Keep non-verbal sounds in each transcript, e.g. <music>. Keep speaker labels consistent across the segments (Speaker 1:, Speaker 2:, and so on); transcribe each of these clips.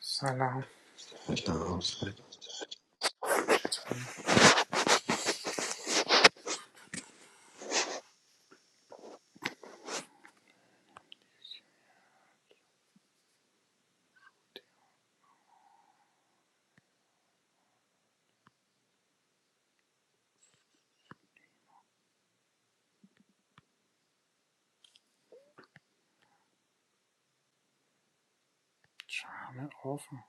Speaker 1: سلام
Speaker 2: داشتم حسین.
Speaker 1: چه همه آفم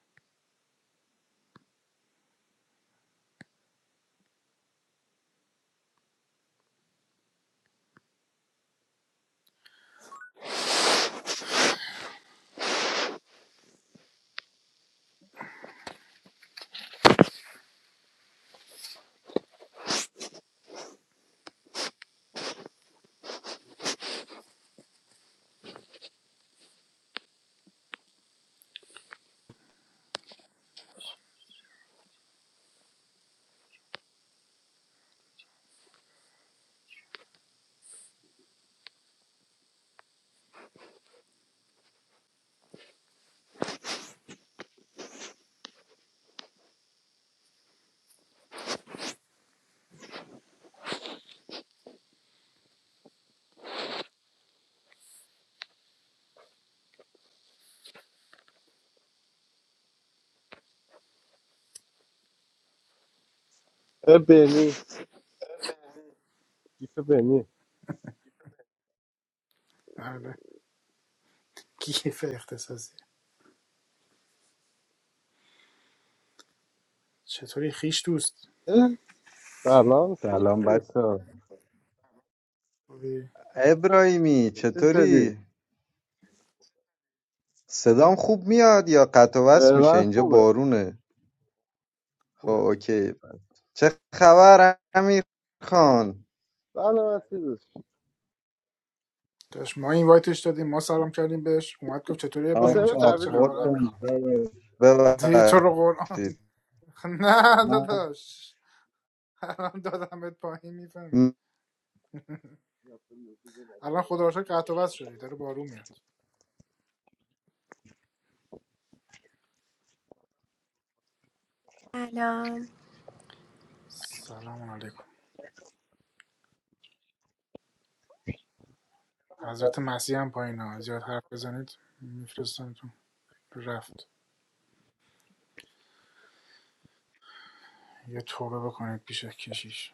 Speaker 3: اه، بنی کیف بنی
Speaker 1: بله گیف اختصاصی چطوری خیش دوست
Speaker 3: اه، سلام سیف
Speaker 4: سلام
Speaker 3: دوست
Speaker 4: بچه
Speaker 1: خوبی
Speaker 4: ابراهیمی
Speaker 3: چطوری؟
Speaker 4: چطوری؟ صدام خوب میاد یا قطع و وصل میشه
Speaker 3: من
Speaker 4: اینجا
Speaker 3: خوبه
Speaker 4: بارونه خب
Speaker 1: خوبه
Speaker 4: اوکی چه خبر امیر خان؟
Speaker 3: سلامتی دوست
Speaker 1: داشت ما این وایتش دادیم ما سلام کردیم بهش اومد گفت چطوری ابراهیمی
Speaker 4: آخ
Speaker 3: حسین
Speaker 4: آخ
Speaker 1: چطور
Speaker 3: تحویل
Speaker 1: چه خبر
Speaker 3: بگی
Speaker 1: امیر
Speaker 3: آرش
Speaker 4: حسین،
Speaker 1: خان دیگه تو رو قرآن
Speaker 4: ببخشید
Speaker 1: <laughs> نه
Speaker 3: اوه،
Speaker 4: من
Speaker 1: داداش الان دادمت پایین میفهمی الان خدا رو شکر قطع و وصل شدی داره بارون میاد
Speaker 5: سلام
Speaker 1: سلام علیکم حضرت مسیح هم پایین ها زیاد حرف بزنید میفرستمتون رفت یه توبه بکنید پیش کشیش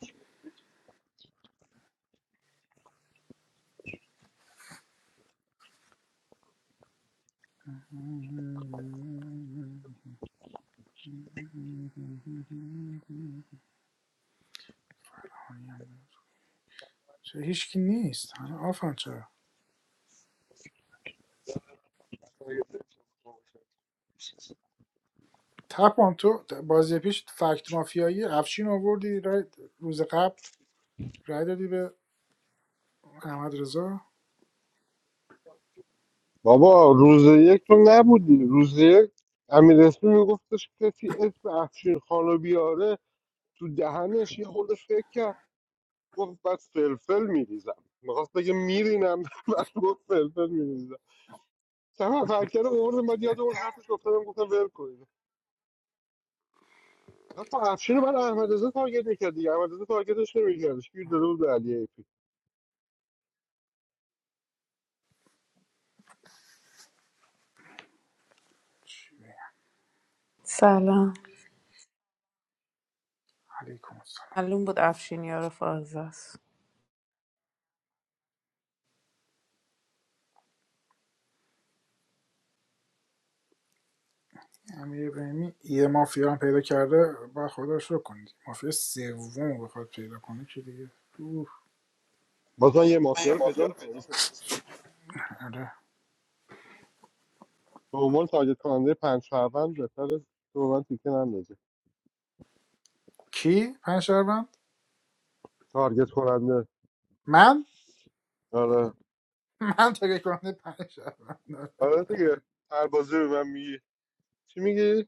Speaker 1: چه هیچکی نیست همه آفن چرا تپان تو بازی پیش فکت مافیایی افشین آوردی رای- روز قبل رای دادی به احمد رضا
Speaker 3: بابا روز یک تو نبودی روز یک امیر اسمی میگفتش کسی اسم افشین خانو بیاره تو دهنش یه خودش فکر کرد گفت بعد فلفل میریزم میخواست بگه میرینم <laughs> بعد گفت فلفل میریزم چند نفر کرده اوردم بعد یاد اون حرفش افتادم گفتم ول کنید حتی افشین رو بعد احمد رضا تارگت میکرد دیگه احمد رضا تارگتش نمیکردش گیر داده بود به علی ایپی
Speaker 1: چی
Speaker 6: سلام
Speaker 1: علیکم السلام
Speaker 6: معلوم بود افشین یار فازه است
Speaker 1: امیر ابراهیمی یه مافیا هم پیدا کرده با خودش رو کنید مافیا سوم رو بخواد پیدا کنه که دیگه اوه.
Speaker 3: بازم یه مافیا رو پیدا میکنه مثلا.
Speaker 1: آره.
Speaker 3: به عنوان تارگت کننده پنج شهروند بهتر تو من تیکه نندازی
Speaker 1: کی پنج شهروند
Speaker 3: تارگت کننده
Speaker 1: من
Speaker 3: آره
Speaker 1: <laughs> من تاگه کننده پنج شهروند
Speaker 3: آره دیگه هر بازی به من میگی چی میگی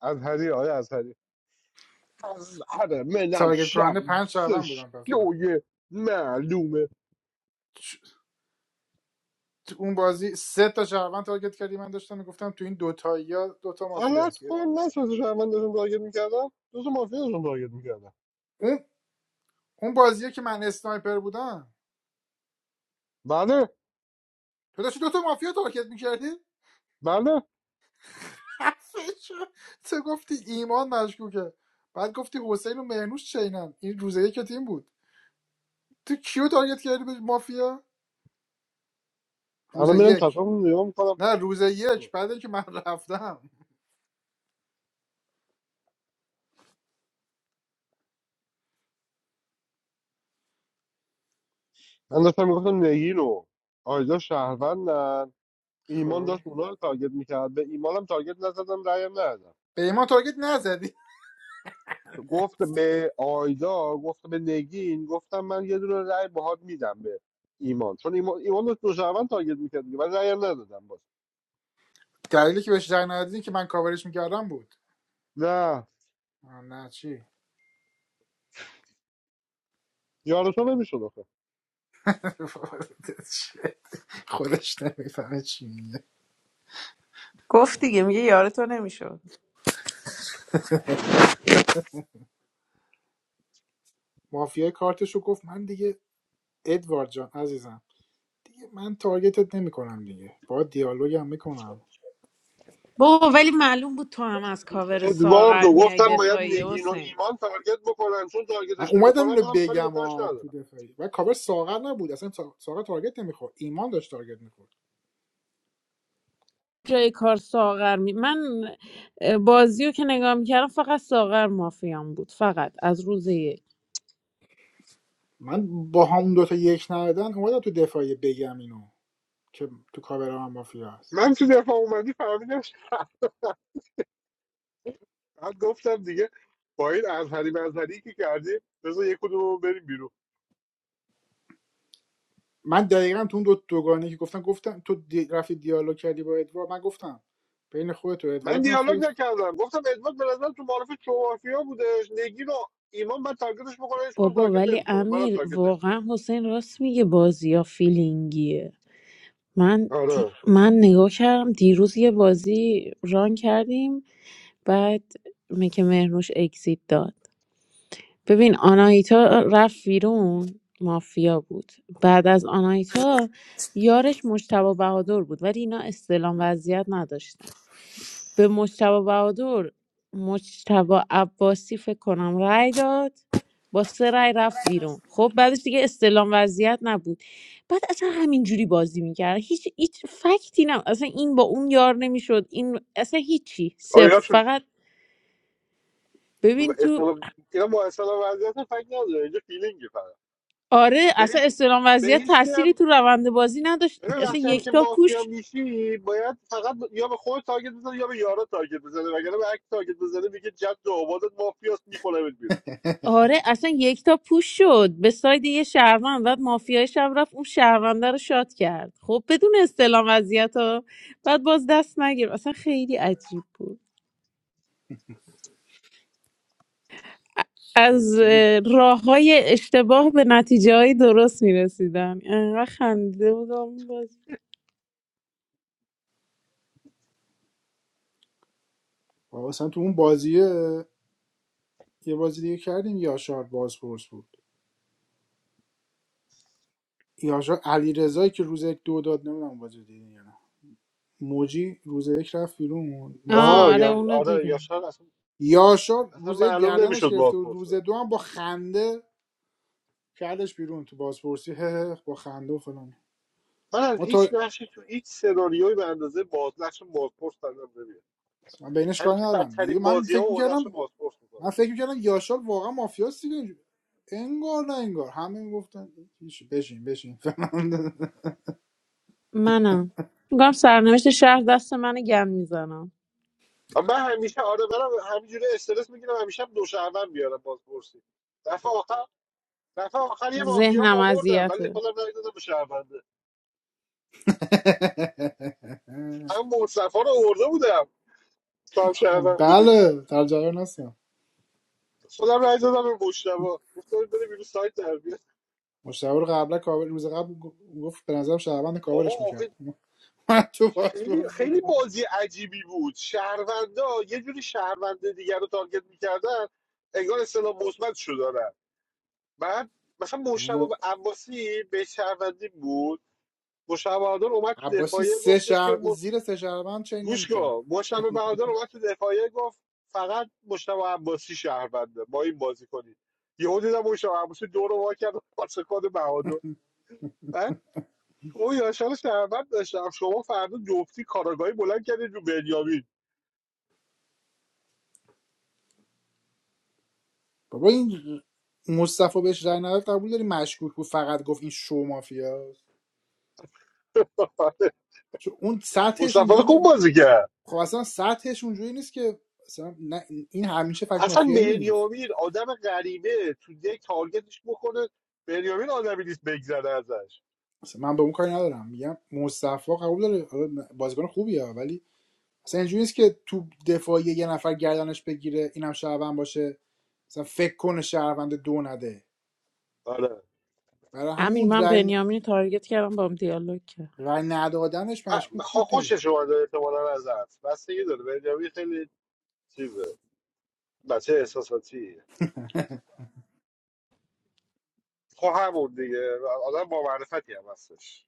Speaker 3: ازهری آیا ازهری ازهر من
Speaker 1: تارگت کننده پنج شهروند
Speaker 3: شمسش
Speaker 1: بودم پس من
Speaker 3: شوی معلومه
Speaker 1: چ- تو اون بازی سه تا شهروند تارگت کردی من داشتم میگفتم تو این دوتایی دوتا مافیا
Speaker 3: غلط
Speaker 1: هست
Speaker 3: کن من سه تا شهروند داشتم تارگت میکردم دو تا مافیا داشتم تارگت میکردم
Speaker 1: اون اون بازیه که من اسنایپر بودم
Speaker 3: بله
Speaker 1: تو داشتی دوتا مافیا تارگت میکردی
Speaker 3: بله
Speaker 1: <laughs> تو گفتی ایمان مشکوکه بعد گفتی حسین و مهنوش چینن این روز یک تیم بود تو کیو تارگت کردی به مافیا روز
Speaker 3: الان میرم
Speaker 1: یک
Speaker 3: چطور نگاه میکنم
Speaker 1: نه روز یک بعد اینکه من <laughs> رفتم
Speaker 3: من داشتم میگفتم نگین و آیدا شهروندن ایمان
Speaker 1: خب
Speaker 3: داشت اونا رو تارگت میکرد به ایمانم تارگت نزدم رأیم ندادم
Speaker 1: به ایمان تارگت نزدی
Speaker 3: گفت به آیدا گفت به نگین گفتم من یه دونه رأی باهات میدم به ایمان چون ایمان, ایمان داشت دو شهروند تارگت میکرد دیگه من رأیم ندادم باز
Speaker 1: دلیلی که بهش رای ندادی که من کاورش میکردم بود
Speaker 3: نه
Speaker 1: نه چی
Speaker 3: یارشون نمیشد آخه
Speaker 1: <laughs> خودش نمیفهمه چی میگه
Speaker 6: گفت دیگه میگه یار تو نمیشد
Speaker 1: مافیای کارتشو گفت من دیگه ادوارد جان عزیزم دیگه من تارگتت نمیکنم دیگه با دیالوگ هم میکنم
Speaker 6: بابا ولی معلوم بود تو هم از کاور ساغر
Speaker 3: ادواردو
Speaker 6: میای
Speaker 3: گفتم باید
Speaker 6: دفاعی
Speaker 3: نگین و
Speaker 6: حسین
Speaker 3: ایمان تارگت بکنن چون
Speaker 1: من
Speaker 3: تارگتش
Speaker 1: اومدم
Speaker 3: نمیکنن
Speaker 1: اینو
Speaker 3: منم کاری به
Speaker 1: بگم
Speaker 3: کارش
Speaker 1: ها تو
Speaker 3: ندارم
Speaker 1: دفاعی و کاور ساغر نبود اصلا سا- ساغر تارگت نمیخورد ایمان داشت تارگت میخورد
Speaker 6: جای کار ساغر می من اه، بازی رو که نگاه میکردم فقط ساغر مافیام بود فقط از روز یک
Speaker 1: من با همون دوتا یک ندادن اومدم تو دفاعی بگم اینو که تو کاور هم مافیا هست
Speaker 3: من تو دفاع اومدی فهمیدم بعد گفتم دیگه با این ازهری مزهری که کردیم بذار یک کدوم رو بریم بیرون
Speaker 1: من دقیقاً تو اون دو دوگانه که گفتم گفتم تو دی... رفتی دیالوگ کردی با ادوارد من گفتم بین خودت و
Speaker 3: من
Speaker 1: ادوارد
Speaker 3: دیالوگ
Speaker 1: مافیا
Speaker 3: نکردم گفتم ادوارد به نظرم تو معرفه چوافیا بودش نگین و ایمان من تارگتش میکنه هیچ کدوم
Speaker 6: بابا
Speaker 3: تارگت
Speaker 6: ولی
Speaker 3: نمیکنم منم
Speaker 6: امیر
Speaker 3: تارگت
Speaker 6: واقعا
Speaker 3: نمیکنم
Speaker 6: حسین راست میگه بازی ها فیلینگیه من دی-
Speaker 3: آره
Speaker 6: من نگاه کردم دیروز یه بازی ران کردیم بعد که مهرنوش اگزیت داد ببین آناهیتا رفت بیرون مافیا بود بعد از آناهیتا یارش مجتبی بهادر بود ولی اینا استلام وضعیت نداشتن به مجتبی بهادر مجتبی عباسی فکر کنم رأی داد با سه رأی رفت بیرون خب بعدش دیگه استلام وضعیت نبود بعد اصلا همینجوری بازی میکرد هیچ هیچ فکتی نه اصلا این با اون یار نمیشد این اصلا هیچی صفر
Speaker 3: آیا چون
Speaker 6: فقط ببین تو
Speaker 3: اسم اینا با اصلا وضعیت فکر نداره اینجا فیلینگی فقط
Speaker 6: آره اصلا
Speaker 3: بهش
Speaker 6: استلام
Speaker 3: به
Speaker 6: وضعیت
Speaker 3: هیچ کی
Speaker 6: تأثیری
Speaker 3: هم
Speaker 6: تو روند بازی نداشت
Speaker 3: ببین
Speaker 6: اصلا
Speaker 3: وقتی هم که
Speaker 6: یکتا پوش
Speaker 3: مافیا میشی باید فقط یا به خود تارگت بزنه یا به یارا تارگت بزنه وگرنه به هر کی تارگت بزنه میگه جد و آبادت مافیاست میکنه بیرون
Speaker 6: آره اصلا یکتا پوش شد به ساید یه شهروند بعد مافیای شب رفت اون شهرونده رو شاد کرد خب بدون استلام وضعیت ها بعد باز دست نگیر اصلا خیلی عجیب بود از
Speaker 1: جدی
Speaker 6: راه های اشتباه به نتیجه های درست میرسیدم انقدر خنده بودم باز
Speaker 1: ما مثلا تو اون بازیه یه بازی دیگه کردیم یاشار بازپرس بود یاشار علی رضایی که روز یک دو داد نمیدونم بازی رو دیدین یا نه موجی روز یک رفت بیرون مافیا
Speaker 6: آه
Speaker 3: آها
Speaker 1: بود
Speaker 6: آره
Speaker 3: یا
Speaker 6: اونو
Speaker 3: آره
Speaker 6: دیدم
Speaker 3: یاشار اصلا
Speaker 1: یاشار
Speaker 3: اصلا
Speaker 1: روز یک
Speaker 3: معلوم
Speaker 1: گردنش
Speaker 3: نمیشد
Speaker 1: گرفته بود
Speaker 3: بازپرسه
Speaker 1: روز دو هم با خنده کردش بیرون تو بازپرسی هه هه، با خنده و فلان
Speaker 3: من از
Speaker 1: ما تو
Speaker 3: هیچ نقشی تو هیچ سناریویی به اندازه باز نقش بازپرس ندارم نمیاد
Speaker 1: من بینش کار
Speaker 3: همیشه
Speaker 1: ندارم دیگه
Speaker 3: بدترین
Speaker 1: من
Speaker 3: بازی ها
Speaker 1: فکر
Speaker 3: و نقش
Speaker 1: میکردم
Speaker 3: بازپرس میکنم
Speaker 1: من فکر میکردم یاشار واقعا مافیاست دیگه انگار نه انگار همه میگفتن بشین بشین <laughs> بشین
Speaker 6: منم میگم سرنوشت شهر دست من گم میزنم
Speaker 3: من همیشه آره برم همینجوری استرس میگیرم همیشه هم دو شهروند میارم بازپرسی دفعه آخر دفعه آخر یه مافیا هم
Speaker 6: ذهنم
Speaker 3: آوردم ولی
Speaker 6: اذیته
Speaker 3: خودم رای دادم به شهرونده
Speaker 1: <laughs>
Speaker 3: هم مصطفی رو آورده بودم تو هم شهروند بودی
Speaker 1: بله در جریان هستم
Speaker 3: خودم رای دادم به مجتبی گفتم بریم بیرون سایت در بیار.
Speaker 1: مشتبه رو قبلا کاور روز قبل گفت به نظرم شهروند کاورش
Speaker 3: بابا آخه
Speaker 1: میکرد <laughs> تو
Speaker 3: خیلی
Speaker 1: پاسپورتی
Speaker 3: خیلی بازی عجیبی بود شهروندا یه جوری شهروند دیگر رو تارگت میکردن انگار اصطلاح مثبت شو دارن بعد مثلا مشتبه
Speaker 1: م...
Speaker 3: عباسی به شهروندی بود مشتبه بهادر اومد تو
Speaker 1: عباسی
Speaker 3: دفاعیه
Speaker 1: سه
Speaker 3: گفتش که
Speaker 1: شهر...
Speaker 3: م...
Speaker 1: زیر سه شهروند چین
Speaker 3: گوش
Speaker 1: نمیکرد
Speaker 3: کن مشتبه بهادر اومد تو دفاعیه گفت فقط مشتبه عباسی شهرونده با این بازی کنید یهو دیدم مشتبه عباسی دور رو وا کرد و پاس کد بهادر بعد تو یاشار شهروند داشتم شما فردا جفتی کاراگاهی بلند کردید رو بنیامین
Speaker 1: بابا این مصطفی بهش رای نداد قبول داری مشکوک بود فقط گفت این شو مافیاست چون اون سطحش
Speaker 3: مصطفی رو
Speaker 1: اینجوری
Speaker 3: خوب
Speaker 1: نه...
Speaker 3: بازی کرد
Speaker 1: خب اصلا سطحش اونجوری نیست که مثلا نه... این همیشه فکت
Speaker 3: اصلا
Speaker 1: مافیایی نیست
Speaker 3: بنیامین آدم غریبه تو یک تارگتش بکنه بنیامین آدمی نیست بگذره ازش
Speaker 1: مثلا من به اون کاری ندارم میگم مصطفی قبول داره آره، بازیکن خوبیه ولی مثلا اینجوری نیست که تو دفاعی یه نفر گردنش بگیره اینم شهروند باشه مثلا فکر کنه شهروند دو نده
Speaker 3: آره
Speaker 1: برای همین
Speaker 6: امیر
Speaker 1: اون
Speaker 6: من
Speaker 1: رای,
Speaker 6: بنیامین رو تارگت کردم با هم دیالوگ کرد
Speaker 1: رای ندادنش
Speaker 3: ب-
Speaker 1: مشکوک
Speaker 3: خ-
Speaker 1: بود دیگه
Speaker 3: خوشش اومده احتمالا ازت بستگی داره بنیامین خیلی چیزه بچه احساساتیه خب همون دیگه آدم با معرفتی هم هستش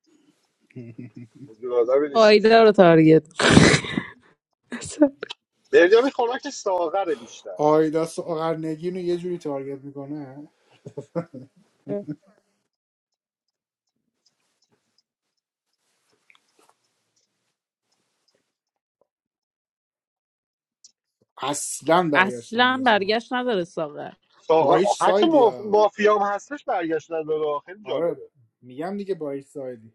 Speaker 1: <laughs> <applause>
Speaker 3: وجود آدمی نیست
Speaker 6: آیدا رو تارگت <laughs>
Speaker 3: بنیامین خوراک ساغره بیشتر
Speaker 1: آیدا ساغرنگین رو یه جوری تارگت میکنه اصلا برگشت
Speaker 6: اصلا
Speaker 1: نمیرسه آقا.
Speaker 6: برگشت نداره ساغر
Speaker 1: با
Speaker 3: ساغر
Speaker 1: هیچ
Speaker 3: حتی
Speaker 1: سایدی
Speaker 3: ماف...
Speaker 1: ها
Speaker 3: مافیام هستش برگشتن داره خیلی جالبه
Speaker 1: آره میگم دیگه با هیچ سایدی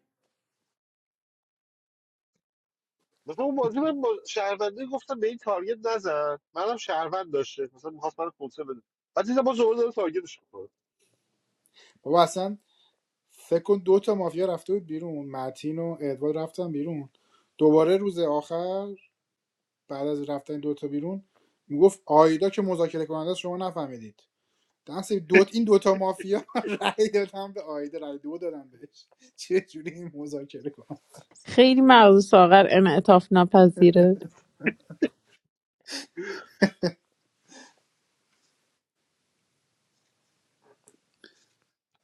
Speaker 3: مثلا اون بازی من با شهرونده گفتم به این تارگت نزن منم شهروند داشته مثلا میخواست من کنسه بده بعد دیدم با زور داره تارگتش میکنه
Speaker 1: بابا اصلا فکر کن دو تا مافیا رفته بود بیرون متین و ادوارد رفتن بیرون دوباره روز آخر بعد از رفتن دوتا بیرون میگفت آیدا که مذاکره کننده است، شما نفهمیدید دست دوت این دوتا مافیا <laughs> رأی دادن به آیدا رأی دو دادم بهش چه جوری این مذاکره کنم
Speaker 6: خیلی مغز ساغر انعطاف نپذیره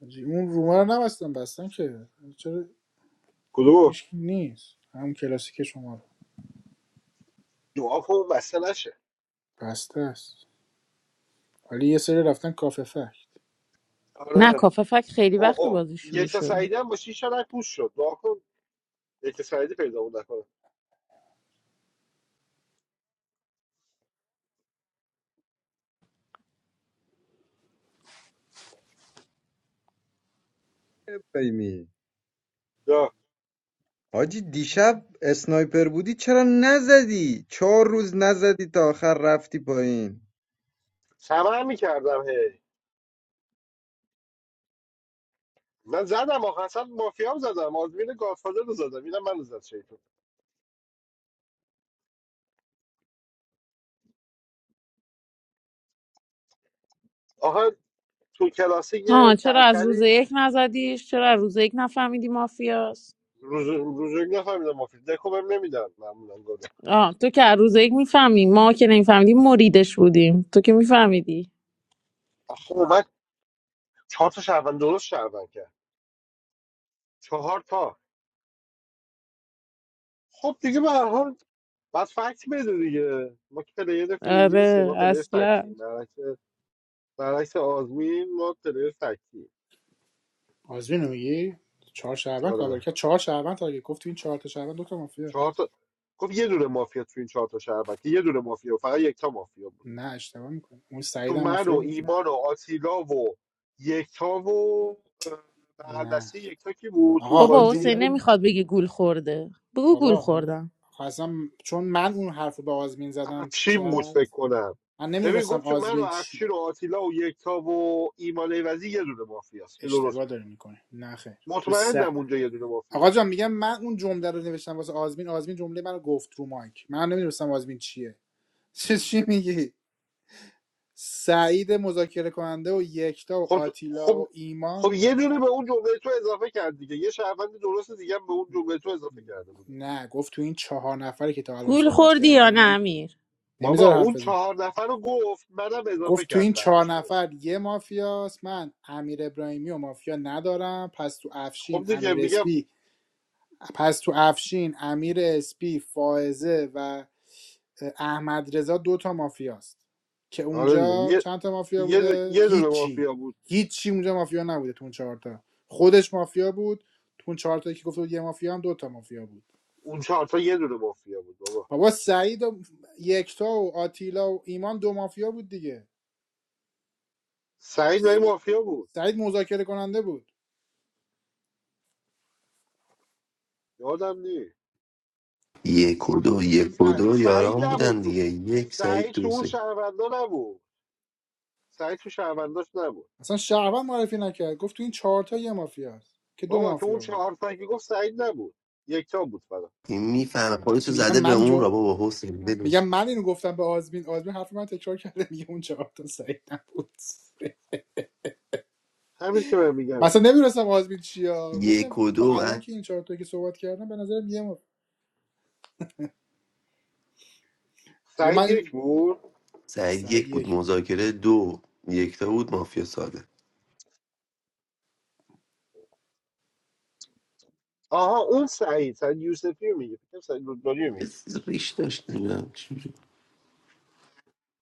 Speaker 1: اون روما رو نبستن بستن که چرا
Speaker 3: کدومو
Speaker 1: هیچ نیست همون کلاسیک شما رو.
Speaker 3: دعا کن وصله نشه
Speaker 1: بسته است ولی یه سری رفتن کافه فکت
Speaker 6: نه
Speaker 3: آره
Speaker 6: کاففک خیلی
Speaker 3: او
Speaker 6: وقت
Speaker 3: او
Speaker 6: بازی شروع
Speaker 3: یک تا
Speaker 6: شده
Speaker 3: سعیده هم باشی شاید پوش شد دعا کن یک تا سعیده پیدا بود نکنه
Speaker 4: ابراهیمی
Speaker 3: یا
Speaker 4: حاجی دیشب اسنایپر بودی چرا نزدی؟ چهار روز نزدی تا آخر رفتی پایین
Speaker 3: سمه هم میکردم هی من زدم آخه اصلا مافیا هم زدم آزمین گادفادر رو زدم اینم من رو زد شیطون آخه تو کلاسی یه
Speaker 6: ها چرا از روز
Speaker 3: کلکلی
Speaker 6: یک نزدیش چرا از روز یک نفهمیدی مافیاست
Speaker 3: روز روز نفهمیدم مافیا دکو بهم نمیدن معمولا گاده.
Speaker 6: آه تو که از روز یک میفهمی ما که نمیفهمیدیم مریدش بودیم تو که میفهمیدی
Speaker 3: آخه خب چهار تا شهروند درست شهروند کرد چهار تا خب دیگه به هر حال بعد فکت بده دیگه ما که پلیر فیلینگی نیستیم
Speaker 6: آره
Speaker 3: ما پلیر
Speaker 6: اصلا
Speaker 3: فکتیم برعکس برعکس آزمین ما پلیر فکتیم
Speaker 1: آزمین رو میگی چهار شعبان کابل
Speaker 3: آره
Speaker 1: که چهار شعبان تا اگه گفت تو این چهار تا شعبان دو تا مافیا
Speaker 3: چهار تا خب یه دونه مافیا تو این چهار تا شهروند که یه دونه مافیا بود. فقط یک تا مافیا بود
Speaker 1: نه اشتباه میکنه اون
Speaker 3: تو
Speaker 1: سعید هم
Speaker 3: من و
Speaker 1: مافیا بود
Speaker 3: ایمان و آتیلا و یکتا و اه، بغل
Speaker 1: نه
Speaker 3: دستی یکتا کی بود تو اون
Speaker 1: آقا اون
Speaker 6: بابا
Speaker 3: بازی
Speaker 6: حسین
Speaker 1: جمله رو
Speaker 6: نمیخواد بگی گول خورده بگو گول
Speaker 1: بابا من-
Speaker 6: خوردم
Speaker 1: خب اصلا چون من اون حرف رو به آزمین زدم تو
Speaker 3: افشین بود
Speaker 1: چت
Speaker 3: فکر کنم
Speaker 1: من
Speaker 3: ببین
Speaker 1: نمیدونستم
Speaker 3: گفت که من و
Speaker 1: آزمین چی
Speaker 3: افشین و آتیلا و یکتا و ایمان ایوزی یه دونه مافیاست که درست
Speaker 1: اشتباه
Speaker 3: بود
Speaker 1: داره میکنه نه خیر تو س
Speaker 3: مطمئنم اونجا یه دونه مافیا
Speaker 1: آقا
Speaker 3: بود
Speaker 1: جان میگم من اون جمله رو نوشتم واسه آزمین آزمین جمله منو گفت رو مایک من نمیدونستم آزمین چیه <laughs> چه چی میگی سعید مذاکره کننده و یکتا و
Speaker 3: خب
Speaker 1: آتیلا
Speaker 3: خب
Speaker 1: و
Speaker 3: خب
Speaker 1: ایمان
Speaker 3: یه دونه به اون جمله تو اضافه کرد دیگه یه شهروند درست دیگه هم به اون جمله تو اضافه کرده بوده
Speaker 1: نه گفت تو این چهار نفری که تا الان
Speaker 6: گول
Speaker 1: صحبت
Speaker 6: خوردی یا نه
Speaker 1: کردن
Speaker 6: امیر
Speaker 3: بابا
Speaker 1: نمیذاره
Speaker 3: اون
Speaker 1: حرف بزن
Speaker 3: چهار نفر رو گفت منم اضافه
Speaker 1: گفت تو
Speaker 3: کرد
Speaker 1: این چهار
Speaker 3: بعدش بهش
Speaker 1: نفر یه مافیاست من امیر ابراهیمی و مافیا ندارم پس تو
Speaker 3: خب
Speaker 1: افشین
Speaker 3: دیگه
Speaker 1: امیر
Speaker 3: میگم
Speaker 1: اسپی پس تو افشین امیر اسپی فائزه و احمد رضا دوتا مافیاست که
Speaker 3: آره دیگه
Speaker 1: اونجا
Speaker 3: یه
Speaker 1: چند تا مافیا
Speaker 3: یه دو-
Speaker 1: بوده
Speaker 3: یه دونه
Speaker 1: هیچی
Speaker 3: مافیا بود
Speaker 1: هیچی اونجا مافیا نبوده تو اون چهارتا خودش مافیا بود تو اون چهارتا که گفت بود یه مافیا هم دوتا مافیا بود
Speaker 3: اون چهار تا یه دونه مافیا بود بابا
Speaker 1: بابا سعید و یکتا و آتیلا و ایمان دو مافیا بود دیگه
Speaker 3: سعید و مافیا بود
Speaker 1: سعید مذاکره کننده بود
Speaker 3: یادم نیست
Speaker 2: یک و دو یک و
Speaker 3: س-
Speaker 2: دو
Speaker 3: سعید
Speaker 2: یاران
Speaker 3: نبود
Speaker 2: بودن
Speaker 3: تو
Speaker 2: دیگه یک سعید
Speaker 3: سعید تو اون
Speaker 2: توسی
Speaker 3: شهروندا نبود سعید تو شهرونداش نبود
Speaker 1: اصلا شهروند معرفی نکرد گفت تو این چهارتا یه مافیا هست که دو
Speaker 3: بابا تو اون
Speaker 1: مافیا بود
Speaker 3: چهار تا که گفت سعید نبود یکتا بود فقط
Speaker 2: این میفهمه
Speaker 1: <laughs>
Speaker 2: خودشو
Speaker 1: میگم
Speaker 2: زده به
Speaker 1: من
Speaker 2: اون
Speaker 1: جو
Speaker 2: را بابا حسین ولش
Speaker 1: میگم
Speaker 2: کن.
Speaker 1: من اینو گفتم به آزمین آزمین حرف من تکرار کرده <laughs> میگه اون چهار تا سعید نبود
Speaker 3: همین که من میگم
Speaker 1: مثلا نمیرسم آزمین چیا گفتم
Speaker 2: یک و
Speaker 1: تو
Speaker 2: دو
Speaker 1: الان
Speaker 2: من
Speaker 1: که این چهار تا که صحبت کردم به نظر یه مافیا حالا
Speaker 3: سعید یک
Speaker 1: من
Speaker 3: بود
Speaker 2: سعید
Speaker 1: سعید
Speaker 2: یک بود
Speaker 1: یک بود.
Speaker 2: مذاکره دو یکتا بود مافیا ساده
Speaker 3: آها اون سعید سعید یوسفی رو میگه فکر کنم سعید رودباری رو
Speaker 2: یه
Speaker 3: میگه
Speaker 2: چیز ریش داشت نمیدونم چی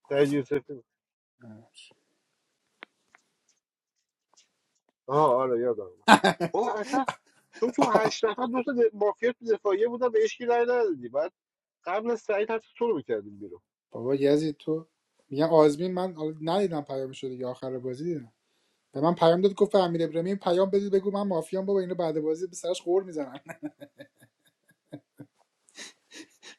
Speaker 3: سعید یوسفی آها آره یادم اومد بابا اصلا تو تو هشت نفر دو تا د- مافیا تو دفاعیه بودن به اشکی رای ندادی بعد قبل از سعید حتی تو رو میکردیم بیرون
Speaker 1: بابا یزید تو میگم آزمین من حالا ندیدم پیام شده یا آخر بازی دیدم به من پیام داد گفت امیر ابراهیمی پیام بدید بگو من مافیام بابا اینو بعد بازی به سرش قور میزنن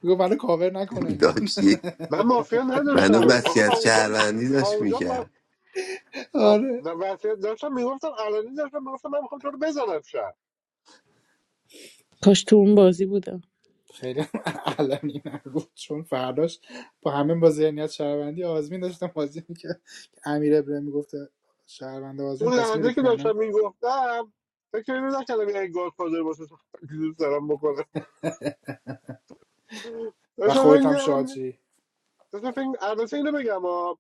Speaker 1: میگه منو <laughs> کاور نکنه
Speaker 2: بود. داشت یک
Speaker 3: من مافیا
Speaker 2: منو
Speaker 3: نداشتم آخه تا
Speaker 2: وسیعت
Speaker 3: اونجا
Speaker 2: شهروندی
Speaker 3: تا
Speaker 2: داشت
Speaker 3: اونجا
Speaker 2: میکرد
Speaker 3: خب
Speaker 1: آره
Speaker 3: و- وسیعت داشتم میگفتم علنی داشتم میگفتم من میخوام تو رو بزنم شب
Speaker 6: کاش تو اون بازی بودم
Speaker 1: خیلی هم <laughs> علنی نگفت چون فرداش با همه با ذهنیت شهروندی آزمین داشتم بازی میکرد که امیر ابراهیم میگفته شهروند آزمین
Speaker 3: اون
Speaker 1: پس میره
Speaker 3: لحظه که
Speaker 1: که
Speaker 3: داشتم
Speaker 1: نه
Speaker 3: میگفتم فکر اینو نکردم یه گاد فادر باشه <laughs> تو دوست دارم بکنه
Speaker 1: و
Speaker 3: داشتم فکر
Speaker 1: خودت هم
Speaker 3: میکردم
Speaker 1: شادی
Speaker 3: داشتم فکر البته اینو بگم آه.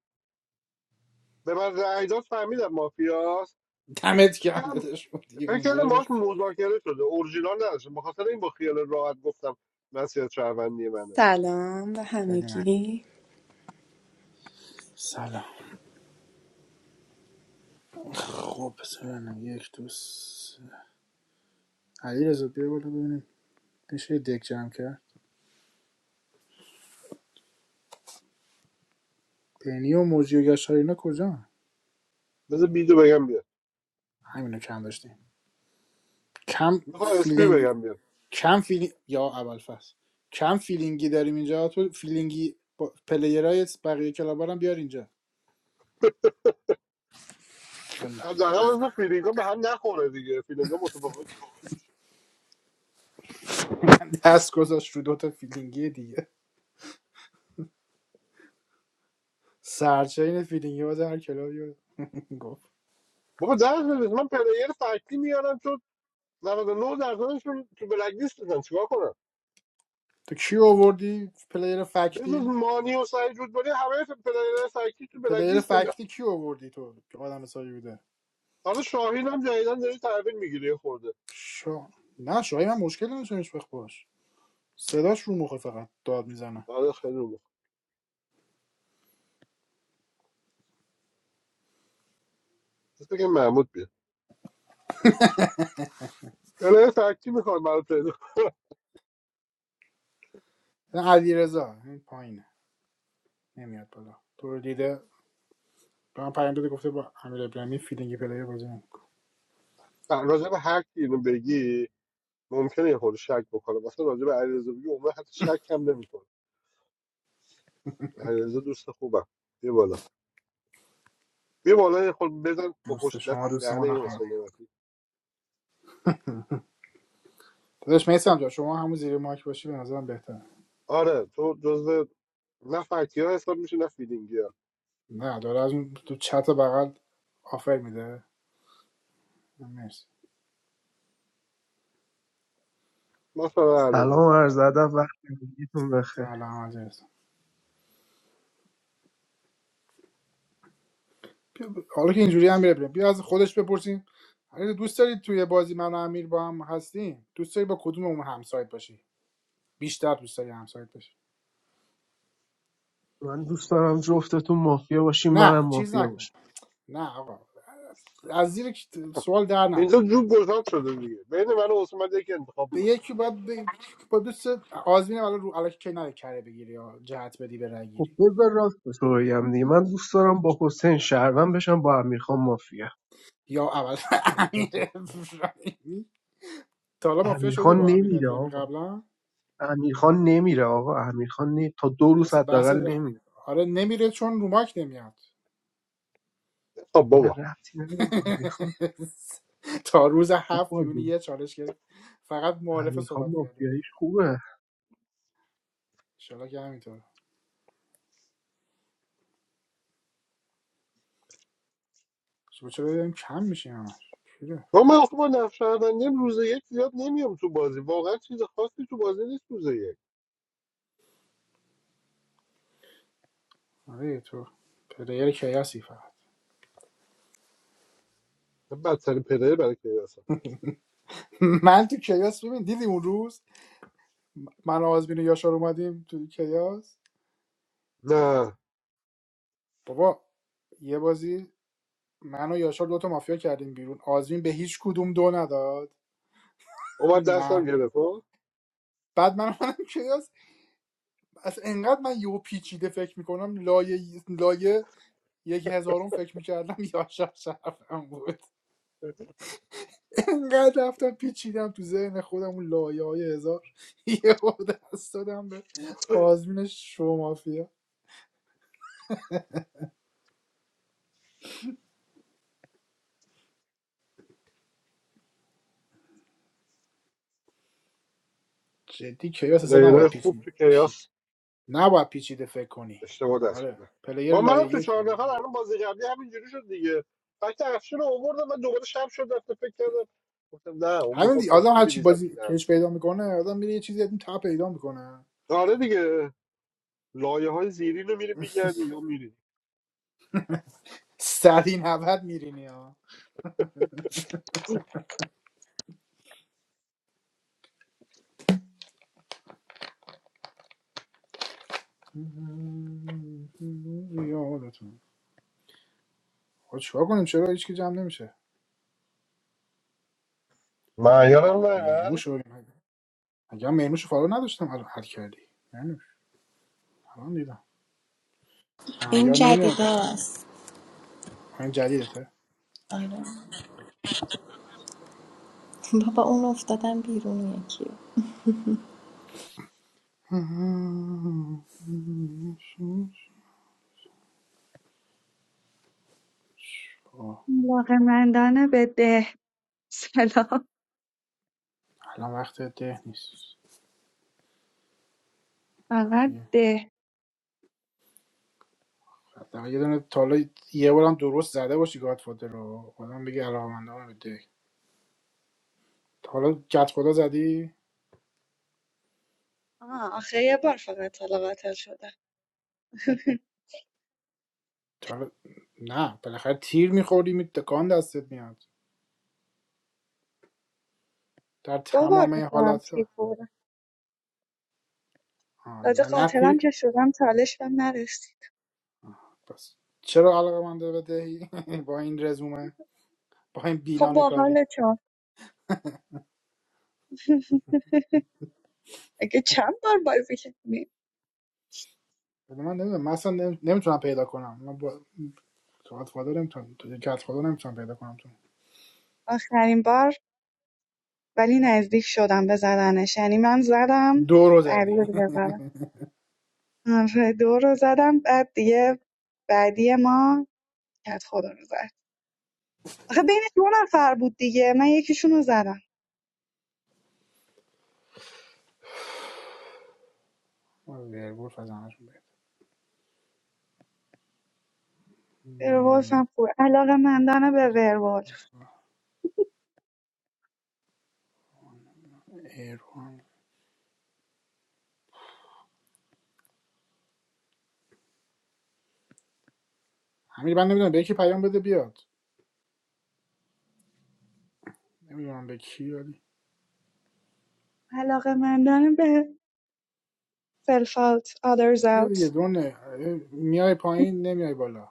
Speaker 3: به من رأی داد فهمیدم مافیاست
Speaker 1: دمت گرم
Speaker 3: فکرم
Speaker 1: دادش بودی
Speaker 3: فکر
Speaker 1: اونجا
Speaker 3: کردم
Speaker 1: رو
Speaker 3: باش مذاکره شده اورجینال نداشتم به خاطر این با خیال راحت گفتم مسیحت شهروندی منه
Speaker 7: Salam, the
Speaker 1: خیلی من
Speaker 7: Hamaki.
Speaker 1: سلام خب پس ببینم یک دوست علی رضا بیا بالا ببینیم میشه یه دک جمع کرد پینی و موجی و گشار اینا کجا
Speaker 3: بذار بیدو بگم بیاد
Speaker 1: همینو کم داشتیم کم
Speaker 3: میخوام اسپی
Speaker 1: فیلینگ
Speaker 3: بگم بیاد
Speaker 1: کم فیلینگ یا اول ابوالفضل کم فیلینگی داریم اینجا تو فیلینگی با... پلیرای بقیه کلابا هم بیار اینجا بالله.
Speaker 3: حداقل مثل فیلینگا به هم نخوره دیگه فیلینگا متفاوت میشه
Speaker 1: دست گذاشت رو دوتا فیلینگی دیگه سرچین فیلینگی باز هر کلابی گفت
Speaker 3: بابا در بده من پلیر فکتی میارم تو 99 درصدشون تو بلک لیست دادن چیکار کنم
Speaker 1: تو کی آوردی پلیر
Speaker 3: بجز
Speaker 1: فکتی
Speaker 3: مانی و سعید رودباری همه ف- پلیر فکتی تو بلک
Speaker 1: پلیر
Speaker 3: لیست دادن
Speaker 1: فکتی کی آوردی تو که آدم سایی بوده
Speaker 3: حالا شاهین هم جدیدن داره تحویل میگیره یه خورده
Speaker 1: شا... نه شاهی من مشکل نداشتمش بخ باش صداش رو مخه فقط داد میزنه
Speaker 3: حالا خیلی رو بخور. بس بگم محمود بیاد پلیر فکتی میخوام برای پلیر
Speaker 1: علی رضا این پایینه نمیاد بالا تو رو دیده به من پیام داده گفته با امیر ابراهیمی فیلینگی پلیر بازی نمی‌کنه.
Speaker 3: راجع به هر کی اینو بگی ممکنه یه خورده شک بکنه مثلا راجع به علیرضا بگی عمر حتی شک هم نمیکنه علیرضا دوست خوبم بیا بالا بیا بالا یه خورده بزن با
Speaker 1: دوست
Speaker 3: پشت دست
Speaker 1: شما
Speaker 3: تو
Speaker 1: دوست ما
Speaker 3: دهنه این
Speaker 1: نخواهد
Speaker 3: حسین نعمتی
Speaker 1: داداش میسم جان شما همون زیر مایک باشی به نظرم بهتره
Speaker 3: آره تو جزو نه فکتی ها حساب میشه نه فیلینگی ها
Speaker 1: نه داره از اون تو چت بغل آفر میده مرسی
Speaker 3: مثلا
Speaker 8: سلام
Speaker 3: علیرضا
Speaker 8: عرض ادب وقت همگیتون بخیر
Speaker 1: سلام علیکم حالا که اینجوری هم بره بیا از خودش بپرسیم اگه دوست دارید توی بازی من و امیر با هم هستیم دوست داری با کدوم اون همسایت باشی بیشتر دوست داری همسایت باشی
Speaker 8: من دوست دارم جفتتون مافیا باشیم
Speaker 1: نه
Speaker 8: منم
Speaker 1: چیز
Speaker 8: مافیا
Speaker 1: نکن
Speaker 8: باشم
Speaker 1: نه آقا از زیر سوال در نرو
Speaker 3: اینجا جوب گذار شده دیگه بین من و عثمان یکی انتخاب
Speaker 1: به
Speaker 3: بکن
Speaker 1: یکی باید به با دوست آزمین الان رو الکی کی نره کره بگیری یا جهت بدی به رای
Speaker 8: خب
Speaker 1: گیری
Speaker 8: بذار راست تو بگم دیگه من دوست دارم با حسین شهروند بشم با امیرخان مافیا
Speaker 1: یا اول <laughs>
Speaker 8: حقیقتش.
Speaker 1: امیر ابراهیمی تا حالا مافیا شدی
Speaker 8: امیرخان
Speaker 1: با امیر
Speaker 8: نمیره
Speaker 1: ابراهیمی
Speaker 8: آقا
Speaker 1: قبلا
Speaker 8: امیرخان نمیره آقا امیرخان نه تا دو روز
Speaker 1: اصلا بحث
Speaker 8: حداقل
Speaker 1: و-
Speaker 8: نمیره
Speaker 1: آره نمیره چون رو ماک نمیاد <laughs>
Speaker 3: خب
Speaker 8: نه
Speaker 3: بابا
Speaker 8: ربطی نداره امیرخان
Speaker 1: تا روز
Speaker 8: خوب
Speaker 1: هفت میونی
Speaker 8: بازی
Speaker 1: یه چالش گرفت فقط معارفه
Speaker 8: امیرخان
Speaker 1: صحبت کرده
Speaker 8: مافیاییش خوبه
Speaker 1: انشالله که همینطور چرا چرا دیدم کم میشه همش چرا؟
Speaker 3: با من آخه با نقش شهروندیم روز یک زیاد نمیام تو بازی واقعا چیز خاصی تو بازی نیست روز یک
Speaker 1: آره تو پلیر کیاسی فقط
Speaker 3: من بدترین پلیر برای کیاسم
Speaker 1: <laughs> من تو کیاس ببین دیدی اون روز من و آزمین و یاشار اومدیم تو کیاس
Speaker 3: نه
Speaker 1: بابا یه بازی من و یاشار دوتا مافیا کردیم بیرون آزمین به هیچ کدوم دو نداد
Speaker 3: اومد دستم
Speaker 1: من
Speaker 3: گرفت ها.
Speaker 1: بعد من منم کیاس <laughs> از انقدر من یهو پیچیده فکر میکنم لایه لایه یک هزارم فکر میکردم <laughs> یاشار شرفم بود <laughs> انقدر رفتم پیچیدم تو ذهن خودم اون لایه های هزار <laughs> یهو دست دادم به آزمین شو مافیا جدی کیاس اصلا
Speaker 3: پلیرهای
Speaker 1: نباید
Speaker 3: خوب
Speaker 1: پیچیده
Speaker 3: تو
Speaker 1: پی...
Speaker 3: کیاس
Speaker 1: نباید پیچیده فکر کنی
Speaker 3: اشتباه دست
Speaker 1: آره
Speaker 3: بودن
Speaker 1: پلیر
Speaker 3: ما منم
Speaker 1: لایه
Speaker 3: تو
Speaker 1: یک
Speaker 3: چهار نفر الان بازی قبلی همینجوری شد دیگه فکت افشین رو آوردم من دوباره شب شد رفته فکر کردم گفتم نه اون
Speaker 1: همین
Speaker 3: میگفت
Speaker 1: دی... آدم
Speaker 3: فلفل
Speaker 1: هر چی
Speaker 3: میریزم
Speaker 1: بازی
Speaker 3: تو
Speaker 1: کش
Speaker 3: دهنتون
Speaker 1: پیدا میکنه آدم میره یه چیزی از این تا پیدا میکنه
Speaker 3: آره دیگه لایه های زیرین رو میری میگردی یا میری
Speaker 1: سری نوت میرینی ها یادتون خب چیکار کنیم چرا هیچ که جمع نمیشه
Speaker 3: معیارم نه
Speaker 1: مهموش رو اگه هم مهموش رو فالو نداشتم الان حل کردی مهموش الان دیدم نه
Speaker 5: این
Speaker 1: یا نمیاد
Speaker 5: جدیده است
Speaker 1: خب این جدیدته
Speaker 5: آره بابا اون افتادم بیرون یکی
Speaker 1: آه،
Speaker 9: علاقمندانه به ده سلام
Speaker 1: الان وقت ده نیست
Speaker 9: فقط
Speaker 1: یه-
Speaker 9: ده
Speaker 1: حداقل یه دونه تا حالا یه بارم درست زده باشی گادفادر رو آدم بگه علاقمندانه تا حالا گت خدا زدی تا حالا... نه بالاخره تیر میخوری می تکان دستت میاد در
Speaker 9: دوبار
Speaker 1: تمام
Speaker 9: میکنم
Speaker 1: حالت
Speaker 9: تیک بودم
Speaker 1: آه،
Speaker 9: تازه
Speaker 1: نه, نه
Speaker 9: قاتلم
Speaker 1: تیر
Speaker 9: که شدم چالش بهم نرسید
Speaker 1: بس چرا علاقه من به دهی <laughs> با این رزومه با این
Speaker 9: خب
Speaker 1: بیلان
Speaker 9: با
Speaker 1: کاری
Speaker 9: حالتون <laughs> اگه چند بار بازی کردیم
Speaker 1: ولی من نمیدونم من اصلا نمیتونم پیدا کنم من با تو گت خدا نمیتونم تو گت خدا نمیتونم پیدا کنم تو
Speaker 9: آخرین بار ولی نزدیک شدم به زدنش یعنی من زدم
Speaker 1: دو رو
Speaker 9: بعدی
Speaker 1: زدی
Speaker 9: رو
Speaker 1: <laughs>
Speaker 9: دیگه زدم آره، دو رو زدم بعد دیگه بعدی ما کت خدا رو زد آخه بین دو نفر بود دیگه من یکیشون رو زدم
Speaker 1: ویرگول فزنشون بگیر
Speaker 9: ورولفم خوب علاقه مندانه به ورولف
Speaker 1: ایرون همین من نمیدونم به یکی پیام بده بیاد نمیدونم به کی ولی
Speaker 9: علاقه‌مندانه به self out others
Speaker 1: بیا دیگه
Speaker 9: out
Speaker 1: دونه میای پایین نمیای بالا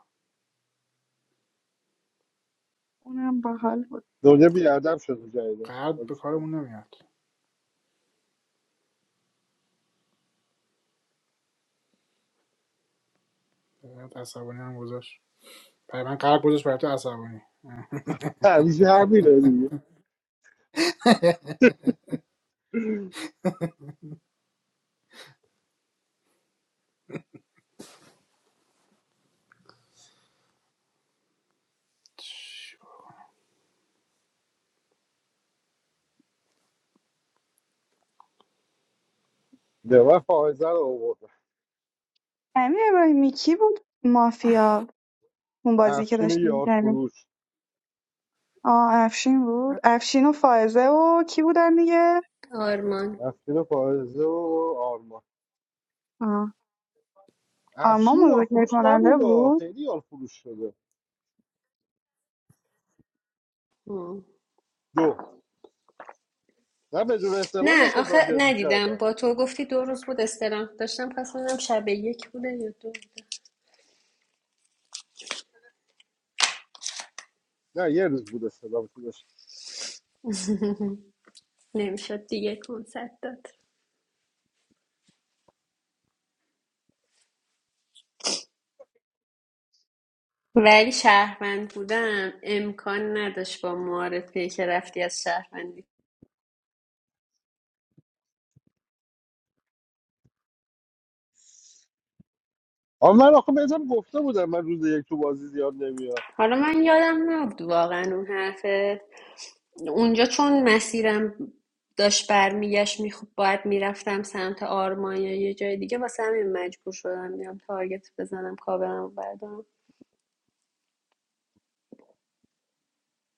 Speaker 9: اونم باحال بود
Speaker 3: دنیا بیادم شده جایدن
Speaker 1: قلب به کارمون نمیاد برات عصبانی هم گذاشت برای من قلب گذاشت برای تو عصبانی اه.
Speaker 3: همیشه همینه دیگه
Speaker 1: چی بود؟
Speaker 3: به من فائزه رو آوردن
Speaker 9: امیر ابراهیمی کی بود مافیا اون بازی که
Speaker 3: افشین
Speaker 9: داشتیم
Speaker 3: یار
Speaker 9: می‌کردیم.
Speaker 3: فروش
Speaker 9: آه افشین بود افشین و فائزه و کی بودن دیگه
Speaker 10: آرمان
Speaker 3: افشین فائزه و آرمان
Speaker 9: آه آما
Speaker 3: افشین یار
Speaker 9: مذاکره
Speaker 3: فروش
Speaker 9: کننده
Speaker 3: نبوده
Speaker 9: بود
Speaker 3: خیلی یار فروش شده
Speaker 10: آه.
Speaker 3: دو نه بدون استعلام
Speaker 10: نه
Speaker 3: مثلا
Speaker 10: آخه
Speaker 3: تارگت
Speaker 10: ندیدم
Speaker 3: میکردن
Speaker 10: با تو گفتی دو روز بود استراحت داشتم پس اونم شب یک بوده یا دو بوده
Speaker 3: نه یه روز بود استعلام تو داشت
Speaker 10: نمیشد دیگه کنسرت داد ولی شهروند بودم امکان نداشت با معارفه که رفتی از شهروندی
Speaker 3: آن من آخه بهتم گفته بودم من روز یک تو بازی زیاد نمیام
Speaker 10: حالا من یادم نبود واقعا اون حرفت اونجا چون مسیرم داشت برمیگشت میخوب باید میرفتم سمت آرمان یا یه جای دیگه واسه همین مجبور شدم بیام تارگت بزنم کابرم بردارم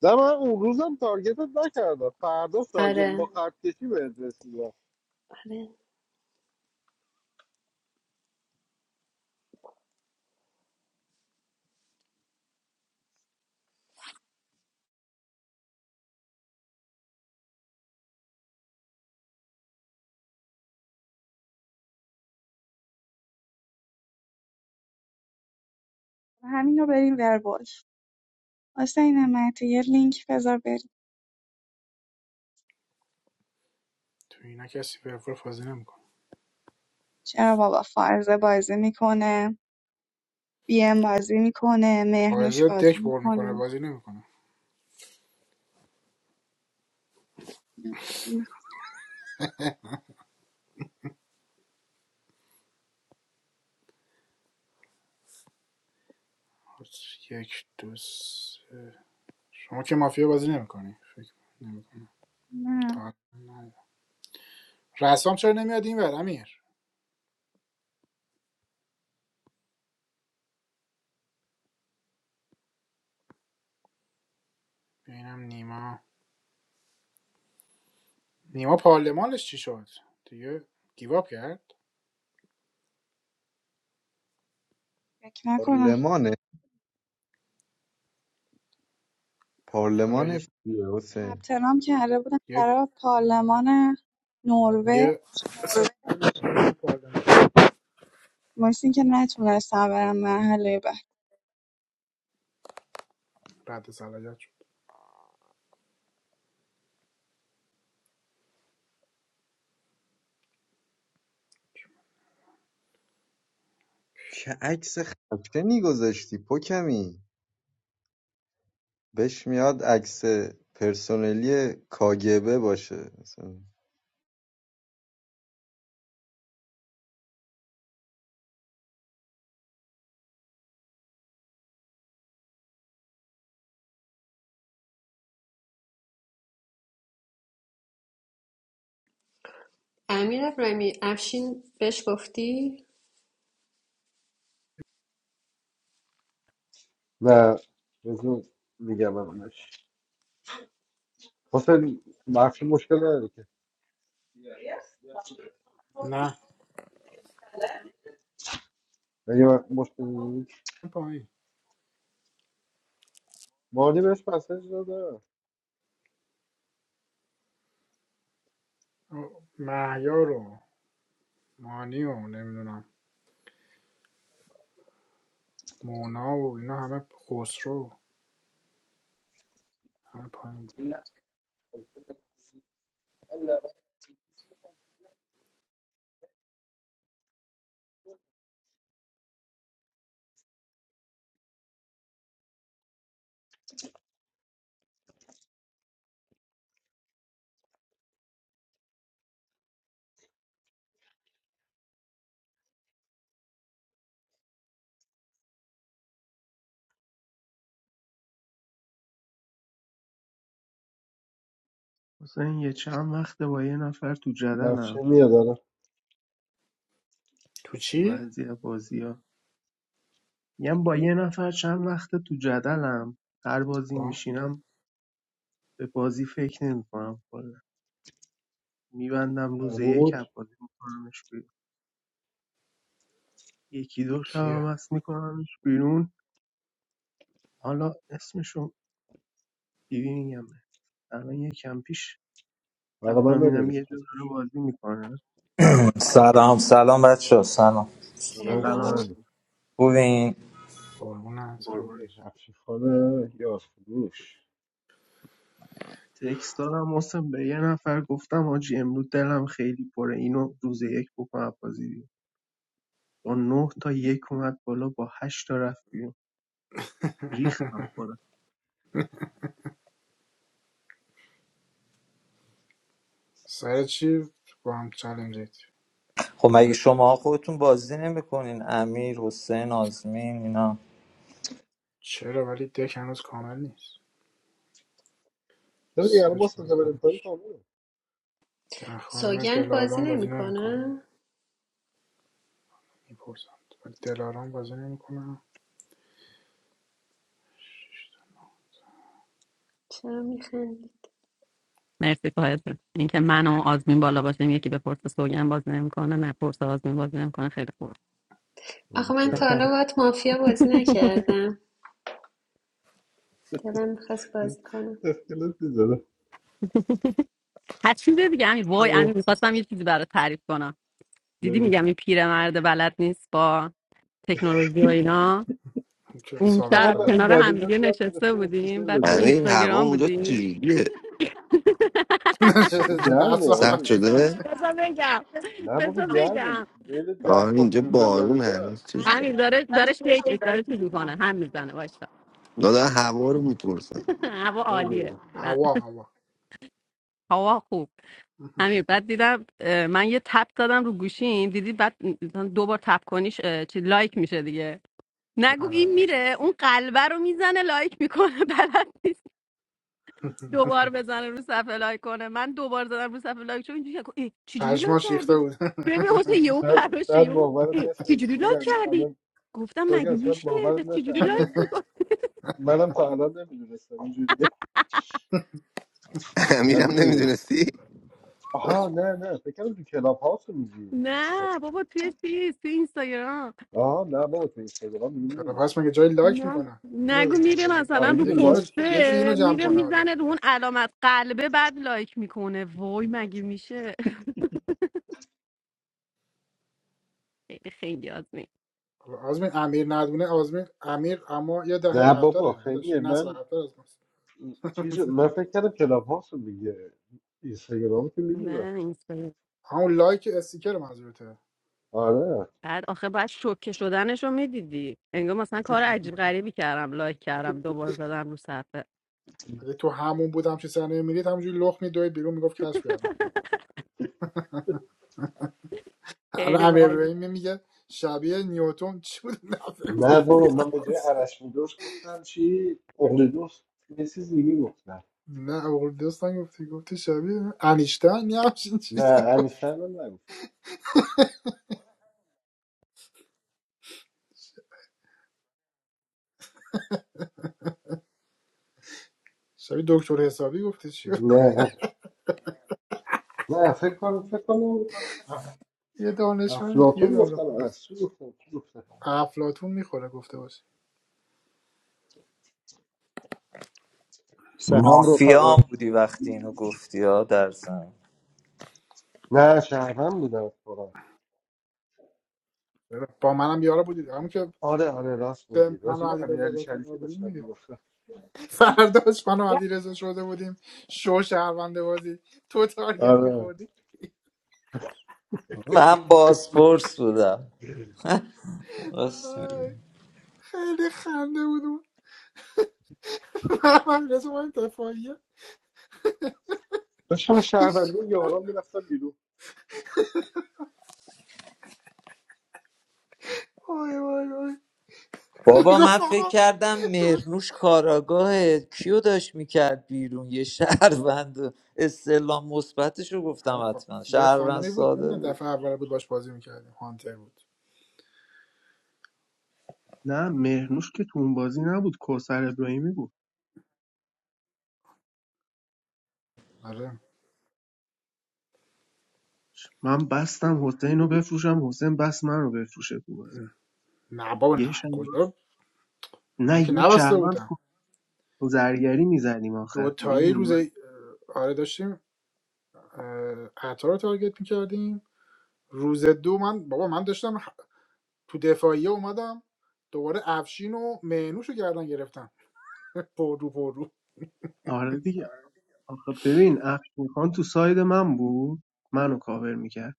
Speaker 3: نه من اون روزم تارگتت نکردم فردا تارگت با
Speaker 10: آره
Speaker 3: خط کشی بهت رسیدم.
Speaker 10: آره
Speaker 9: همین رو بریم ورول حسین نعمتی یه لینک بذار بریم
Speaker 1: تو اینا کسی به فور بازی نمیکنه
Speaker 9: چرا بابا فرزه بازی میکنه بی ام بازی میکنه مهنوش
Speaker 1: بازی
Speaker 9: بازی
Speaker 1: دک بر میکنه
Speaker 9: میکنه
Speaker 1: بازی نمیکنه
Speaker 9: بازی
Speaker 1: یک دو سه شما که مافیا بازی نمیکنی فکر نمیکنم
Speaker 9: میکنه
Speaker 1: تا رسام چرا نمیاد این ور امیر ببینم نیما نیما پارلمانش چی شد دیگه گیواب کرد
Speaker 9: فکر نکنم
Speaker 4: پارلمانه
Speaker 1: آره یه
Speaker 4: پارلمانش چیه حسین
Speaker 9: ثبت نام کرده بودم
Speaker 1: یه
Speaker 9: برای پارلمان نروژ
Speaker 1: یه پارلمان
Speaker 9: واسه اینکه نتونستم برم مرحله بعد
Speaker 1: رد صلاحیت
Speaker 4: چه عکس خشنی گذاشتی پوکمی بهش میاد عکس پرسنلی کاگبه باشه مثلا
Speaker 10: امیر ابراهیمی افشین بهش گفتی
Speaker 3: و بزن میگم همونش حسین مخشی مشکل نداره که
Speaker 1: نه
Speaker 3: اگه من مشکل نیست
Speaker 1: پایین
Speaker 3: مانی بهش مسیج داده
Speaker 1: مهیار رو مانی و نمیدونم مونا و اینا همه خسرو همه پایین بود
Speaker 8: حسین یه چند وقته با یه نفر تو
Speaker 3: مخشی
Speaker 8: جدلم
Speaker 3: میاد الان
Speaker 1: تو
Speaker 8: تو
Speaker 1: چی؟
Speaker 8: بعضی بازی میگم با یه نفر چند وقته تو جدلم هر بازی
Speaker 1: با
Speaker 8: میشینم به بازی فکر نمیکنم کلا میبندم روز یک از
Speaker 3: بود
Speaker 8: بازی میکنمش بیرون یکی دو شبم
Speaker 1: کیه؟
Speaker 8: هست میکنمش بیرون حالا اسمشو دیوی میگمه الان یکم پیش
Speaker 3: برای من
Speaker 8: رفتم دیدم
Speaker 3: بنویس
Speaker 8: یه جور داره
Speaker 3: اسمشو
Speaker 8: بازی میکنه
Speaker 11: سلام سلام بچه ها، سلام
Speaker 3: سلام
Speaker 1: سلام
Speaker 8: سلامش
Speaker 10: سلام
Speaker 3: خانه
Speaker 11: خوبین
Speaker 1: قربونه سلام
Speaker 8: قربون
Speaker 3: چطوری افشی خانه یا فروش
Speaker 8: تکست دادم واسم به یه نفر گفتم آجی امروز دلم خیلی پره اینو روز یک بکنم بازی بیرون با نه تا یک اومد بالا با هشت تا رفت بیرون
Speaker 1: <laughs>
Speaker 8: ریختم خودم
Speaker 1: سر چی با هم چلنج ایت؟
Speaker 11: خب مگه شما خودتون بازی نمیکنین امیر حسین آزمین اینا
Speaker 1: چرا ولی دک هنوز کامل نیست
Speaker 3: چرا دیگه الان
Speaker 1: سه
Speaker 3: ما
Speaker 1: چهار
Speaker 3: سنجا بریم پایین
Speaker 1: پنج
Speaker 3: کامله
Speaker 1: نه خانم
Speaker 10: سوگند بازی
Speaker 1: دلارام بازی نمیکنم
Speaker 10: نمیکنه
Speaker 1: میپرسم ولی دلارام بازی نمیکنم
Speaker 10: چرا میخندی
Speaker 12: مرسی ساید جون. اینکه من و آزمین بالا باشیم یکی به پرس سوگن باز نمیکنه نه پرس آزمین باز نمیکنه خیلی خوب
Speaker 3: ولی
Speaker 10: آخه
Speaker 3: که
Speaker 10: من تا حالا باید مافیا بازی
Speaker 12: <laughs>
Speaker 10: نکردم دلم میخواست بازی کنم
Speaker 3: اسکلت میزنه
Speaker 12: هر چیز دیگه همین وای امیر
Speaker 3: اوه،
Speaker 12: میخواستم یه چیزی برات تعریف کنم دیدی
Speaker 3: بگو
Speaker 12: میگم این پیرمرد بلد نیست با تکنولوژی و اینا
Speaker 1: که
Speaker 12: اون
Speaker 1: ثابت
Speaker 3: فقط
Speaker 12: شب
Speaker 1: شده
Speaker 3: من
Speaker 12: کنار
Speaker 3: ندیجا میگم
Speaker 12: همدیگه نشسته
Speaker 3: گرفته استیکر
Speaker 12: بودیم بعد تو
Speaker 2: همه
Speaker 3: بزنه
Speaker 2: این هوا
Speaker 12: اینستاگرام
Speaker 2: اونجا
Speaker 12: بودیم
Speaker 2: چجوریه
Speaker 12: <laughs>
Speaker 3: همه
Speaker 1: <laughs> بحث رو
Speaker 3: گرمه
Speaker 2: سرد
Speaker 3: آزی
Speaker 1: عوض میکنم
Speaker 2: شده
Speaker 12: بذار بگم
Speaker 3: نه بابا
Speaker 12: بذار
Speaker 3: گرمه
Speaker 12: بگم
Speaker 3: بین 10
Speaker 2: آره
Speaker 3: تا
Speaker 2: اینجا
Speaker 3: 15
Speaker 2: بارون
Speaker 3: درجه
Speaker 2: هنوز
Speaker 3: است
Speaker 2: چیز
Speaker 12: امیر
Speaker 2: داشت
Speaker 12: داره داره شیک داره چیز میکنه هم میزنه وایسا
Speaker 2: دادن هوا رو میپرسن
Speaker 12: <laughs> هوا عالیه
Speaker 3: بگو
Speaker 1: هوا هوا
Speaker 12: هوا خوب
Speaker 1: <laughs>
Speaker 12: امیر بعد دیدم اه، من یه تپ دادم رو گوشیم دیدی بعد مثلا دو بار تپ کنیش اه، چی لایک میشه دیگه نگو
Speaker 1: آره
Speaker 12: این میره اون قلبه رو میزنه لایک میکنه <laughs> بلد نیست
Speaker 1: <laughs>
Speaker 12: دوبار بزنه رو صفحه لایک کنه من دوبار زدم رو صفحه لایک چون اینجوری نگو، ای چجوری لایک
Speaker 1: پشماش ریخته
Speaker 12: کردی
Speaker 1: بود <laughs>
Speaker 12: ببین حسین یهو
Speaker 3: شاید
Speaker 12: پراشه
Speaker 3: شاید
Speaker 12: یهو
Speaker 3: باورت
Speaker 12: ای
Speaker 3: نشه
Speaker 12: چجوری لایک
Speaker 3: سوگن
Speaker 12: کردی
Speaker 3: الان
Speaker 12: گفتم
Speaker 3: سوگن
Speaker 12: مگه
Speaker 3: شاید
Speaker 12: میشه
Speaker 3: باورت
Speaker 12: پس
Speaker 3: نشه
Speaker 12: چجوری
Speaker 3: الان
Speaker 12: لایک
Speaker 3: اینو
Speaker 12: میکنه
Speaker 3: گفت. منم تا الان نمیدونستم اینجوریه
Speaker 2: <laughs>
Speaker 3: نه
Speaker 2: امیرم
Speaker 3: دی- اه.
Speaker 2: نمیدونستی
Speaker 3: آها نه نه فکر کردم تو کلاب هاوس رو میگی
Speaker 12: نه بابا توی چیز توی اینستاگرام
Speaker 3: آها نه بابا تو اینستاگرام میگی
Speaker 1: کلابهاوس
Speaker 3: نمیدونستم
Speaker 1: مگه جای لایک
Speaker 12: نگو
Speaker 1: میکنن اینو
Speaker 12: نگو میره
Speaker 1: بگو.
Speaker 3: آره
Speaker 12: مثلا رو
Speaker 3: دیگه
Speaker 1: یکی اینو
Speaker 3: لایک که داره
Speaker 1: یکی اینو
Speaker 12: پسته
Speaker 1: جمع
Speaker 3: میزنه
Speaker 12: میره
Speaker 1: کنه حالا
Speaker 12: میزنه رو اون علامت قلبه بعد لایک میکنه وای مگه میشه خیلی خیلی آدمی
Speaker 1: حالا آزمین امیر ندونه آزمین امیر اما یه دهه
Speaker 3: نه بابا
Speaker 1: عقب‌تره داداش
Speaker 3: خیلیه
Speaker 1: یه نسل
Speaker 3: من
Speaker 1: عقب‌تر از ماست
Speaker 3: چیز من فکر کردم کلاب هاوس رو میگه اینستاگرام که میدونم
Speaker 12: نه اینستا
Speaker 1: همون لایک استیکر منظورته
Speaker 3: آره
Speaker 12: بعد آخه بعد شوکه شدنش رو میدیدی انگار مثلا کار عجیب غریبی کردم لایک کردم دوبار زدم رو صفحه
Speaker 1: اگه تو همون بودم چه صحنه میرید همونجوری لخ میدوید بیرون میگفت کشف کردم الان
Speaker 12: خیلی
Speaker 1: امیر
Speaker 12: وای
Speaker 1: ابراهیمی میگه شبیه نیوتن چی بود <laughs> نه
Speaker 3: نه
Speaker 1: گفتی
Speaker 3: بابا من به جای ارشمیدس گفتم چی اقلیدس یه چیز دیگه گفتم
Speaker 1: نه اول دوستان گفتی گفتی شبیه انیشتین یه همچین
Speaker 3: نه
Speaker 1: چیزی
Speaker 3: انیسن هم نگفت.
Speaker 1: شبیه دکتر حسابی گفتی چی
Speaker 3: نه نه فکر کنم فکر کنم اف-
Speaker 1: یه دانشمند دیگه
Speaker 3: افلاطون
Speaker 1: حالا
Speaker 3: گفتم
Speaker 1: خلاص.
Speaker 3: ارسطو گفتم
Speaker 1: افلاتون میخوره گفته باشی
Speaker 13: Salam
Speaker 11: مافیا
Speaker 13: Rofaq.
Speaker 11: هم بودی وقتی اینو گفتی ها در زن
Speaker 3: نه شهروند بودم اتفاقا
Speaker 1: با منم یارا بودید همون که
Speaker 3: آره آره راست
Speaker 1: به
Speaker 3: میگی
Speaker 1: من
Speaker 3: راجع
Speaker 1: و
Speaker 3: به
Speaker 1: علی رضا
Speaker 3: امیرعلی شریفی
Speaker 1: بودیم
Speaker 3: داشتم
Speaker 1: میگه
Speaker 3: میگفتم
Speaker 1: فرداش من و علی رضا شده بودیم شو شهرونده بازی تو تارگت
Speaker 3: آره
Speaker 1: میخوردی
Speaker 11: من بازپرس بودم <laughs> راست میگی.
Speaker 1: وای، خیلی خنده بودم من رضا من دفاعیه
Speaker 3: داشتم شهروندی و یاران میرفتم بیرون
Speaker 1: وای وای وای
Speaker 11: بابا من
Speaker 1: گفت
Speaker 11: فکر
Speaker 1: آقا
Speaker 11: کردم
Speaker 1: تو-
Speaker 11: مرنوش کاراگاه کیو داشت میکرد بیرون یه شهروند و استعلام مثبتش رو
Speaker 1: هم
Speaker 11: گفتم
Speaker 1: خب
Speaker 11: حتما
Speaker 1: یه
Speaker 11: شهروند
Speaker 1: خانومی بود
Speaker 11: ساده
Speaker 1: نمیدونم
Speaker 11: بود.
Speaker 1: دفعه اول بود باش بازی میکردیم هانتر بود
Speaker 8: نه مهرنوش که تو اون بازی نبود کوثر ابراهیمی بود
Speaker 1: آره
Speaker 8: من بستم حسین رو بفروشم حسین بست من رو بفروشه تو بازی
Speaker 1: نه بابا نه
Speaker 8: یه شهر...
Speaker 1: کجا من
Speaker 8: نه
Speaker 1: که
Speaker 8: یه
Speaker 1: نبسته
Speaker 8: شهروند
Speaker 1: بودم
Speaker 8: کو- زرگری میزدیم آخه
Speaker 1: دوتایی
Speaker 8: میدونی
Speaker 1: روز
Speaker 8: من
Speaker 1: آره داشتیم اه، عطا رو تارگت میکردیم روز دو من بابا من داشتم تو دفاعیه اومدم دوباره افشین و مهنوش رو گردن گرفتم پرو پرو
Speaker 8: آره دیگه آخه ببین افشین خان تو ساید من بود منو کاور میکرد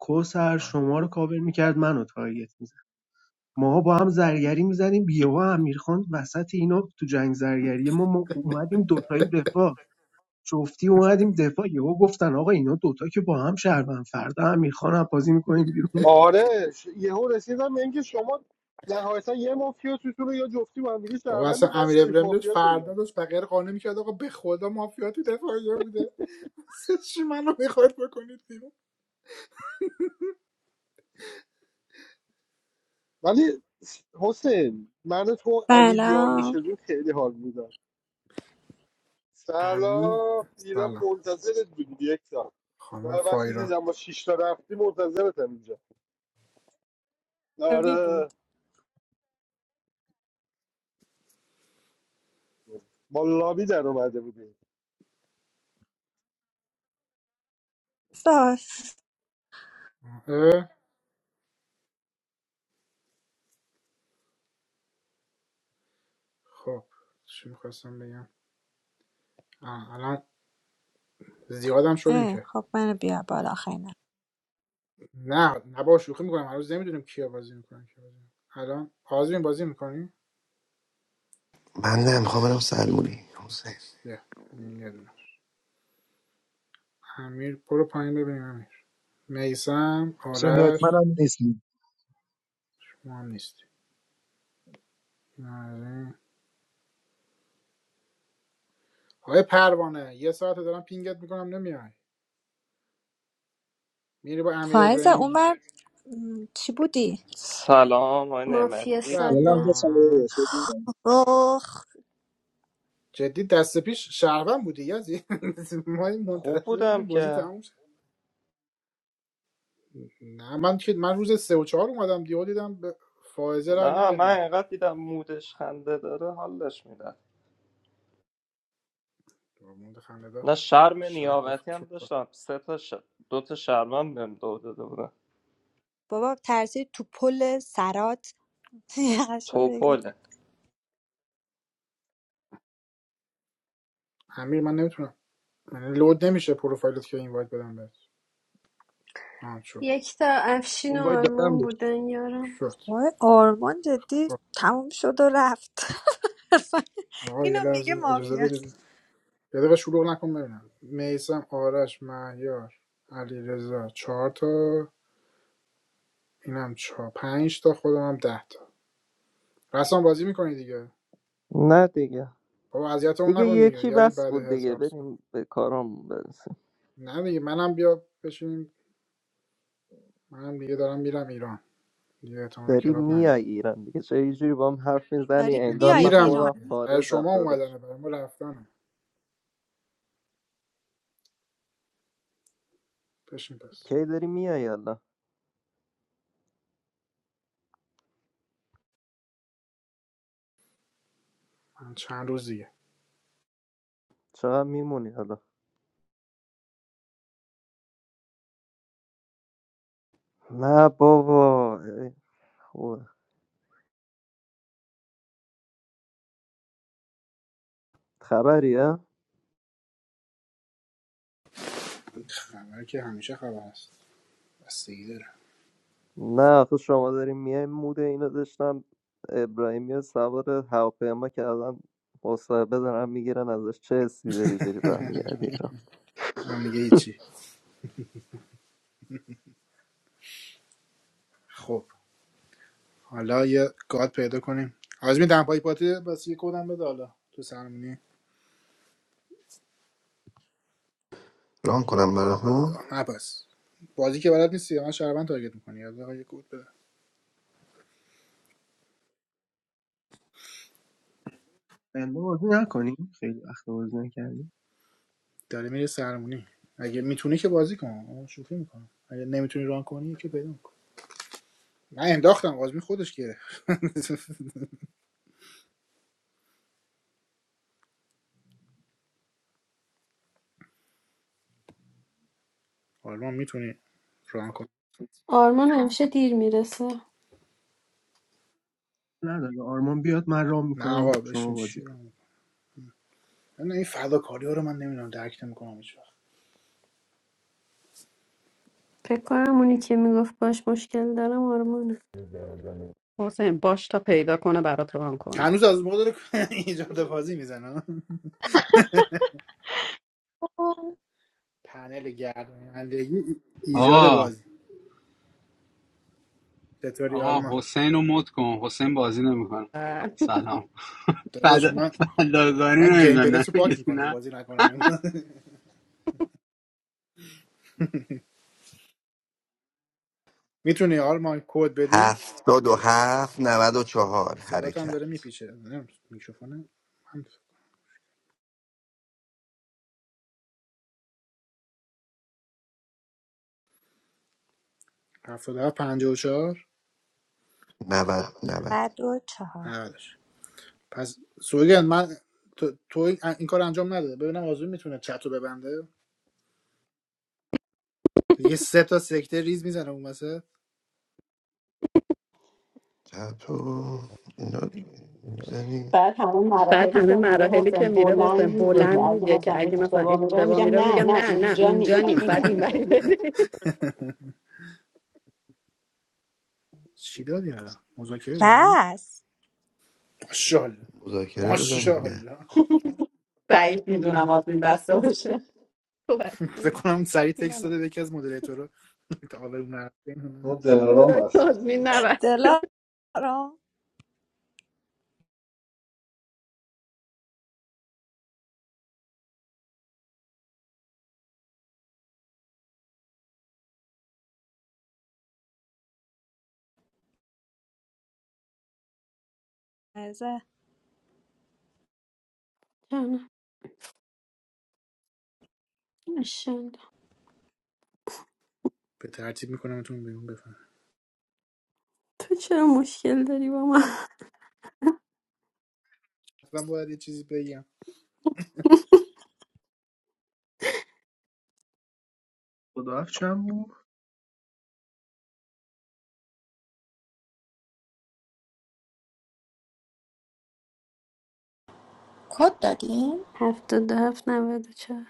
Speaker 8: کوسر
Speaker 1: آه.
Speaker 8: شما رو کاور میکرد منو تارگت میزد ماها با هم زرگری میزدیم بیهوا امیرخان وسط اینا تو جنگ زرگری ما, ما اومدیم دوتایی دفاع جفتی اومدیم دفاع یهو گفتن آقا اینا دوتا که با هم شهروند فردا امیرخان رو بازی میکنیم بیرون
Speaker 1: <laughs>
Speaker 3: آره ش... یهو رسیدم به اینکه شما نهایتا یه مافیا تو تو رو یا جفتی با هم دیگه
Speaker 1: بابا
Speaker 3: شهروندی
Speaker 1: اصلا
Speaker 3: من
Speaker 1: امیر
Speaker 3: سیف
Speaker 1: ابراهیم داشت
Speaker 3: مافیا شدم
Speaker 1: فردا داشت بقیه رو قانع میکرد آقا به خدا مافیا تو دفاعیه بوده <laughs> چی منو میخواد بکنید بیرون
Speaker 3: ولی حسین من و تو امید یار
Speaker 14: سلام
Speaker 3: میشدیم خیلی حال میداد
Speaker 1: امی
Speaker 3: سلام اینا
Speaker 1: سلام
Speaker 3: منتظرت بودیم یک سال
Speaker 1: خانم
Speaker 3: من وقتی
Speaker 1: فایرا
Speaker 3: دیدم با شیش تا رفتی منتظرتم اینجا
Speaker 14: قوی
Speaker 3: آره
Speaker 14: بود
Speaker 3: ما لابی در اومده بودیم
Speaker 14: ساس
Speaker 1: اه، خب چی میخواستم بگم آه، الان زیادم شدیم
Speaker 14: اه
Speaker 1: که
Speaker 14: خب منو بیار بالا خیلی
Speaker 1: نه نه با شوخی میکنم هنوز نمیدونیم کیا بازی میکنن کیا بازی نمی‌کنن. الان آزمین بازی میکنی
Speaker 2: من نه میخوام برم سلمونی حسین
Speaker 1: یه این یه دونه امیر برو پایین ببینیم امیر میسم
Speaker 13: My
Speaker 1: آرش
Speaker 13: name is.
Speaker 1: ما هم نیست آقای پروانه یه ساعت دارم پینگت میکنم نمیای میری با امیر
Speaker 14: فائزه
Speaker 1: ابراهیمی
Speaker 14: اومد م، چی بودی؟
Speaker 15: سلام آقای
Speaker 10: مافیا
Speaker 15: نعمتی
Speaker 10: ساده
Speaker 1: سلام
Speaker 14: اوخ
Speaker 1: جدی دست پیش شهروند بودی یزی <laughs> ما این
Speaker 15: خوب
Speaker 1: منتظر
Speaker 15: بودم
Speaker 1: بودیم بازی
Speaker 15: که
Speaker 1: تموم شه نه من که من روز سه و چهار اومدم دیو دیدم به فائزه رای
Speaker 15: نه من
Speaker 1: ندادی
Speaker 15: اینقدر دیدم مودش خنده داره حالش میده
Speaker 1: موند خنده دار
Speaker 15: نه شرم
Speaker 1: شهر
Speaker 15: نیابتی هم داشتم سه تا ش... دو تا شرم هم بهم دو داده بودن
Speaker 14: بابا ترسید تو پل سرات <laughs> یقشو بگیر
Speaker 15: توپله
Speaker 1: امیر من نمیتونم من لود نمیشه پروفایلت که اینوایت بدم بهت آه شد
Speaker 10: یک تا افشین و آرمان بودن یارم
Speaker 1: شد
Speaker 14: وای آرمان جدی
Speaker 1: خب.
Speaker 14: تموم شد و رفت <laughs>
Speaker 1: آقا یه
Speaker 14: اینو میگه
Speaker 1: لحظه اجازه
Speaker 14: مافیا
Speaker 1: بدید یه دقیقه شلوغ نکن ببینم میسم آرش مهیار علیرضا رضا چهار تا اینم چهار پنج تا خودم هم ده تا رسام بازی میکنی دیگه
Speaker 15: نه دیگه
Speaker 1: بابا اذیتمون
Speaker 15: دیگه
Speaker 1: نکن دیگه
Speaker 15: یکی
Speaker 1: یزی
Speaker 15: بس
Speaker 1: بعد
Speaker 15: بود دیگه
Speaker 1: هزار سال
Speaker 15: بریم به کارم برسیم
Speaker 1: نه دیگه منم بیا بشینیم منم دیگه دارم میرم ایران دیگه احتمالاً
Speaker 15: داری
Speaker 1: کلاب نیام
Speaker 15: میای ایران دیگه چه یه جوری با هم حرف میزنی
Speaker 14: داری
Speaker 15: انگار
Speaker 14: میای
Speaker 15: من
Speaker 1: میرم
Speaker 15: خودم
Speaker 14: ایران
Speaker 1: دیگه برای
Speaker 15: خارجم
Speaker 1: شما
Speaker 15: داداش
Speaker 1: اومدنه برای ما رفتنه بشین پس
Speaker 15: کی داری میای حالا
Speaker 1: من چند روزیه
Speaker 15: چقدر میمونی حالا نه بابا ای، خوبه خبریه
Speaker 1: خبر که همیشه خبر است بستگی داره
Speaker 15: نه آخه شما داریم میایم مود اینو داشتم ابراهیمی و سوار هواپیما کردن مصاحبه دارن میگیرن ازش چه حسی داری داری برمیگردی ایران
Speaker 1: من میگه هیچی خب حالا یه گاد پیدا کنیم آزمین دمپایی پاتی بس یه کدم بده حالا تو سرمونی
Speaker 2: ران کنم براتون
Speaker 1: نه بس بازی که بلد نیستی من شربن تارگت میکنی یا آقا یه کد بده
Speaker 8: بنده بازی نکنیم خیلی وقت بازی نکردیم
Speaker 1: داره میره سرمونی اگه میتونی که بازی کن شوخی میکنم اگه نمیتونی ران کنی که پیدا کن من انداختم آزمین خودش گیره <laughs> حالا میتونی ران کن
Speaker 10: آرمان همیشه دیر میرسه
Speaker 8: نداره آرمان بیاد من رام
Speaker 1: نه
Speaker 8: میکنم
Speaker 1: آقا
Speaker 8: شما
Speaker 1: بشین
Speaker 8: بازی
Speaker 1: چی ران
Speaker 8: کنید
Speaker 1: کنی؟ این فداکاری رو من نمیدونم درک نمیکنم هیچ
Speaker 10: فکر کنم اونی که میگفت باش مشکل دارم آرمانه
Speaker 12: حسین باش تا پیدا کنه برات ران کنه <laughs>
Speaker 1: هنوز از موقع داره <laughs> ایجاد بازی میزنه پنل گردانندگی ایجاد
Speaker 16: آقا
Speaker 1: بازی چطوری
Speaker 16: آقا
Speaker 1: آرما
Speaker 16: حسین رو مد کن حسین بازی نمیکنه
Speaker 12: اه.
Speaker 16: سلام <laughs>
Speaker 1: داداش
Speaker 16: فدا
Speaker 1: من
Speaker 16: فدازاری
Speaker 1: من گیم
Speaker 16: نمیکنه نه
Speaker 1: پلیس رو پاک
Speaker 16: بگید نه
Speaker 1: میکنم بازی نکنم <laughs> میتونی آرما کد بدی
Speaker 2: هفتاد و هفت نود و چهار
Speaker 1: صدات هم داره
Speaker 2: حرکت
Speaker 1: میپیچه نمی‌دونم، میکروفونه من 77 54
Speaker 2: نود نود
Speaker 14: 94
Speaker 1: 90 پس سوگن من تو, تو این کار انجام نده ببینم آزمون میتونه چت ببنده یه سه تا سکته ریز میزنه اون وسط
Speaker 2: تو اینا دیگه می‌زنی. بعد همون
Speaker 12: بعد
Speaker 2: مراحلی که
Speaker 12: همه
Speaker 2: میره
Speaker 12: مراحلی که
Speaker 2: حسین
Speaker 12: میره حسین
Speaker 2: بلند میگه که
Speaker 12: بلند
Speaker 1: <laughs>
Speaker 2: اگه
Speaker 12: میگه که
Speaker 2: مثلا
Speaker 12: اگه مثلا
Speaker 2: اشتباه میگم
Speaker 12: اشتباه
Speaker 2: میگم
Speaker 12: میره
Speaker 2: نه
Speaker 12: میگم
Speaker 2: نه
Speaker 12: نه نه
Speaker 2: اونجا نیست
Speaker 12: اونجا
Speaker 2: من
Speaker 12: نیست بعد این
Speaker 2: میگم
Speaker 12: وری بری <laughs>
Speaker 1: چی دادی الان مذاکره
Speaker 14: بس
Speaker 1: ماشاءالله
Speaker 2: مذاکره دارم دیگه
Speaker 1: ماشاءالله
Speaker 12: بعید
Speaker 2: بعید
Speaker 12: میدونم
Speaker 2: میدونم آدمی
Speaker 12: آزمین
Speaker 2: بسته
Speaker 12: بسته
Speaker 2: باشه
Speaker 1: فکر
Speaker 12: توبکی
Speaker 1: کنم سریع تکست
Speaker 12: بینم
Speaker 1: داده به یکی از مدیریتورا تا اون نرفته.
Speaker 3: ما دلارام
Speaker 12: خدا
Speaker 3: هستی
Speaker 12: آزمین
Speaker 3: احتمالاً.
Speaker 12: نبست
Speaker 14: دلارام فائزه
Speaker 10: جانم ماشاءالله.
Speaker 1: <laughs> به ترتیب میکنمتون بیرون بفهم
Speaker 10: تو چرا مشکل داری با من
Speaker 1: حتما باید یه چیزی بگم
Speaker 8: خدا حافظ چند بود
Speaker 5: کد دادیم
Speaker 10: هفتاد و هفت نود و چهار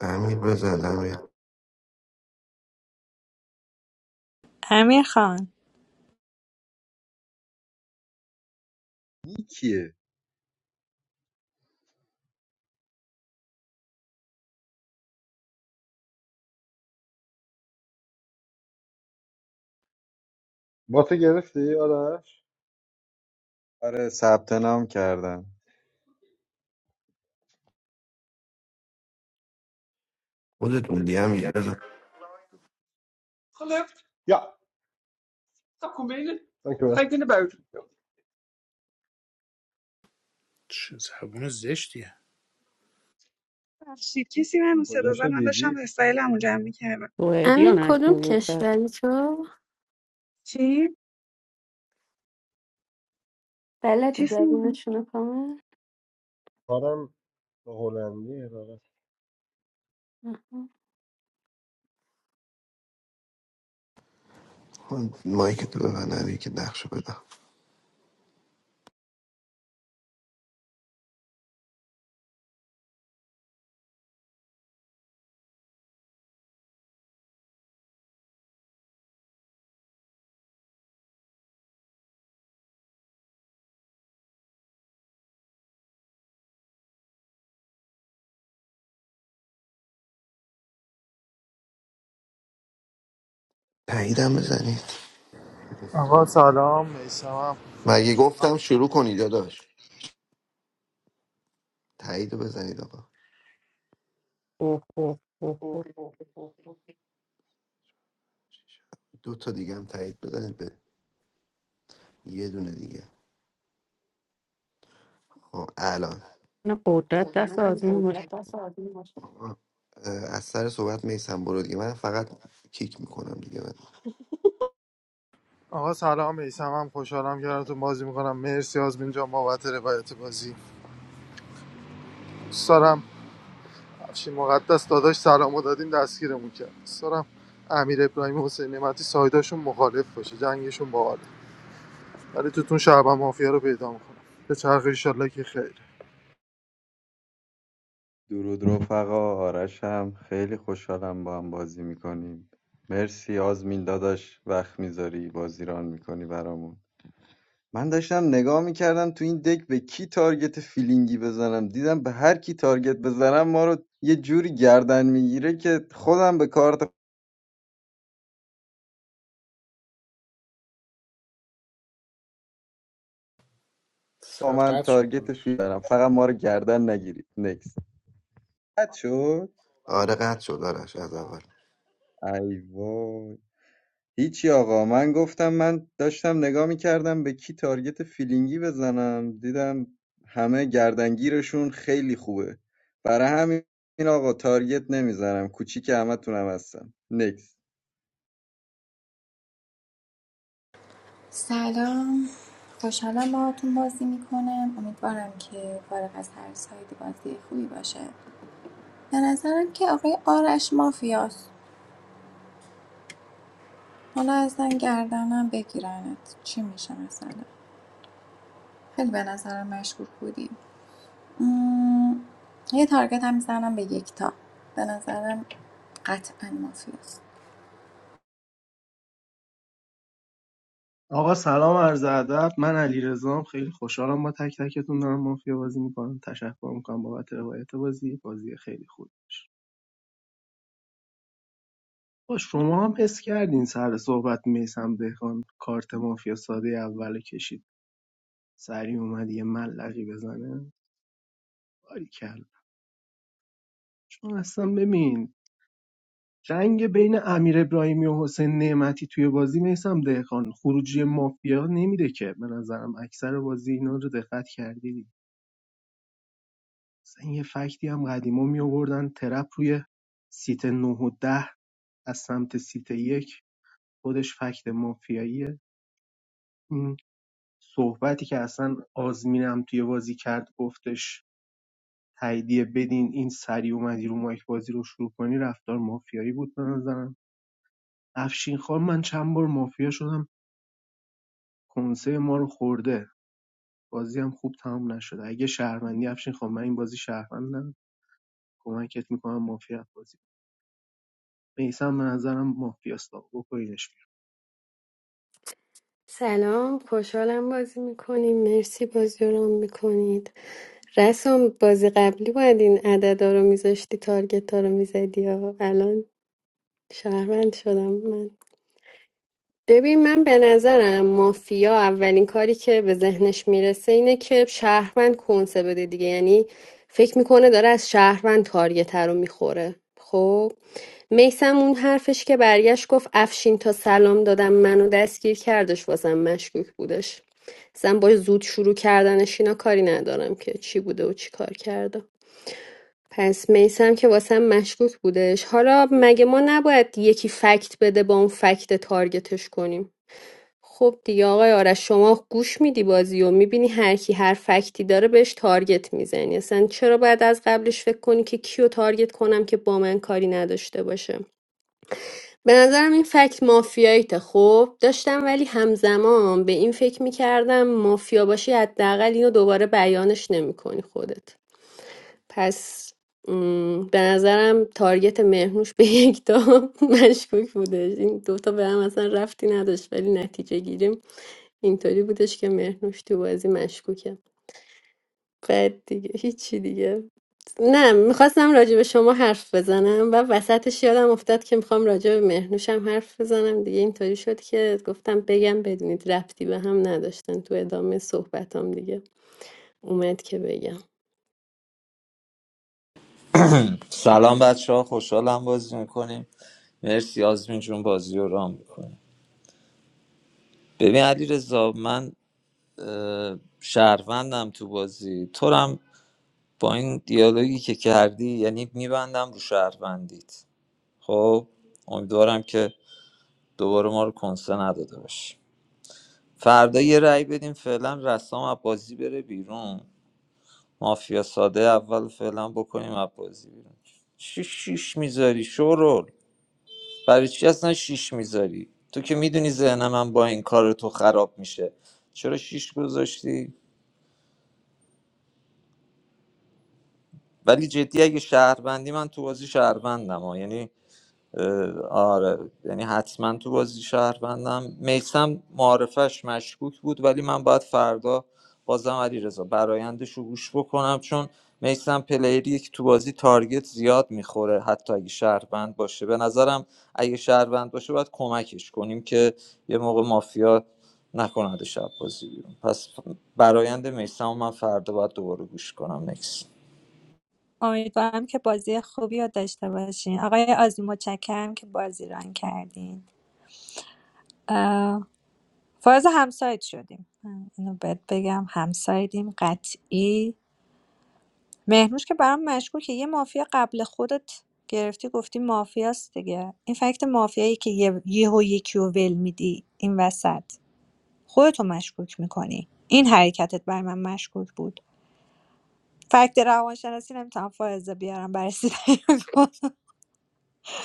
Speaker 2: امیر بزن امیر
Speaker 14: امیر خان
Speaker 4: این کیه
Speaker 3: با تو گرفتی آرش
Speaker 4: آره ثبت نام کردم
Speaker 2: خودت موندی امیر بزن
Speaker 3: خلفت یا تکون بینه تکون بینه باید
Speaker 1: چه زبون زشتیه
Speaker 9: ببخشید کسی من صدا زد
Speaker 3: کجاشو
Speaker 9: من داشتم
Speaker 3: دیدی
Speaker 9: وسایلمو جمع میکردم
Speaker 10: امیر
Speaker 12: قدیانش
Speaker 10: کدوم
Speaker 12: میگه دست
Speaker 10: کشوری تو
Speaker 9: چی؟
Speaker 10: بلدی
Speaker 9: چیز
Speaker 10: زبونشونو کامل
Speaker 3: کارم به هلندی
Speaker 10: آها.
Speaker 2: مایک تو ببن امیر که نقشو بده تاییدم بزنید
Speaker 17: آقا سلام میسمم
Speaker 2: مگه گفتم شروع کنید داداش تایید رو بزنید آقا
Speaker 12: اوه اوه اوه اوه.
Speaker 2: دو تا دیگه هم تایید بزنید به یه دونه دیگه خب الان
Speaker 12: نه قدرت
Speaker 2: آقا،
Speaker 12: دست آزمین باشه
Speaker 2: اه، از سر صحبت میسم برو دیگه من فقط کیک میکنم دیگه من
Speaker 17: آقا سلام میسمم خوشحالم کنارتون بازی میکنم مرسی آزمین جان بابت روایت بازی دوست دارم افشین مقدس داداش سلامو دادیم دستگیرمون کرد دوست دارم امیر ابراهیم و حسین نعمتی سایداشون مخالف باشه جنگشون باحاله ولی توتون شعب مافیا رو پیدا میکنم به چرخ ایشالله که خیر
Speaker 4: درود رفقا آرش هم خیلی خوشحالم با هم بازی میکنیم مرسی آزمین داداش وقت میذاری بازیران میکنی برامون من داشتم نگاه میکردم تو این دک به کی تارگت فیلینگی بزنم دیدم به هر کی تارگت بزنم ما رو یه جوری گردن میگیره که خودم به کارت
Speaker 1: صدات
Speaker 4: من
Speaker 1: قطع شد
Speaker 4: تارگت
Speaker 1: داداش.
Speaker 4: فیلینگ دارم فقط ما رو گردن نگیرید نکس قطع شد
Speaker 2: آره قطع شد آرش از اول
Speaker 4: ای وای هیچی آقا من گفتم من داشتم نگاه میکردم به کی تارگت فیلینگی بزنم دیدم همه گردنگیرشون خیلی خوبه برای همین آقا تارگت نمیزنم کوچیک همه همتونم هستم نکس
Speaker 5: سلام خوشحالم باهاتون بازی میکنم امیدوارم که فارغ از هر سایدی بازی خوبی باشه به نظرم که آقای آرش مافیاست حالا ازن گردنم بگیرنت چی میشه مثلا خیلی به نظرم مشکوک بودی مم، یه تارگت هم میزنم به یکتا به نظرم قطعا مافیاست
Speaker 8: آقا سلام عرض ادب من علی خیلی خوشحالم با تک تکتون دارم مافیا بازی میکنم تشکر میکنم بابت روایت بازی بازی خیلی خوب با شما هم حس کردین سر صحبت میسم دهقان کارت مافیا ساده اول کشید سریع اومد یه ملقی بزنه باریکلا چون اصلا ببین جنگ بین امیر ابراهیمی و حسین نعمتی توی بازی میسم دهقان خروجی مافیا نمیده که به نظرم اکثر بازی اینا رو دقت کردی اصلا یه فکتی هم قدیما می آوردن ترپ روی سیت 9 و 10 از سمت سیت یک خودش فکت مافیاییه این صحبتی که اصلا آزمینم توی بازی کرد گفتش تاییدیه بدین این سری اومدی رو مایک بازی رو شروع کنی رفتار مافیایی بود به نظرم. افشین افشین‌خان من چند بار مافیا شدم کنسه ما رو خورده بازی هم خوب تمام نشده اگه شهروندی افشین خان من این بازی شهروندم کمکت میکنم مافیا بازی میسم به نظرم مافیاست آقا. بکنینش بیرون.
Speaker 10: سلام خوشحالم بازی میکنیم مرسی بازی رو میکنید رسام بازی قبلی باید این عددا رو میذاشتی تارگت ها رو میزدی یا الان شهروند شدم من ببین من به نظرم مافیا اولین کاری که به ذهنش میرسه اینه که شهروند کنسه بده دیگه یعنی فکر میکنه داره از شهروند تارگت رو میخوره خب میسم اون حرفش که برگشت گفت افشین تا سلام دادم منو دستگیر کردش واسم مشکوک بودش اصلا با زود شروع کردنش اینا کاری ندارم که چی بوده و چی کار کرده پس میسم که واسم مشکوک بودش حالا مگه ما نباید یکی فکت بده با اون فکت تارگتش کنیم خب دیگه آقای آرش شما گوش میدی بازی و میبینی هر کی هر فکتی داره بهش تارگت میزنی اصلا چرا باید از قبلش فکر کنی که کیو تارگت کنم که با من کاری نداشته باشه به نظرم این فکت مافیاییته خب داشتم ولی همزمان به این فکر میکردم مافیا باشی حداقل اینو دوباره بیانش نمیکنی خودت پس م، به نظرم تارگت مهرنوش به یک تا <laughs> مشکوک بودش این دوتا به هم اصلا رفتی نداشت ولی نتیجه گیریم اینطوری بودش که مهرنوش تو بازی مشکوکه بعد دیگه هیچی دیگه نه میخواستم راجع به شما حرف بزنم و وسطش یادم افتاد که میخوام راجع به مهرنوشم حرف بزنم دیگه اینطوری شد که گفتم بگم بدونید ربطی به هم نداشتن تو ادامه صحبتام دیگه اومد که بگم
Speaker 11: سلام بچه ها خوشحالم بازی میکنیم مرسی آزمین جون بازی رو رام میکنیم ببین علی رضا من اه، شهروندم تو بازی تو رو هم با این دیالوگی که کردی یعنی میبندم رو شهروندیت خب امیدوارم که دوباره ما رو کنسه نداده باشی فردا یه رأی بدیم فعلا رسام از بازی بره بیرون مافیا ساده اول فعلا بکنیم از بازی بیرون شیش شیش میذاری شورول برای چی اصلا شیش میذاری تو که میدونی ذهن من با این کار تو خراب میشه چرا شیش گذاشتی ولی جدی اگه شهروندی من تو بازی شهروندم ها. یعنی آره یعنی حتما تو بازی شهروندم میسم معارفش مشکوک بود ولی من باید فردا بازم علی رضا برایندش رو گوش بکنم چون میسم پلیری که تو بازی تارگت زیاد میخوره حتی اگه شهروند باشه به نظرم اگه شهروند باشه باید کمکش کنیم که یه موقع مافیا نکند شب بازی بیرون پس برایند میسم من فردا باید دوباره گوش کنم نکس
Speaker 14: امیدوارم که بازی خوبی رو داشته باشین آقای آزی متشکرم که بازی ران کردین اه، فاز همسایت شدیم من اینو بهت بگم همسایدیم قطعی مهنوش که برام مشکوکه یه مافیا قبل خودت گرفتی گفتی مافیاست دیگه این فکت مافیایی که یه یهو یکی رو ول میدی این وسط خودتو مشکوک میکنی این حرکتت بر من مشکوک بود فکت روانشناسی نمیتونم فائزه بیارم برای سیدنی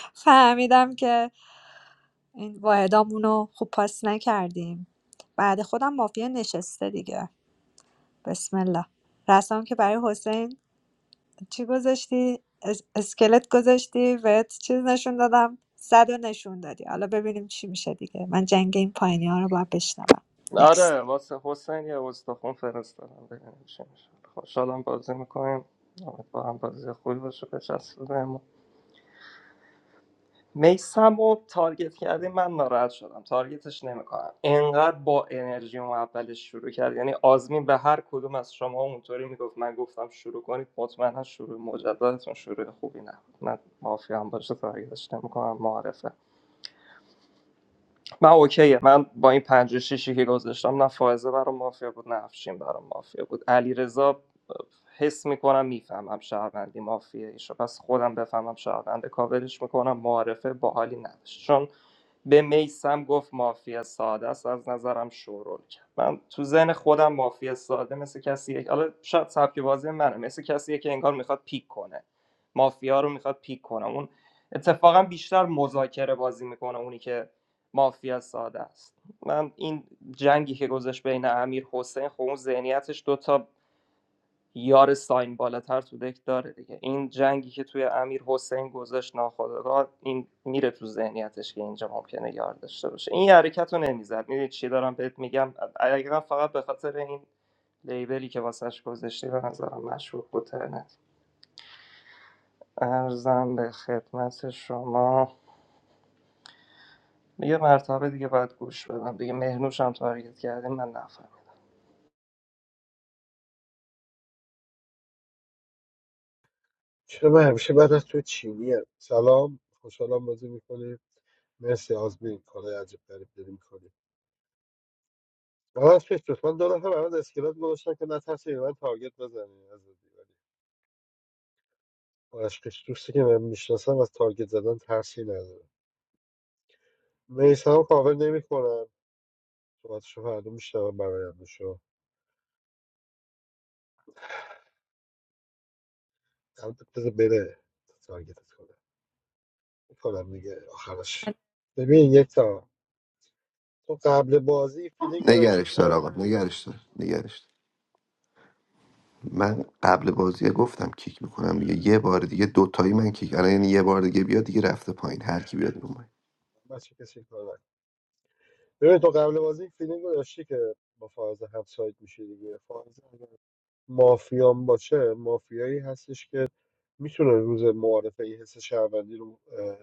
Speaker 14: <laughs> فهمیدم که این واحدامون رو خوب پاس نکردیم بعد خودم مافیا نشسته دیگه بسم الله رسام که برای حسین چی گذاشتی اس- اسکلت گذاشتی بهت چیز نشون دادم صد و نشون دادی حالا ببینیم چی میشه دیگه من جنگ این پایینی ها رو باید بشنوم Next.
Speaker 15: آره واسه حسین یه استخون فرستادم ببینیم چی میشه خوشحالم بازی میکنیم با هم بازی خوبی باشه بچسبونه میسم رو تارگت کردی من ناراحت شدم تارگتش نمیکنم انقدر با انرژی اون اولش شروع کرد یعنی آزمین به هر کدوم از شما اونطوری میگفت من گفتم شروع کنید مطمئنا شروع مجددتون شروع خوبی نبود من مافیا هم باشه تارگتش نمیکنم معرفه من اوکیه من با این پنج و شیشی که گذاشتم نه فائزه برام مافیا بود نه افشین برام مافیا بود علیرضا حس میکنم میفهمم شهروندی مافیه ایشو پس خودم بفهمم شهرونده کاورش میکنم معارفه باحالی نداشت چون به میسم گفت مافیا ساده است از نظرم شورول کرد من تو ذهن خودم مافیا ساده مثل کسیه که- حالا شاید سبک بازی منه مثل کسیه که انگار میخواد پیک کنه مافیا رو میخواد پیک کنه اون اتفاقا بیشتر مذاکره بازی میکنه اونی که مافیا ساده است من این جنگی که گذاشت بین امیر حسین خب اون ذهنیتش دوتا یار ساین بالاتر تو دک داره دیگه این جنگی که توی امیر حسین گذاشت ناخودآگاه این میره تو ذهنیتش که اینجا ممکنه یار داشته باشه این حرکت رو نمیزد میدونی چی دارم بهت میگم اگر فقط به خاطر این لیبلی که واسش گذاشتی به نظرم مشروب بود ترنت ارزم به خدمت شما یه مرتبه دیگه باید گوش بدم دیگه مهنوش هم تارگت کردیم من نفهم
Speaker 3: چرا من همیشه بعد از تو چینی هم. سلام خوشحالم بازی میکنیم مرسی آزمین کارهای عجیب غریب داری میکنیم من از پیش دوست من دو نفر برات اسکلت گذاشتن که نترسی به من تارگت بزنی از ولی عشقش دوستی که من میشناسم از تارگت زدن ترسی نداره میسم هم کاور نمیکنم صحبتشو فردا میشنوم برایندشو البته بذار بره تارگتت کنم میکنم دیگه آخرش ببین یک تا تو قبل بازی فیلینگ گذاشتی
Speaker 2: نگرش
Speaker 3: که
Speaker 2: دار آقا نگرش دار نگرش دار. من قبل بازی گفتم کیک میکنم دیگه یه بار دیگه دوتایی من کیک الان یعنی یه بار دیگه بیاد دیگه رفته پایین هر کی بیاد رو
Speaker 3: بچه کسی کار ببین تو قبل بازی این فیلینگ رو داشتی که با فاز هم سایت میشه دیگه فاز اگر مافیان باشه مافیایی هستش که میتونه روز معارفه این حس شهروندی رو اه،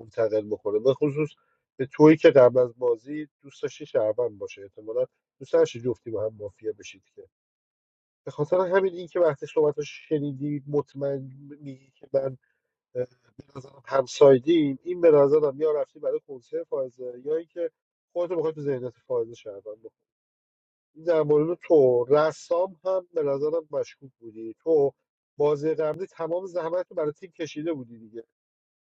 Speaker 3: منتقل بکنه به خصوص به تویی که قبل از بازی دوست داشتی شهروند باشه احتمالا دوست داشتی جفتی با هم مافیا بشید که به خاطر همین این که وقتی صحبتش شنیدی مطمئن میگی که من اه، نظرم همسایدیم این به نظرم یا رفتی برای کنسرت فائزه یا اینکه خودتو بخوای تو ذهنیت فائزه شهروند در مورد تو رسام هم به نظرم مشکوک بودی تو بازی قبلی تمام زحمت رو برای تیم کشیده بودی دیگه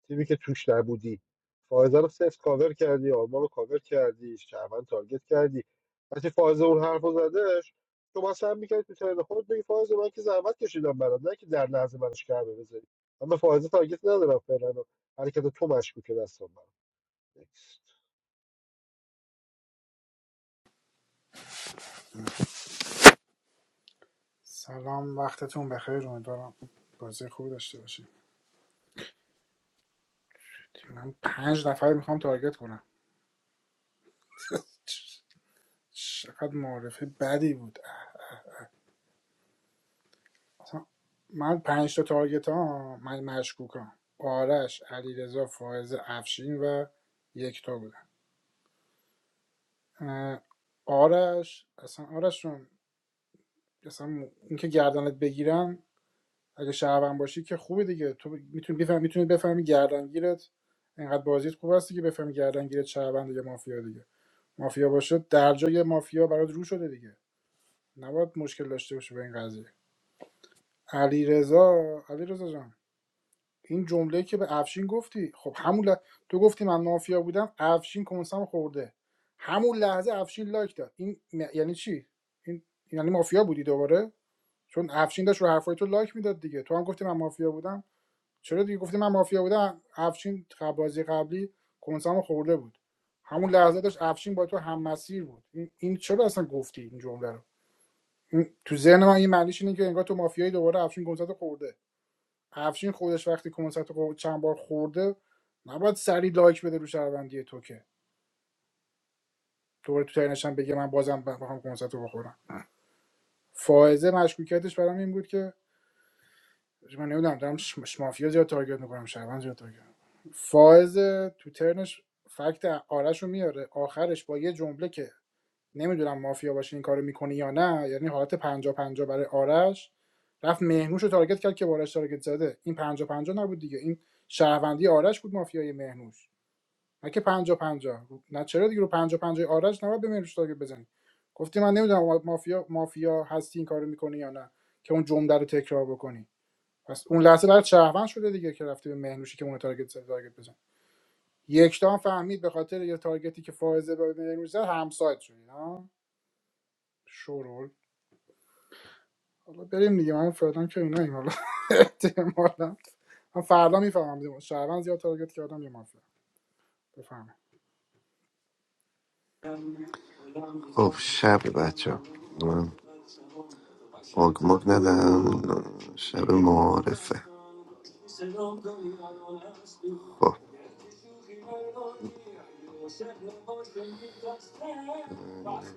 Speaker 3: تیمی که توش نبودی فائزه رو صفر کاور کردی آلمان رو کاور کردی شهروند تارگت کردی وقتی فائزه اون حرف رو زدش تو باز میکردی تو ترن خود بگی فائزه من که زحمت کشیدم برات نه که در لحظه منش کرده بذاری من به فائزه تارگت ندارم فعلا و حرکت تو مشکوکه دستم برات
Speaker 1: سلام وقتتون بخیر امیدوارم بازی خوبی داشته باشیم من پنج نفر میخوام تارگت کنم چقدر معرفه بدی بود اصلا من پنج تا تارگت ها من مشکوکم آرش علیرضا فائز افشین و یک تا بودن آرش اصلا آرشون اصلا اینکه گردنت بگیرن اگه شهروند باشی که خوبه دیگه تو میتونی بفهمی میتونی بفهمی گردنگیرت اینقدر بازیت خوب هستی که بفهمی گردنگیرت شهروند یا مافیا دیگه مافیا باشه در جای مافیا برات رو شده دیگه نباید مشکل داشته باشه به این قضیه علیرضا رضا جان این جمله که به افشین گفتی خب همون ل... تو گفتی من مافیا بودم افشین کنسم خورده همون لحظه افشین لایک داد این م- یعنی چی این یعنی مافیا بودی دوباره چون افشین داشت رو حرفای تو لایک میداد دیگه تو هم گفتی من مافیا بودم چرا دیگه گفتی من مافیا بودم افشین قبل- بازی قبلی کنسامو خورده بود همون لحظه داشت افشین با تو هم مسیر بود این, این چرا اصلا گفتی این جمله رو این- تو ذهن من این معنیش اینه که انگار تو مافیایی دوباره افشین کنسرت خورده افشین خودش وقتی کنسرت رو چند بار خورده نباید سری لایک بده رو شهروندی تو که دوباره تو ترنشم بگه من بازم بخوام کنسرت رو بخورم فائزه مشکوکیتش برام این بود که من نمیدونم دارم ش- مافیا زیاد تارگت میکنم شهروند زیاد تارگت می‌کنم. فائز تو ترنش فکت آرش رو میاره آخرش با یه جمله که نمیدونم مافیا باشه این کارو میکنه یا نه یعنی حالت 50 50 برای آرش رفت مهنوش رو تارگت کرد که با آرش تارگت زده این 50 50 نبود دیگه این شهروندی آرش بود مافیای مهنوش نه که 50 50 نه چرا دیگه رو 50 50 آرش نباید به مهنوش تارگت بزنی گفتی من نمیدونم مافیا مافیا هستی این کارو میکنه یا نه که اون جمله رو تکرار بکنی پس اون لحظه برات شهروند شده دیگه که رفته به مهنوشی که اون تارگت زد تارگت بزن یکتا فهمید به خاطر یه تارگتی که فائزه به مهنوش زد همسایت شدی ها شورول حالا بریم دیگه من فعلا که اینا حالا احتمالاً من فردا میفهمم دیگه شهروند زیاد تارگت کردم یا مافیا بفهمم
Speaker 2: خب شب بچه من آگماگ ندم شب معارفه خب اینه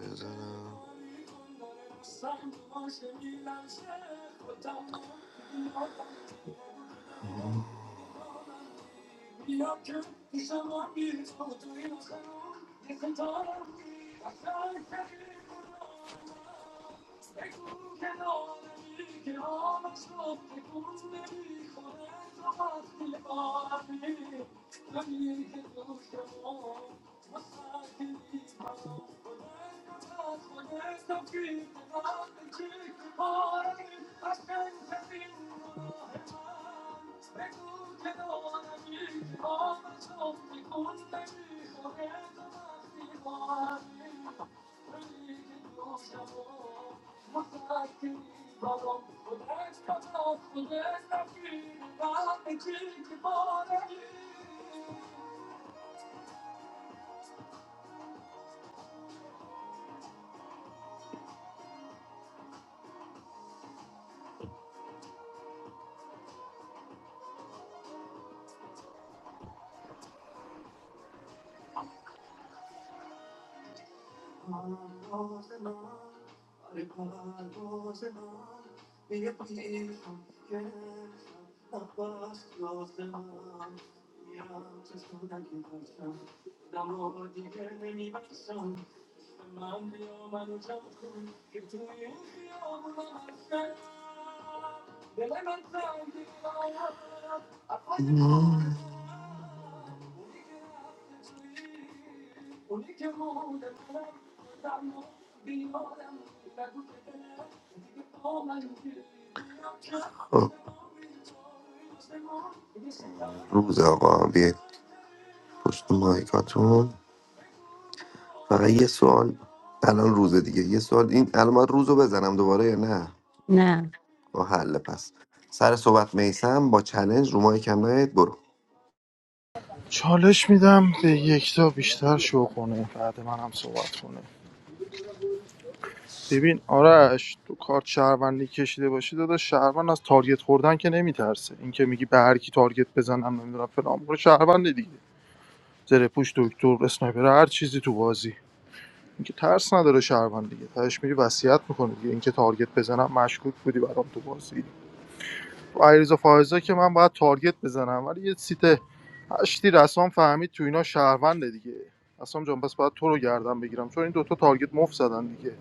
Speaker 2: بزنم. خب روز آقا بیه پشت مایکاتون فقط یه سوال الان روز دیگه یه سوال این الان من روز رو بزنم دوباره یا نه
Speaker 12: نه
Speaker 2: با حل پس سر صحبت میسم با چلنج رو مایک کم نیاید برو
Speaker 17: چالش میدم به یکتا بیشتر شو کنه بعد من هم صحبت کنه ببین آرش تو کارت شهروندی کشیده باشی داداش شهروند از تارگت خوردن که نمیترسه اینکه میگی به هر کی تارگت بزنم نمیدونم فلان برو شهروند دیگه زره پوش دکتر اسنایپر هر چیزی تو بازی اینکه ترس نداره شهروند دیگه تهش میری وصیت میکنه دیگه اینکه تارگت بزنم مشکوک بودی برام تو بازی علیرضا فائزه که من باید تارگت بزنم ولی یه سیت هشتی رسام فهمید تو اینا شهرونده دیگه رسام جان پس باید تو رو گردن بگیرم چون این دوتا تارگت مفت زدن دیگه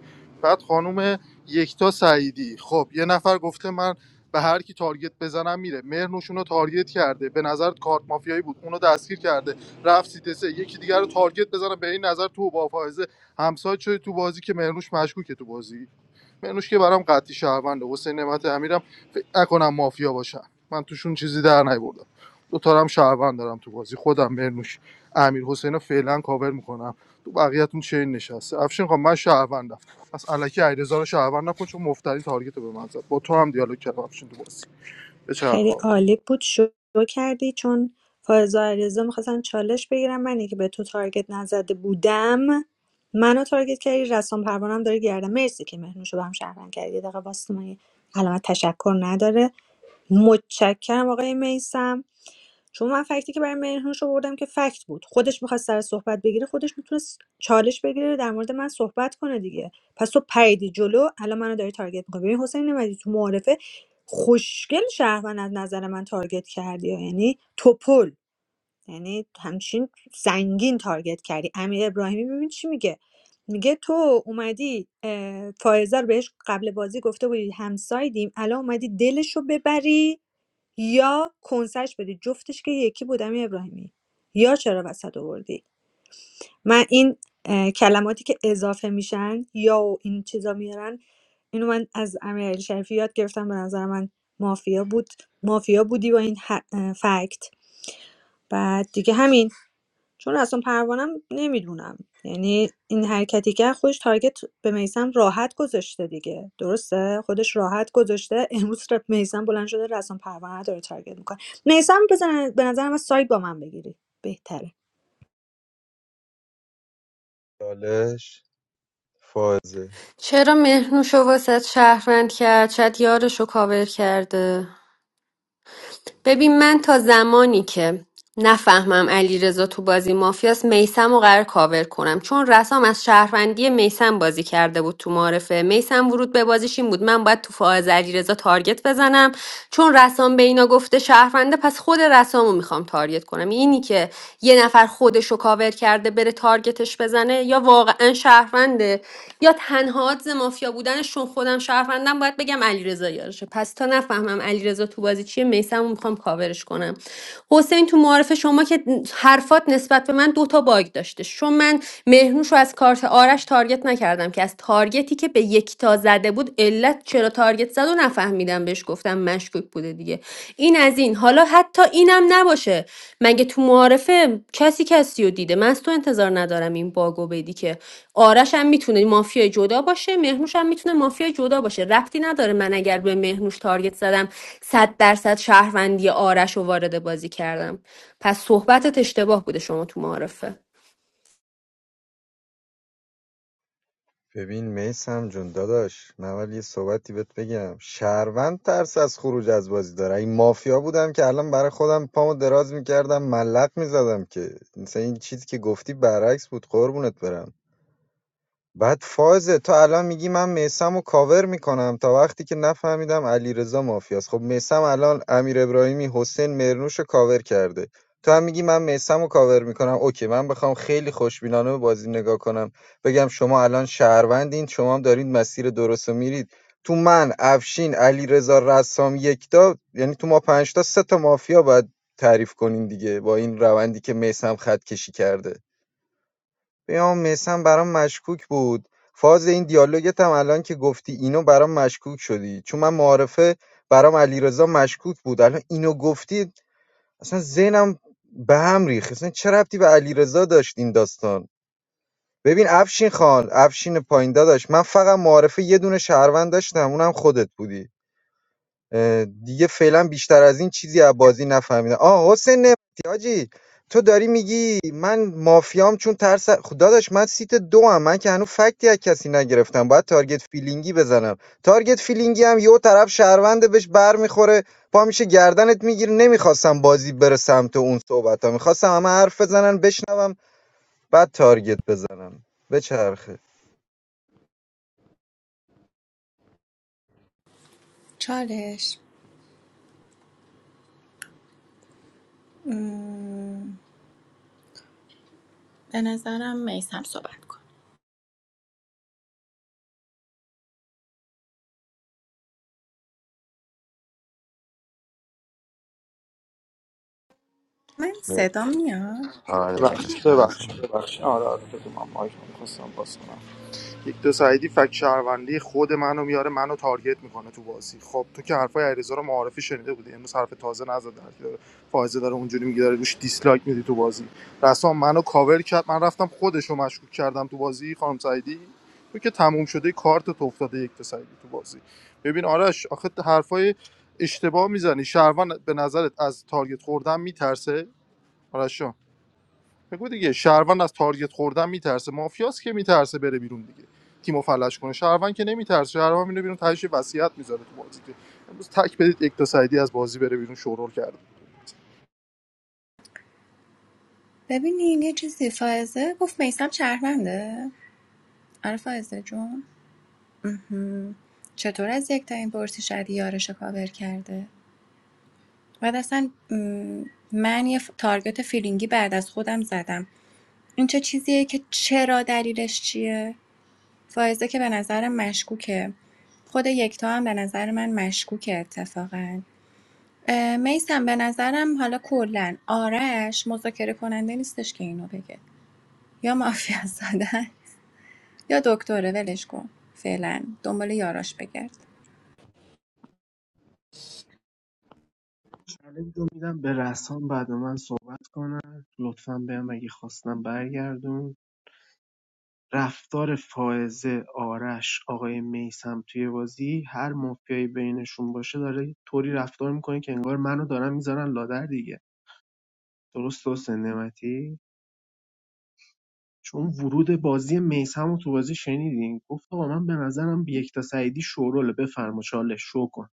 Speaker 17: بعد خانم یکتا سعیدی خب یه نفر گفته من به هر کی تارگت بزنم میره مهرنوشون رو تارگت کرده به نظر کارت مافیایی بود اونو دستگیر کرده رفت سیت سه یکی دیگر رو تارگت بزنم به این نظر تو با فائزه همسایه شده تو بازی که مهرنوش مشکوکه تو بازی مهرنوش که برام قطعی شهرونده حسین نعمت امیرم فکر نکنم مافیا باشن من توشون چیزی در نیوردم دو تا هم شهروند دارم تو بازی خودم مرنوش امیر حسین فعلا کاور میکنم تو بقیه‌تون چین نشسته افشین خب من شهروندم پس الکی علیرضا رو شهروند نکن چون مفتری تارگت رو به من زد با تو هم دیالوگ کردم افشین تو بازی به چرخ
Speaker 14: خیلی
Speaker 17: آقا.
Speaker 14: عالی بود شروع کردی چون فائزه علیرضا میخواستن چالش بگیرم من که به تو تارگت نزده بودم منو تارگت کردی رسام پروانم داره گردم مرسی که مهنوشو به هم شهروند کردی یه دقیقه واسه من یه علامت تشکر نداره متشکرم آقای میسم چون من فکتی که برای مهرنوش آوردم که فکت بود خودش میخواست سر صحبت بگیره خودش میتونست چالش بگیره در مورد من صحبت کنه دیگه پس تو پریدی جلو الان منو داری تارگت میکنی ببین حسین نمدی تو معارفه خوشگل شهروند از نظر من تارگت کردی یعنی توپل یعنی همچین زنگین تارگت کردی امیر ابراهیمی ببین چی میگه میگه تو اومدی اه، فائزه رو بهش قبل بازی گفته بودی همسایدیم الان اومدی دلش رو ببری یا کنسش بدی جفتش که یکی بود امیر ابراهیمی یا چرا وسط آوردی من این اه، کلماتی که اضافه میشن یا و این چیزا میارن اینو من از امیر علی شریفی یاد گرفتم به نظر من مافیا بود مافیا بودی با این ح- اه، فکت بعد دیگه همین چون اصلا پروانم نمیدونم یعنی این حرکتی که خودش تارگت به میسم راحت گذاشته دیگه درسته خودش راحت گذاشته <laughs> امروز ر- میسم بلند شده رسم پروانه داره تارگت میکنه میسم بزن به نظرم از سایت با من بگیری بهتره
Speaker 4: چالش فازه
Speaker 10: چرا مهرنوشو واسه شهروند کرد شاید یارشو کاور کرده ببین من تا زمانی که نفهمم علی تو بازی مافیاس میسم و قرار کاور کنم چون رسام از شهروندی میسم بازی کرده بود تو معرفه میسم ورود به بازیش این بود من باید تو فاز علی تارگت بزنم چون رسام به اینا گفته شهرونده پس خود رسامو میخوام تارگت کنم اینی که یه نفر خودشو کاور کرده بره تارگتش بزنه یا مافیا واقعا شهرونده یا تنها آدز مافیا بودنشون خودم شهروندم باید بگم علیرضا یارشه پس تا نفهمم علیرضا تو بازی چیه میسمو میخوام کاورش کنم حسین تو معارف شما که حرفات نسبت به من دوتا باگ داشته چون من مهرنوش رو از کارت آرش تارگت نکردم که از تارگتی که به یکتا زده بود علت چرا تارگت زد و نفهمیدم بهش گفتم مشکوک بوده دیگه این از این حالا حتی اینم نباشه مگه تو معارفه کسی کسی رو دیده من از تو انتظار ندارم این باگو بدی که آرش هم میتونه مافیای جدا باشه مهنوش هم میتونه مافیای جدا باشه ربطی نداره من اگر به مهنوش تارگت زدم صد درصد شهروندی آرش رو وارد بازی کردم پس صحبتت اشتباه بوده شما تو معارفه
Speaker 4: ببین میسم جون داداش من ولی یه صحبتی بهت بگم شهروند ترس از خروج از بازی داره این مافیا بودم که الان برای خودم پامو دراز میکردم ملق میزدم که مثلا این چیزی که گفتی برعکس بود قربونت برم بعد فازه تو الان میگی من میسم رو کاور میکنم تا وقتی که نفهمیدم علیرضا مافیاست خب میسم الان امیر ابراهیمی حسین مرنوش رو کاور کرده تو هم میگی من میسم رو کاور میکنم اوکی من بخوام خیلی خوشبینانه به بازی نگاه کنم بگم شما الان شهروندین شما هم دارید مسیر درست رو میرید تو من افشین علیرضا رسام یکتا یعنی تو ما پنجتا سه تا مافیا باید تعریف کنین دیگه با این روندی که میسم خط کشی کرده بیام میسم برام مشکوک بود فاز این دیالوگت هم الان که گفتی اینو برام مشکوک شدی چون من معارفه برام علیرضا مشکوک بود الان اینو گفتی اصلا ذهنم به هم ریخت اصلا چه ربطی به علیرضا داشت این داستان ببین افشین خان افشین پایین داداش من فقط معارفه یه دونه شهروند داشتم اونم خودت بودی دیگه فعلا بیشتر از این چیزی از بازی نفهمیدم آه حسین نعمتی حاجی تو داری میگی من مافیام چون ترس خدا داداش من سیت دو هم من که هنوز فکتی از کسی نگرفتم باید تارگت فیلینگی بزنم تارگت فیلینگی هم یه طرف شهرونده بهش بر میخوره پا میشه گردنت میگیره نمیخواستم بازی بره سمت اون صحبت ها میخواستم همه حرف بزنن بشنوم بعد تارگت بزنم بچرخه
Speaker 5: چالش م، به نظرم میسم صحبت کن من صدا میاد
Speaker 2: آره
Speaker 17: ببخش
Speaker 2: بله
Speaker 17: ببخش
Speaker 2: میسم
Speaker 17: ببخش آره آره تو من مایک نمیخواستم باز کنم یک ویکتور سعیدی فک شهروندی خود منو میاره منو تارگت میکنه تو بازی خب تو که حرفای علیرضا رو معارفی شنیده بودی امروز حرف تازه نزد در که داره فائزه داره اونجوری میگه داره روش دیسلایک میدی تو بازی رسام منو کاور کرد من رفتم خودشو مشکوک کردم تو بازی خانم سعیدی تو که تموم شده کارت تو افتاده یک تا سعیدی تو بازی ببین آرش آخه حرفای اشتباه میزنی شهروند به نظرت از تارگت خوردن میترسه آرش جان؟ بگو دیگه شهروند از تارگت خوردن میترسه مافیاس که میترسه بره بیرون دیگه تیمو فلش کنه شهروند که نمیترسه شهروند میره بیرون تهش یه وصیت میذاره تو بازی که امروز تک بدید یک تا سعیدی از بازی بره بیرون شورول کرده
Speaker 5: ببینین یه چیزی فائزه گفت میسم شهرونده آره فائزه جون مهم. چطور از یک تا این پرسی شدی یارش رو کاور کرده بعد اصلا م، من یه ف- تارگت فیلینگی بعد از خودم زدم این چه چیزیه که چرا دلیلش چیه فائزه که به نظرم مشکوکه خود یکتا هم به نظر من مشکوکه اتفاقا میسم به نظرم حالا کلا آرش مذاکره کننده نیستش که اینو بگه یا مافیا زدن یا دکتره ولش کن فعلا دنبال یاراش بگرد
Speaker 8: چالش رو میدم به رسام بعد من صحبت کنم لطفا بهم اگه خواستم برگردون رفتار فائزه آرش آقای میسم توی بازی هر مافیایی بینشون باشه داره طوری رفتار میکنه که انگار منو دارن میذارن لادر دیگه درست حسین نعمتی چون ورود بازی میثم رو تو بازی شنیدین گفت آقا من به نظرم بیکتا سعیدی شوروله بفرما چالش شو کن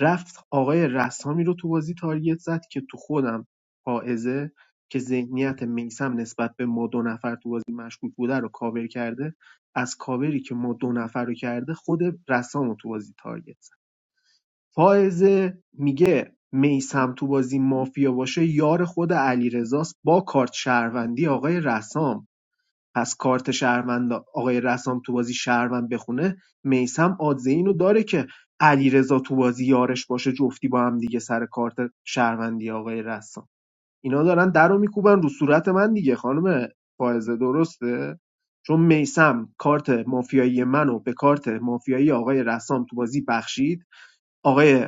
Speaker 8: رفت آقای رسامی رو تو بازی تارگت زد که تو خودم پائزه که ذهنیت میسم نسبت به ما دو نفر تو بازی مشکوک بوده رو کاور کرده از کاوری که ما دو نفر رو کرده خود رسام رو تو بازی تارگت زد فائزه میگه میسم تو بازی مافیا باشه یار خود علیرضاست با کارت شهروندی آقای رسام پس کارت شهروند آقای رسام تو بازی شهروند بخونه میسم آدزه اینو داره که علیرضا تو بازی یارش باشه جفتی با هم دیگه سر کارت شهروندی آقای رسام اینا دارن در رو میکوبن رو صورت من دیگه خانم فائزه درسته چون میسم کارت مافیایی منو به کارت مافیایی آقای رسام تو بازی بخشید آقای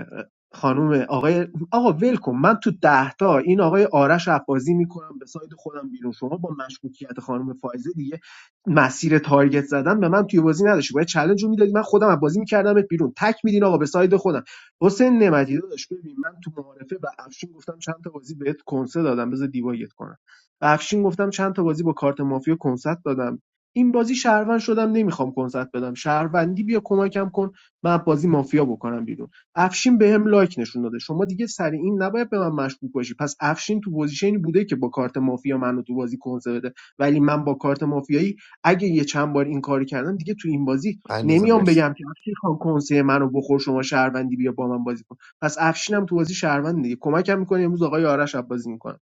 Speaker 8: خانوم، آقای آقا ول من تو ده تا این آقای آرش عباسی میکنم به ساید خودم بیرون شما با مشکوکیت خانم فائزه دیگه مسیر تارگت زدن به من توی بازی نداشتی باید چالش رو میدادی من خودم از بازی میکردمت بیرون تک میدین آقا به ساید خودم حسین نعمتی داداش ببین من تو معارفه به افشین گفتم چند تا بازی بهت کنسه دادم بذار دیوایت کنم به افشین گفتم چند تا بازی با کارت مافیا کنسرت دادم این بازی شهروند شدم نمیخوام کنسرت بدم شهروندی بیا کمکم کن من بازی مافیا بکنم بیرون افشین بهم لایک نشون داده شما دیگه سر این نباید به من مشکوک باشی پس افشین تو پوزیشنی بوده که با کارت مافیا منو تو بازی کنسه بده ولی من با کارت مافیایی اگه یه چند بار این کارو کردم دیگه تو این بازی
Speaker 2: علیرضا
Speaker 8: نمیام
Speaker 2: مرسی
Speaker 8: بگم که افشین خان کنسه منو بخور شما شهروندی بیا با من بازی کن پس افشینم تو بازی شهروند دیگه کمکم میکنه امروز آقای آرش اب بازی میکنه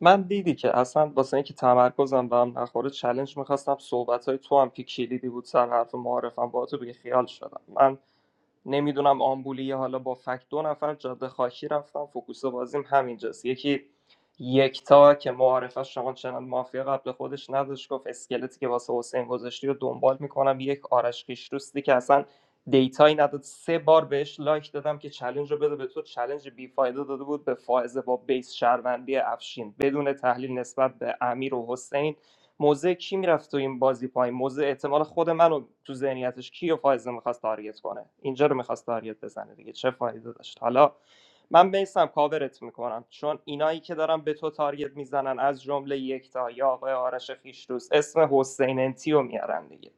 Speaker 15: من دیدی که اصلا واسه اینکه تمرکزم به هم نخوره چلنج میخواستم صحبت های تو هم که کلیدی بود سر حرف معارفم با تو بگه خیال شدم من نمیدونم آمبولی حالا با فکت دو نفر جاده خاکی رفتم فوکوس بازیم همینجاست یکی یکتا که معارفه شما چنان مافیا قبل خودش نداشت گفت اسکلتی که واسه حسین گذاشتی رو دنبال میکنم یک آرش خیشروستی که اصلا دیتایی نداد سه بار بهش لایک دادم که چلنج رو بده به تو چلنج بی فایده داده بود به فائزه با بیس شهروندی افشین بدون تحلیل نسبت به امیر و حسین موضع کی میرفت تو این بازی پایین موضع احتمال خود منو تو ذهنیتش کیو فایزه میخواست تارگت کنه اینجا رو میخواست تارگت بزنه دیگه چه فایده داشت حالا من بیسم کاورت میکنم چون اینایی که دارن به تو تارگت میزنن از جمله یکتا یا آقای آرش خیشتوس اسم حسین انتی میارن دیگه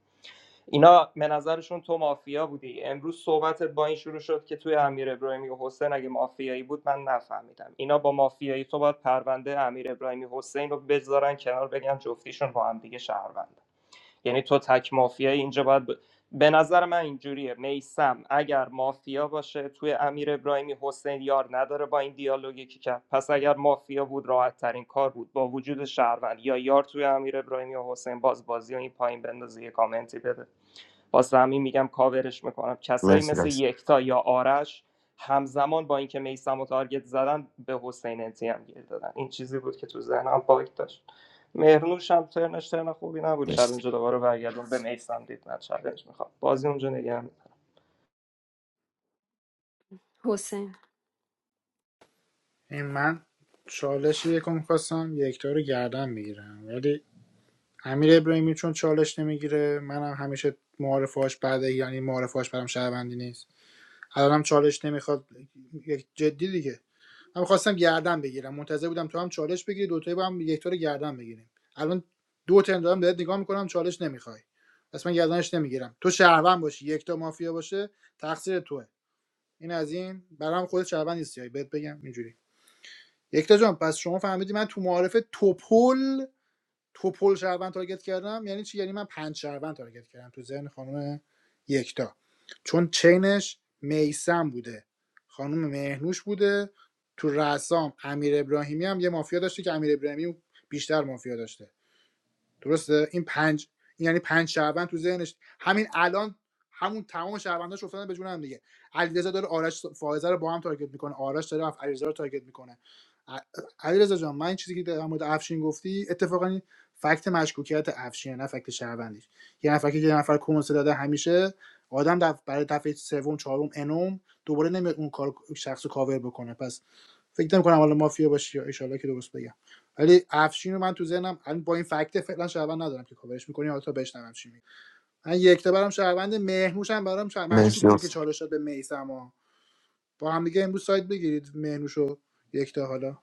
Speaker 15: اینا به نظرشون تو مافیا بودی امروز صحبتت با این شروع شد که توی امیر ابراهیمی و حسین اگه مافیایی بود من نفهمیدم اینا با مافیایی تو باید پرونده امیر ابراهیمی حسین رو بذارن کنار بگن جفتیشون با هم دیگه شهروند یعنی تو تک مافیایی اینجا باید ب... به نظر من اینجوریه میسم اگر مافیا باشه توی امیر ابراهیمی حسین یار نداره با این دیالوگی که کرد پس اگر مافیا بود راحت ترین کار بود با وجود شهروند یا یار توی امیر ابراهیمی و حسین باز بازی و این پایین بندازه یه کامنتی بده واسه همین میگم کاورش میکنم کسایی
Speaker 2: مرسی
Speaker 15: مثل
Speaker 2: رس
Speaker 15: یکتا یا آرش همزمان با اینکه میسم و تارگت زدن به حسین انتی هم گیر دادن این چیزی بود که تو ذهنم باگ داشت مهرنوش هم ترنش ترن خوبی نبود
Speaker 2: مرسی
Speaker 15: چلنج دوباره برگردون به میسم دید نه چلنج میخوام بازی اونجا نگه می‌دارم.
Speaker 10: حسین
Speaker 1: این من چالش یکو خواستم یکتا رو گردن میگیرم ولی امیر ابراهیمی چون چالش نمیگیره منم هم همیشه معارفهاش بعد یعنی معارفهاش برام شهروندی نیست الانم چالش نمیخواد یک جدی دیگه من خواستم گردن بگیرم منتظر بودم تو هم چالش بگیری دوتایی با هم یک تا رو گردن بگیریم الان دو ترم دارم بهت نگاه میکنم چالش نمیخوای پس من گردنش نمیگیرم تو شهروند باشی یک تا مافیا باشه تقصیر توه این از این برام خود شهروند نیستی بهت بگم اینجوری یک تا جان پس شما فهمیدی من تو معارف توپل تو پل شهروند تارگت کردم یعنی چی یعنی من پنج شهروند تارگت کردم تو ذهن خانم یکتا چون چینش میسم بوده خانم مهنوش بوده تو رسام امیر ابراهیمی هم یه مافیا داشته که امیر ابراهیمی بیشتر مافیا داشته درسته این پنج این یعنی پنج شهروند تو ذهنش همین الان همون تمام شهرونداش افتادن به جون هم دیگه علیرضا داره آرش فائزه رو با هم تارگت میکنه آرش داره اف- علیرضا رو تارگت میکنه ع- علیرضا جان من این چیزی که در مورد افشین گفتی اتفاقا فکت مشکوکیت افشین نه فکت شهروندیش یه نفر که یه نفر کنسه داده همیشه آدم برای دفعه سوم چهارم انوم دوباره نمیاد اون کار شخص کاور بکنه پس فکر نمی‌کنم حالا مافیا باشی یا ایشالله که درست بگم ولی افشین رو من تو ذهنم الان با این فکت فعلا شهروند ندارم که کاورش می‌کنی حالا تا بشنوم چی میگی من یک تا برام شهروند مهنوش هم برام شهر- مشکوک
Speaker 2: مرسی
Speaker 1: بود که
Speaker 2: رس
Speaker 1: چالش داد به میسم با هم دیگه امروز سایت بگیرید مهنوشو و یک تا حالا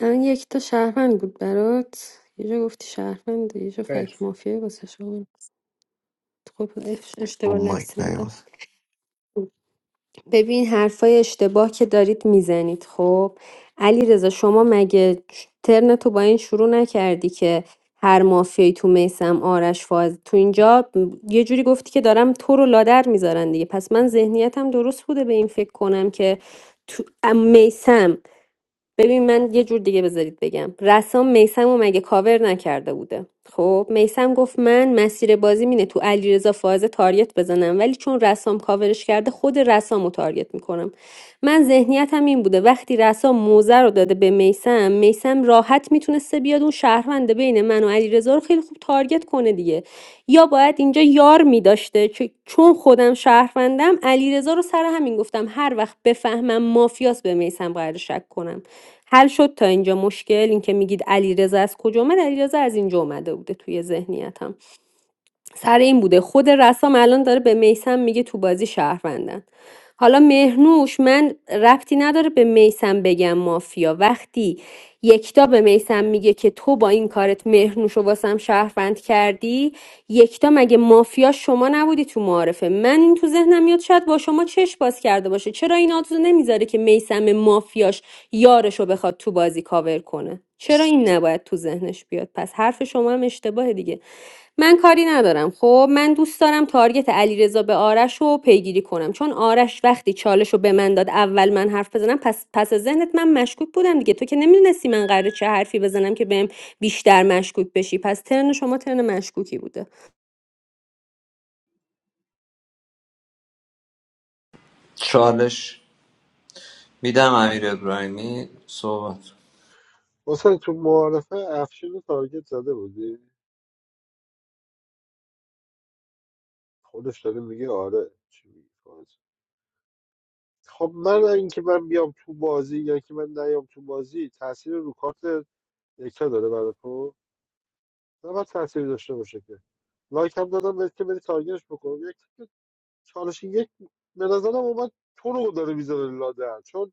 Speaker 10: الان یک تا شهروند بود برات یه جا گفتی شهروند یه جا
Speaker 1: خیر
Speaker 10: فک مافیا واسه شما خب اف-
Speaker 2: رو
Speaker 10: اشتباه
Speaker 2: مایک
Speaker 10: لفظی بود
Speaker 2: نیاد
Speaker 10: ببین حرفای اشتباه که دارید میزنید خب علیرضا شما مگه ترن تو با این شروع نکردی که هر مافیایی تو میسم آرش فاز تو اینجا م- یه جوری گفتی که دارم تو رو لادر میذارن دیگه پس من ذهنیتم درست بوده به این فکر کنم که تو میسم ببین من یه جور دیگه بذارید بگم رسام میسم و مگه کاور نکرده بوده خب میسم گفت من مسیر بازی مینه تو علیرضا فاز تاریت بزنم ولی چون رسام کاورش کرده خود رسام رو تاریت میکنم من ذهنیتم این بوده وقتی رسام موزه رو داده به میسم میسم راحت میتونسته بیاد اون شهروند بین من و علیرضا رو خیلی خوب تارگت کنه دیگه یا باید اینجا یار می‌داشته چ- چون خودم شهروندم علیرضا رو سر همین گفتم هر وقت بفهمم مافیاس به میسم قرار شک کنم حل شد تا اینجا مشکل اینکه میگید علیرضا از کجا اومد علیرضا از اینجا اومده بوده توی ذهنیتم سر این بوده خود رسام الان داره به میسم میگه تو بازی شهروندن حالا مهرنوش من ربطی نداره به میسم بگم مافیا وقتی یکتا به میسم میگه که تو با این کارت مهرنوش رو واسم شهروند کردی یکتا مگه مافیا شما نبودی تو معارفه من این تو ذهنم میاد شاید با شما چشم باز کرده باشه چرا این آدزو نمیذاره که میسم مافیاش یارش رو بخواد تو بازی کاور کنه چرا این نباید تو ذهنش بیاد پس حرف شما هم اشتباه دیگه من کاری ندارم خب من دوست دارم تارگت علیرضا به آرش رو پیگیری کنم چون آرش وقتی چالش رو به من داد اول من حرف بزنم پس پس از ذهنت من مشکوک بودم دیگه تو که نمیدونستی من قراره چه حرفی بزنم که بهم بیشتر مشکوک بشی پس ترن شما ترن مشکوکی بوده
Speaker 11: چالش میدم امیر ابراهیمی صحبت
Speaker 3: حسین تو معارفه افشین رو تارگت زده بودی خودش داره میگه آره چی میگه خودت خب من اینکه من بیام تو بازی یا که من نیام تو بازی تاثیر رو کارت یکتا داره برای تو نه باید تاثیر داشته باشه که لایک هم دادم بهت که بری تارگتش بکنم یک چالش یک به نظرم اومد تو رو داره میذاره لادر چون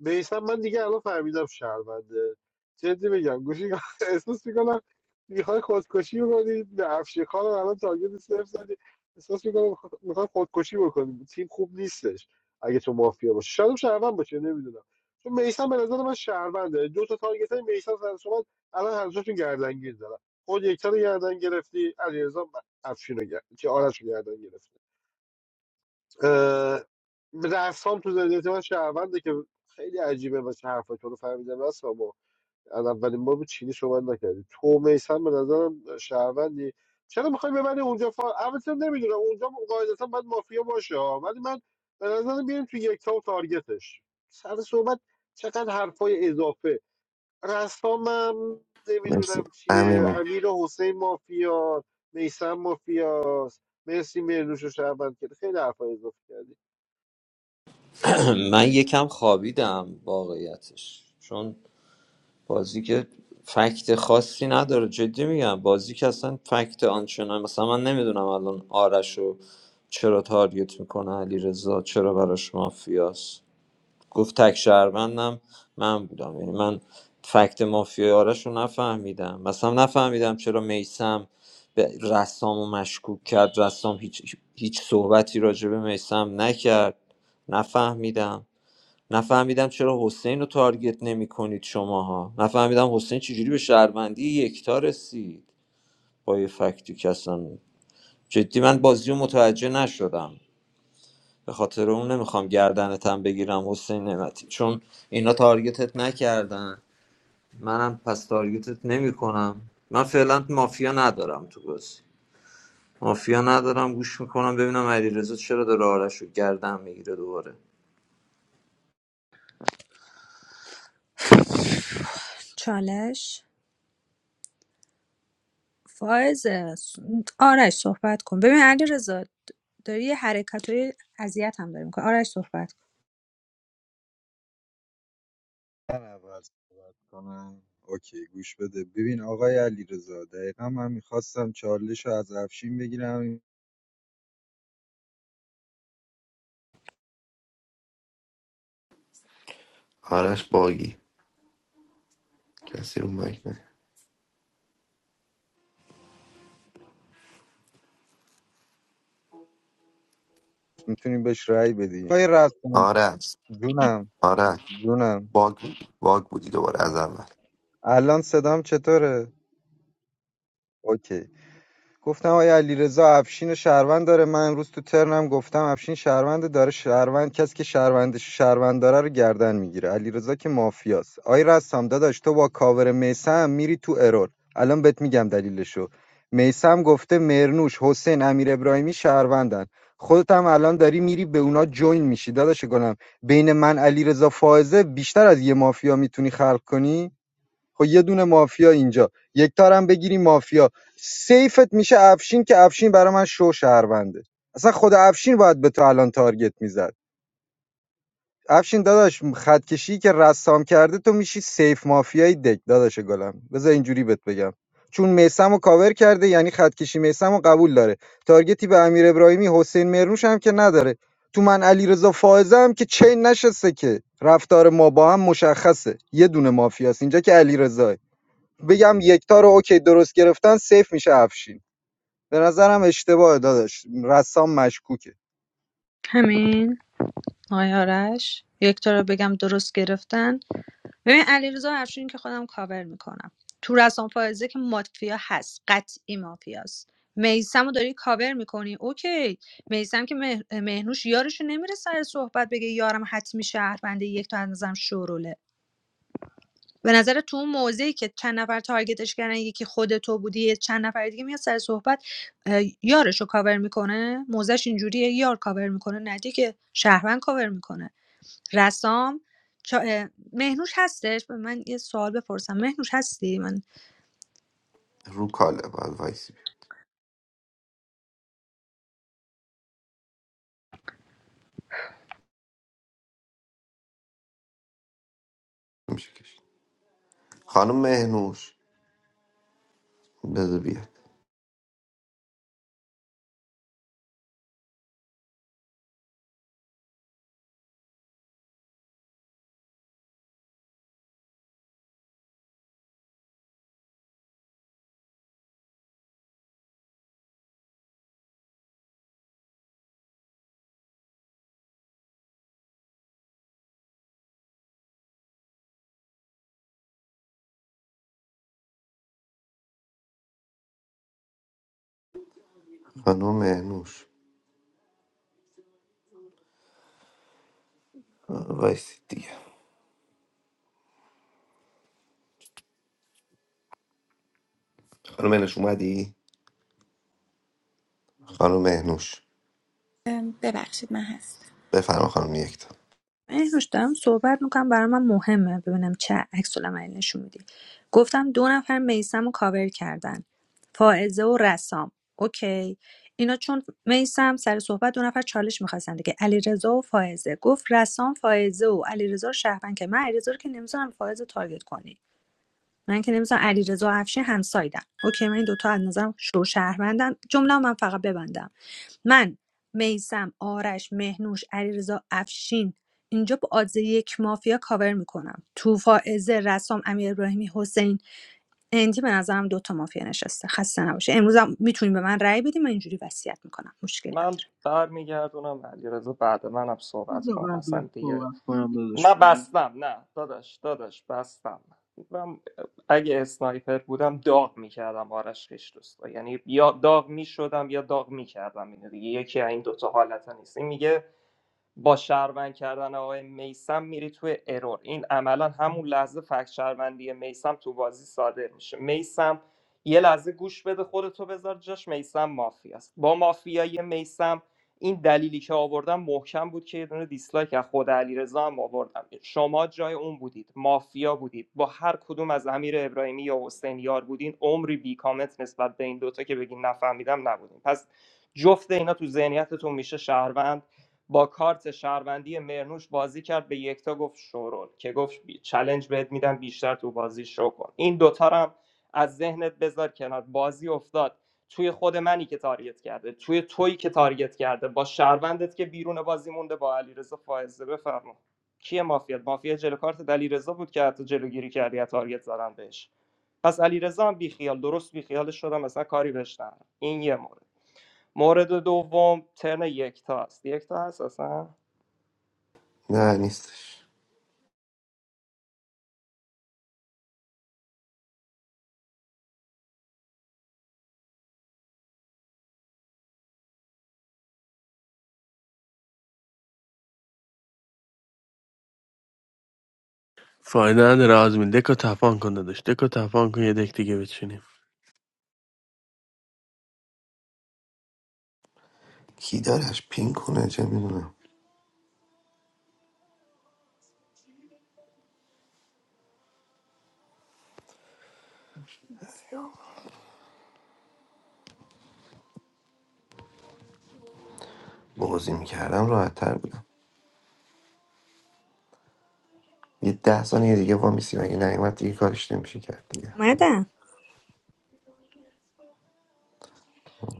Speaker 3: میسم من دیگه الان فهمیدم شهرونده جدی بگم گوشی <laughs> احساس میکنم میخوای خودکشی بکنی به افشین خان رو الان تارگت صفر زدی احساس میکنم میخوای خودکشی بکنی تیم خوب نیستش اگه تو مافیا باشی شاید هم شهروند باشه نمیدونم چون میسم به نظر من شهرونده دو تا تارگت های میسم سر شما الان هر دوشون گردنگیر دارن خود یکتا رو گردن گرفتی علیرضا افشین رو گرد... که آرش رو گردن گرفتی اه، رسام تو ذهنیت من شهرونده که خیلی عجیبه واسه حرفا تو رو فهمیدم رسام ما اولین بار بود چینی شما نکردی تو میسن به نظرم شهروندی چرا میخوای ببری اونجا فا... البته نمیدونم اونجا قاعدتا باید مافیا باشه ها. ولی من به نظرم بیاریم تو یک تا و تارگتش سر صحبت چقدر حرفای اضافه رسامم
Speaker 2: مرسی
Speaker 3: نمیدونم
Speaker 2: امین
Speaker 3: چیه
Speaker 2: می-
Speaker 3: امیر حسین مافیا میسم مافیاست مرسی مرنوش و شهروند کرد خیلی حرفای اضافه کردی
Speaker 11: <clears throat> من یکم خوابیدم واقعیتش چون بازی که فکت خاصی نداره جدی میگم بازی که اصلا فکت آنچنان مثلا من نمیدونم الان آرش رو چرا تارگت میکنه علی رضا چرا براش مافیاست گفت تک شهروندم من بودم یعنی من فکت مافیای آرش رو نفهمیدم مثلا نفهمیدم چرا میسم به رسام رو مشکوک کرد رسام هیچ, هیچ صحبتی راجع به میسم نکرد نفهمیدم نفهمیدم چرا حسین رو تارگت نمی کنید شماها نفهمیدم حسین چجوری به شهروندی یکتا رسید با یه فکتی که اصلا جدی من بازی رو متوجه نشدم به خاطر اون نمیخوام گردنتم بگیرم حسین نعمتی چون اینا تارگتت نکردن منم پس تارگتت نمیکنم من فعلا مافیا ندارم تو بازی مافیا ندارم گوش میکنم ببینم علیرضا چرا داره آرش رو گردن میگیره دوباره
Speaker 14: چالش فائز آرش صحبت کن ببین علی رضا داری یه حرکت اذیت هم داری میکنه آرش صحبت کن
Speaker 4: من اول صحبت کنم اوکی گوش بده ببین آقای علیرضا دقیقا من میخواستم چالش رو از افشین بگیرم
Speaker 2: آرش باگی کسی رو مایک نه
Speaker 4: میتونیم بهش رأی بدیم آقای رسام
Speaker 2: آرش
Speaker 4: جونم
Speaker 2: آرش
Speaker 4: جونم
Speaker 2: باگ بود. باگ بودی دوباره از اول
Speaker 4: الان صدام چطوره اوکی گفتم آیا علیرضا افشین رو شهروند داره من امروز تو ترنم گفتم افشین شهرونده داره شهروند کسی که شهروندش رو شهروند داره رو گردن میگیره علیرضا که مافیاست آی رستم داداش تو با کاور میسم میری تو ارور الان بهت میگم دلیلشو میسم گفته مرنوش حسین امیر ابراهیمی شهروندن خودت هم الان داری میری به اونا جوین میشی داداش گلم بین من علیرضا فائزه بیشتر از یه مافیا میتونی خلق کنی خب یه دونه مافیا اینجا یک تارم بگیری مافیا سیفت میشه افشین که افشین برای من شو شهرونده اصلا خود افشین باید به تو الان تارگت میزد افشین داداش خط کشی که رسام کرده تو میشی سیف مافیای دک داداش گلم بذار اینجوری بهت بگم چون میسمو کاور کرده یعنی خط کشی میسم قبول داره تارگتی به امیر ابراهیمی حسین مرنوش هم که نداره تو من علیرضا فائزه هم که چین نشسته که رفتار ما با هم مشخصه یه دونه مافیاست اینجا که علیرضا بگم یکتا رو اوکی درست گرفتن سیف میشه افشین به نظرم اشتباه داداش رسام مشکوکه
Speaker 14: همین آقای آرش یک تا رو بگم درست گرفتن ببین علیرضا افشین که خودم کاور میکنم تو رسان فائزه که مافیا هست قطعی مافیاست میسمو داری کاور میکنی اوکی میسم که مه- مهنوش یارشو نمیره سر صحبت بگه یارم حتمی شهرونده یک تا از نظرم شوروله به نظر تو اون موضعی که چند نفر تارگتش کردن یکی خود تو بودی یه چند نفر دیگه میاد سر صحبت اه، یارشو کاور میکنه موزش اینجوریه یار کاور میکنه ندی که شهروند کاور میکنه رسام چا- مهنوش هستش به من یه سوال بپرسم مهنوش هستی من
Speaker 2: رو کاله باید وایسی میشه کشید خانم مهنوش بذار بیاد خانم مهنوش وایسید دیگه خانم مهنوش اومدی خانم مهنوش
Speaker 5: اه، ببخشید من هستم
Speaker 2: بفرما خانم یکتا
Speaker 14: مهنوش دارم صحبت میکنم برای من مهمه ببینم چه عکس العملی نشون میدی گفتم دو نفر میسم رو کاور کردن فائزه و رسام اوکی اینا چون میسم سر صحبت دو نفر چالش میخواستن دیگه علیرضا و فائزه گفت رسام فائزه و علیرضا رو شهروند که من علیرضا رو که نمیذارم فائزه رو تارگت کنی من که نمی‌ذارم علیرضا و افشین همسایدن اوکی من این دوتا از نظرم شو شهروندن جمله من فقط ببندم من میسم آرش مهنوش علیرضا افشین اینجا با آدزه یک مافیا کاور میکنم تو فائزه رسام امیر ابراهیمی حسین اندی به نظرم دوتا مافیا نشسته خسته نباشه امروز هم میتونیم به من رأی بدیم من اینجوری وصیت میکنم مشکل
Speaker 15: من
Speaker 14: نداره
Speaker 15: برمیگردونم علیرضا بعد منم صحبت کن
Speaker 8: قبل از
Speaker 15: اصلا دیگه
Speaker 8: صحبت کنم داداش
Speaker 15: من بستم نه داداش داداش بستم من اگه اسنایپر بودم داغ میکردم آرش خیش دوستا یعنی یا داغ میشدم یا داغ میکردم اینو دیگه یکی از این دوتا حالتا نیست این میگه با شهروند کردن آقای میسم میری توی ارور این عملا همون لحظه فکت شهروندی میسم تو بازی صادر میشه میسم یه لحظه گوش بده خودتو بذار جاش میسم مافیاست با مافیای میسم این دلیلی که آوردم محکم بود که یه دونه دیسلایک از خود علیرضا هم آوردم شما جای اون بودید مافیا بودید با هر کدوم از امیر ابراهیمی یا حسین یار بودین عمری بی کامنت نسبت به این دوتا که بگین نفهمیدم نبودین پس جفت اینا تو ذهنیتتون میشه شهروند با کارت شهروندی مرنوش بازی کرد به یکتا گفت شورول که گفت بی- چلنج بهت میدم بیشتر تو بازی شو کن این دوتا رو هم از ذهنت بذار کنار بازی افتاد توی خود منی که تارگت کرده توی تویی که تارگت کرده با شهروندت که بیرون بازی مونده با علیرضا فائزه بفرما کیه مافیا مافیا جلو کارت علیرضا بود که حتی جلوگیری کردی از تارگت زدن بهش پس علیرضا هم بیخیال درست بیخیالش شدم مثلا کاری بهش ندارم. این یه مورد مورد دوم ترن یکتا است یکتا هست اصلا
Speaker 2: نه نیستش
Speaker 18: فایده نداره آزمین دکو تپان کن داداش دکو تپان کن یه دک دیگه بچینیم
Speaker 2: کی دارش پین کنه چه میدونم بازی میکردم راحت تر بودم یه ده ثانیه دیگه وا میسی مگه نیومد دیگه کارش نمیشه کرد دیگه
Speaker 14: اومدم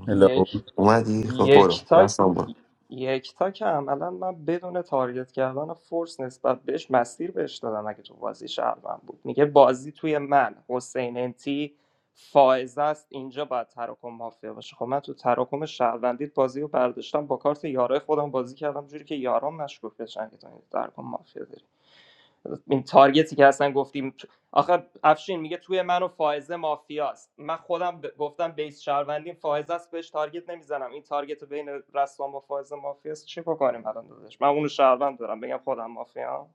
Speaker 19: Hello.
Speaker 15: یک
Speaker 2: اومدی خب برو
Speaker 15: یکتا
Speaker 2: رسام برو
Speaker 15: یکتا که عملا من بدون تارگت کردن فورس نسبت بهش مسیر بهش دادم اگه تو بازی شهروند بود میگه بازی توی من حسین انتی فائزه است اینجا باید تراکم مافیا باشه خب من تو تراکم شهروندیت بازی رو برداشتم با کارت یارای خودم بازی کردم جوری که یاران مشکوک بشن که تو این تراکم مافیا داری این تارگتی که اصلا گفتیم آخه افشین میگه توی من و فائزه مافیاست من خودم ب- گفتم بیس شهروندی فائزه است بهش تارگت نمیزنم این تارگت بین رسوان با فائزه مافیاست چی بکنیم الان داداش من اونو شهروند دارم بگم خودم مافیا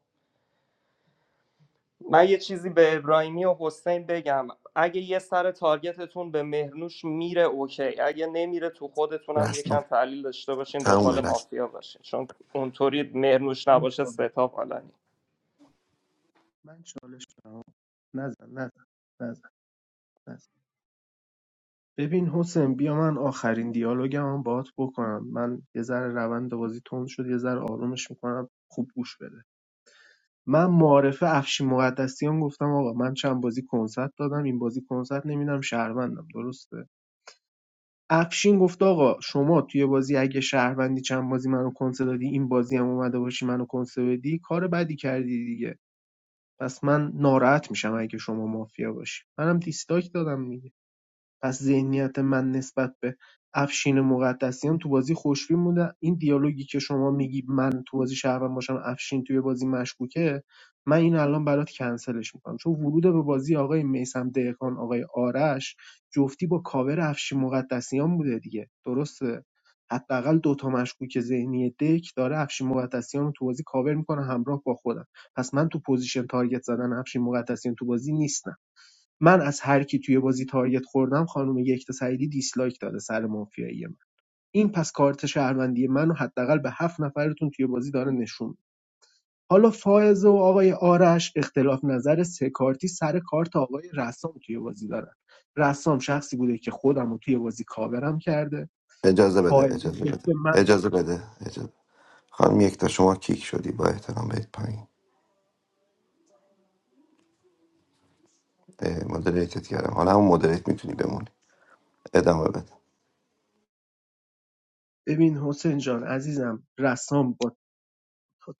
Speaker 15: من یه چیزی به ابراهیمی و حسین بگم اگه یه سر تارگتتون به مهرنوش میره اوکی اگه نمیره تو خودتونم یکم
Speaker 2: رسام
Speaker 15: تحلیل داشته باشین
Speaker 2: تمومه
Speaker 15: دنبال
Speaker 2: رسام
Speaker 15: مافیا باشین چون اونطوری مهرنوش
Speaker 8: من
Speaker 15: نباشه
Speaker 8: چالش
Speaker 15: ستا بالانی
Speaker 8: من چالش دارم. نزن نزن نزن نزن. ببین حسین بیا من آخرین دیالوگمو باهات بکنم من یه ذره روند بازی تند شد یه ذره آرومش میکنم خوب گوش بده من معارفه افشین مقدسیان گفتم آقا من چند بازی کنسرت دادم این بازی کنسرت نمیدم شهروندم درسته افشین گفت آقا شما توی بازی اگه شهروندی چند بازی منو کنسرت دادی این بازی هم اومده باشی منو کنسرت بدی کار بدی کردی دیگه پس من ناراحت میشم اگه شما مافیا باشی منم دیستاک دادم دیگه پس ذهنیت من نسبت به افشین مقدسیان تو بازی خوشبین بوده این دیالوگی که شما میگی من تو بازی شهروند باشم افشین توی بازی مشکوکه من این الان برات کنسلش میکنم چون ورود به بازی آقای میسم دهقان آقای آرش جفتی با کاور افشین مقدسیان بوده دیگه درسته حداقل دو تا مشکوک ذهنی دک داره افشین مقدسیان رو تو بازی کاور میکنه همراه با خودم پس من تو پوزیشن تارگت زدن افشین مقدسیان تو بازی نیستم من از هر کی توی بازی تارگت خوردم خانم یکتا سعیدی دیسلایک داده سر مافیایی من این پس کارت شهروندی منو حداقل به هفت نفرتون توی بازی داره نشون حالا فائزه و آقای آرش اختلاف نظر سه کارتی سر کارت آقای رسام توی بازی دارن رسام شخصی بوده که خودم رو توی بازی کاورم کرده
Speaker 2: اجازه بده
Speaker 8: فائزه
Speaker 2: اجازه بده
Speaker 8: گفته من
Speaker 2: اجازه بده اجازه خانم یکتا شما کیک شدی با احترام برید پایین اه، مدریتت کردم حالا همون مدریت میتونی بمونی ادامه بده
Speaker 8: ببین حسین جان عزیزم رسام با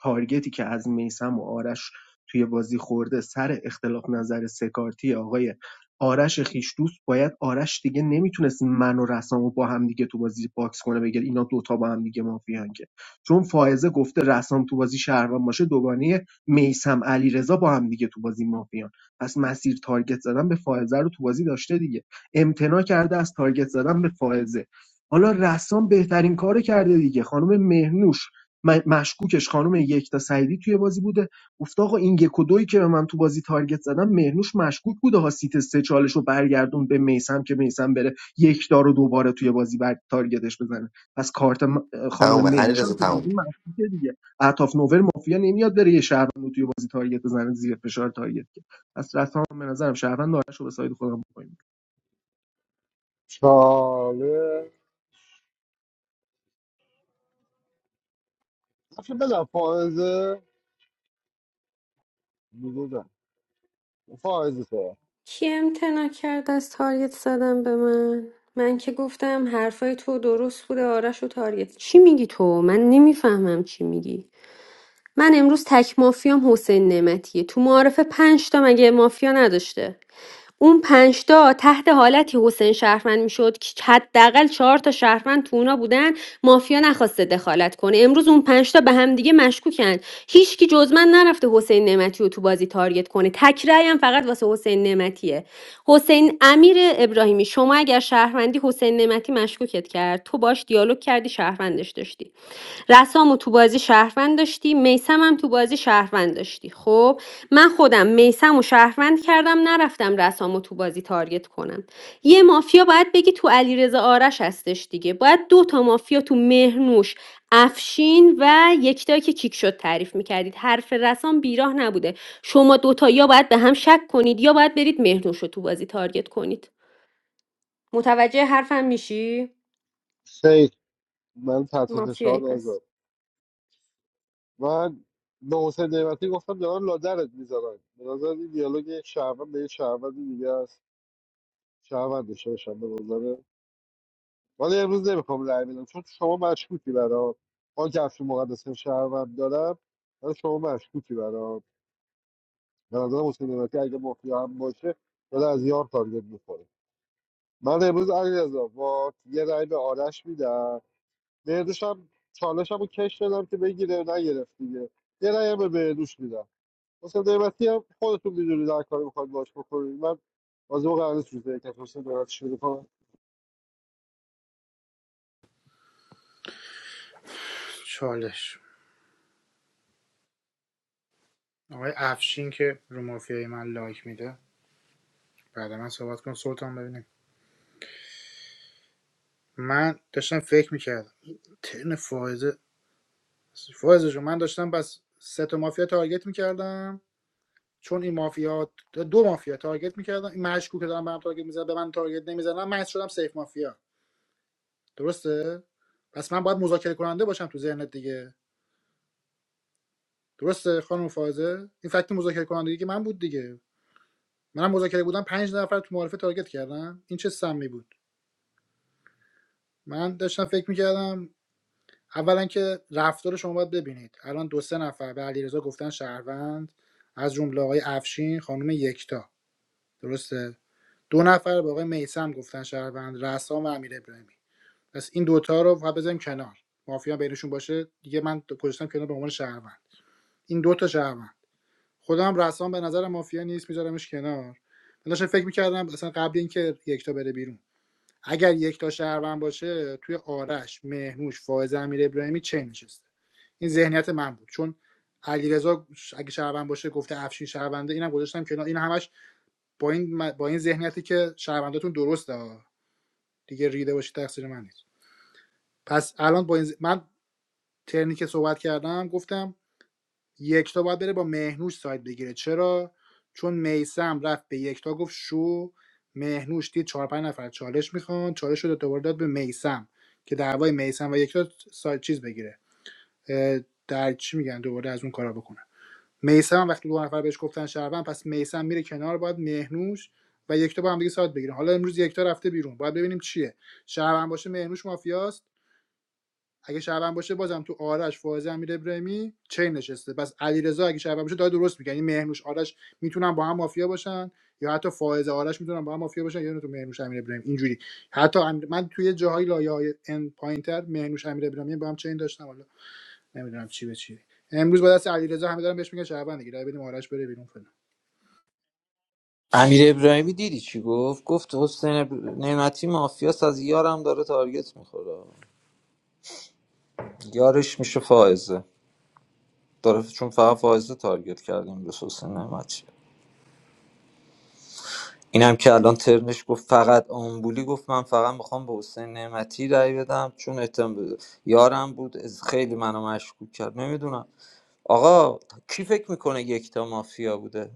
Speaker 8: تارگتی که از میسم و آرش توی بازی خورده سر اختلاف نظر سکارتی آقای آرش خیش باید آرش دیگه نمیتونست من و رسام با هم دیگه تو بازی باکس کنه بگه اینا دوتا با هم دیگه مافیان که چون فائزه گفته رسام تو بازی شهروان باشه دوگانه میسم علیرضا با هم دیگه تو بازی مافیان پس مسیر تارگت زدن به فائزه رو تو بازی داشته دیگه امتناع کرده از تارگت زدن به فائزه حالا رسام بهترین کارو کرده دیگه خانم مهنوش مشکوکش خانم یکتا سعیدی توی بازی بوده گفته آقا این یک و دویی که به من تو بازی تارگت زدم مهرنوش مشکوک بوده ها سیت سه چالش رو برگردون به میسم که میسم بره یکتا رو دوباره توی بازی بر تارگتش بزنه پس کارت خانم
Speaker 2: تمومه علی
Speaker 8: مهرنوش هم توی
Speaker 2: رضا
Speaker 8: بازی مشکوکه دیگه اطاف نوور مافیا نمیاد بره یه شهروند توی بازی تارگت بزنه زیر فشار تارگت که پس رفتم به نظرم شهروند آرش رو به ساید خودم بکنیم
Speaker 3: چاله افشه بدم فائزه بودم فائزه تو
Speaker 10: کی امتنا کرد از تارگت زدم به من من که گفتم حرفای تو درست بوده آرش و تارگت چی میگی تو من نمیفهمم چی میگی من امروز تک مافیام حسین نعمتیه تو معارفه پنج تا مگه مافیا نداشته اون ۵ تا تحت حالتی حسین شهروند میشد که حداقل ۴ تا شهروند تو اونا بودن مافیا نخواسته دخالت کنه امروز اون 5 تا به هم دیگه مشکوکن هیچکی جز من نرفته حسین نعمتی رو تو بازی تارگت کنه تک رأی هم فقط واسه حسین نعمتیه حسین حسین امیر ابراهیمی شما اگر شهروندی حسین نعمتی مشکوکت کرد تو باش دیالوگ کردی شهروندش داشتی رسامو تو بازی شهروند داشتی میسم هم تو بازی شهروند داشتی خب من خودم میسم و شهروند کردم نرفتم رسامو تو بازی تارگت کنم یه مافیا باید بگی تو علیرضا آرش هستش دیگه باید دو تا مافیا تو مهرنوش افشین و یکتایی که کیک شد تعریف میکردید حرف رسام بیراه نبوده شما دوتا یا باید به هم شک کنید یا باید برید مهرنوش رو تو بازی تارگت کنید متوجه حرفم میشی
Speaker 3: شیخ من تحت
Speaker 10: مافیایی
Speaker 3: فشار
Speaker 10: پس
Speaker 3: نذار من به حسین نعمتی گفتم دارن لادرت میذارن به نظر این دیالوگ یک شهروند به یک شهروند دیگه است شهروند داشته باشم به نظره ولی امروز نمیخوام رأی بدم چون شما مشکوکی برام آن که افشه مقدس شهروند دارم ولی شما مشکوکی برام به نظر حسین نعمتی اگه مافیا هم باشه داره از یار تارگت میخوره من امروز علیرضا با یه رای به آرش میدم بهروش هم چالشم رو کش دادم که بگیره نگرفت دیگه یه رای هم به بهروش میدم مثلا قیمتی هم خودتون میدونید هر کاری میخواید باش بکنید من بازی قرار نیست روزه یک مثلا دارت شروع کنم
Speaker 1: چالش آقای افشین که رو مافیای من لایک میده بعد من صحبت کن سلطان ببینیم من داشتم فکر میکردم ترن فائزه فائزه جو من داشتم بس سه تا مافیا تارگت میکردم چون این مافیا دو مافیا تارگت میکردن این مشکوک که دارن به هم تارگت میزنن به من تارگت نمیزنن من شدم سیف مافیا درسته پس من باید مذاکره کننده باشم تو ذهنت دیگه درسته خانم فاضل این فکت مذاکره کننده که من بود دیگه منم مذاکره بودم پنج نفر تو معارفه تارگت کردم این چه سمی بود من داشتم فکر میکردم اولا که رفتار شما باید ببینید الان دو سه نفر به علیرضا گفتن شهروند از جمله آقای افشین خانم یکتا درسته دو نفر به آقای میسم گفتن شهروند رسام و امیر ابراهیمی پس این دوتا رو فقط بذاریم کنار مافیا بینشون باشه دیگه من گذاشتم کنار به عنوان شهروند این دوتا شهروند خودم رسام به نظر مافیا نیست میذارمش کنار من داشتم فکر میکردم اصلا قبل اینکه یکتا بره بیرون اگر یکتا شهروند باشه توی آرش مهنوش فائز امیر ابراهیمی چه نشسته این ذهنیت من بود چون علیرضا اگه شهروند باشه گفته افشین شهرونده اینم گذاشتم کنار این همش با این با این ذهنیتی که شهرونداتون درسته دیگه ریده باشی تقصیر من نیست پس الان با این ز- من ترنی که صحبت کردم گفتم یکتا باید بره با مهنوش ساید بگیره چرا چون میسم رفت به یکتا گفت شو مهنوش دید چهار پنج نفر چالش میخوان چالش رو دوباره داد به میسم که دعوای میسم و یکتا ساید چیز بگیره در چی میگن دوباره از اون کارا بکنه میسم وقتی دو نفر بهش گفتن شهروند پس میسم میره کنار باید مهنوش و یکتا با هم دیگه ساعت بگیرن حالا امروز یکتا رفته بیرون باید ببینیم چیه شهروند باشه مهنوش مافیاست اگه شعبان باشه بازم تو آرش فائزه امیر ابراهیمی چین نشسته پس علیرضا اگه شعبان باشه داره درست میگه یعنی مهنوش آرش میتونن با هم مافیا باشن یا حتی فائزه آرش میتونن با هم مافیا باشن یا نه تو مهنوش امیر ابراهیمی اینجوری حتی من توی جاهای لایه های ان پوینتر مهنوش امیر ابراهیمی با هم چین داشتم حالا نمیدونم چی به چی امروز با دست علیرضا همه دارن بهش میگن شعبان دیگه رای بدیم آرش بره بیرون فعلا
Speaker 11: امیر ابراهیمی دیدی چی گفت گفت حسین اب- نعمتی مافیاس از یارم داره تارگت میخوره یارش میشه فائزه داره چون فقط فائزه تارگت کردیم به حسین نعمتی اینم که الان ترنش گفت فقط آمبولی گفت من فقط میخوام به حسین نعمتی رأی بدم چون اتم یارم بود از خیلی منو مشکوک کرد نمیدونم آقا کی فکر میکنه یکتا مافیا بوده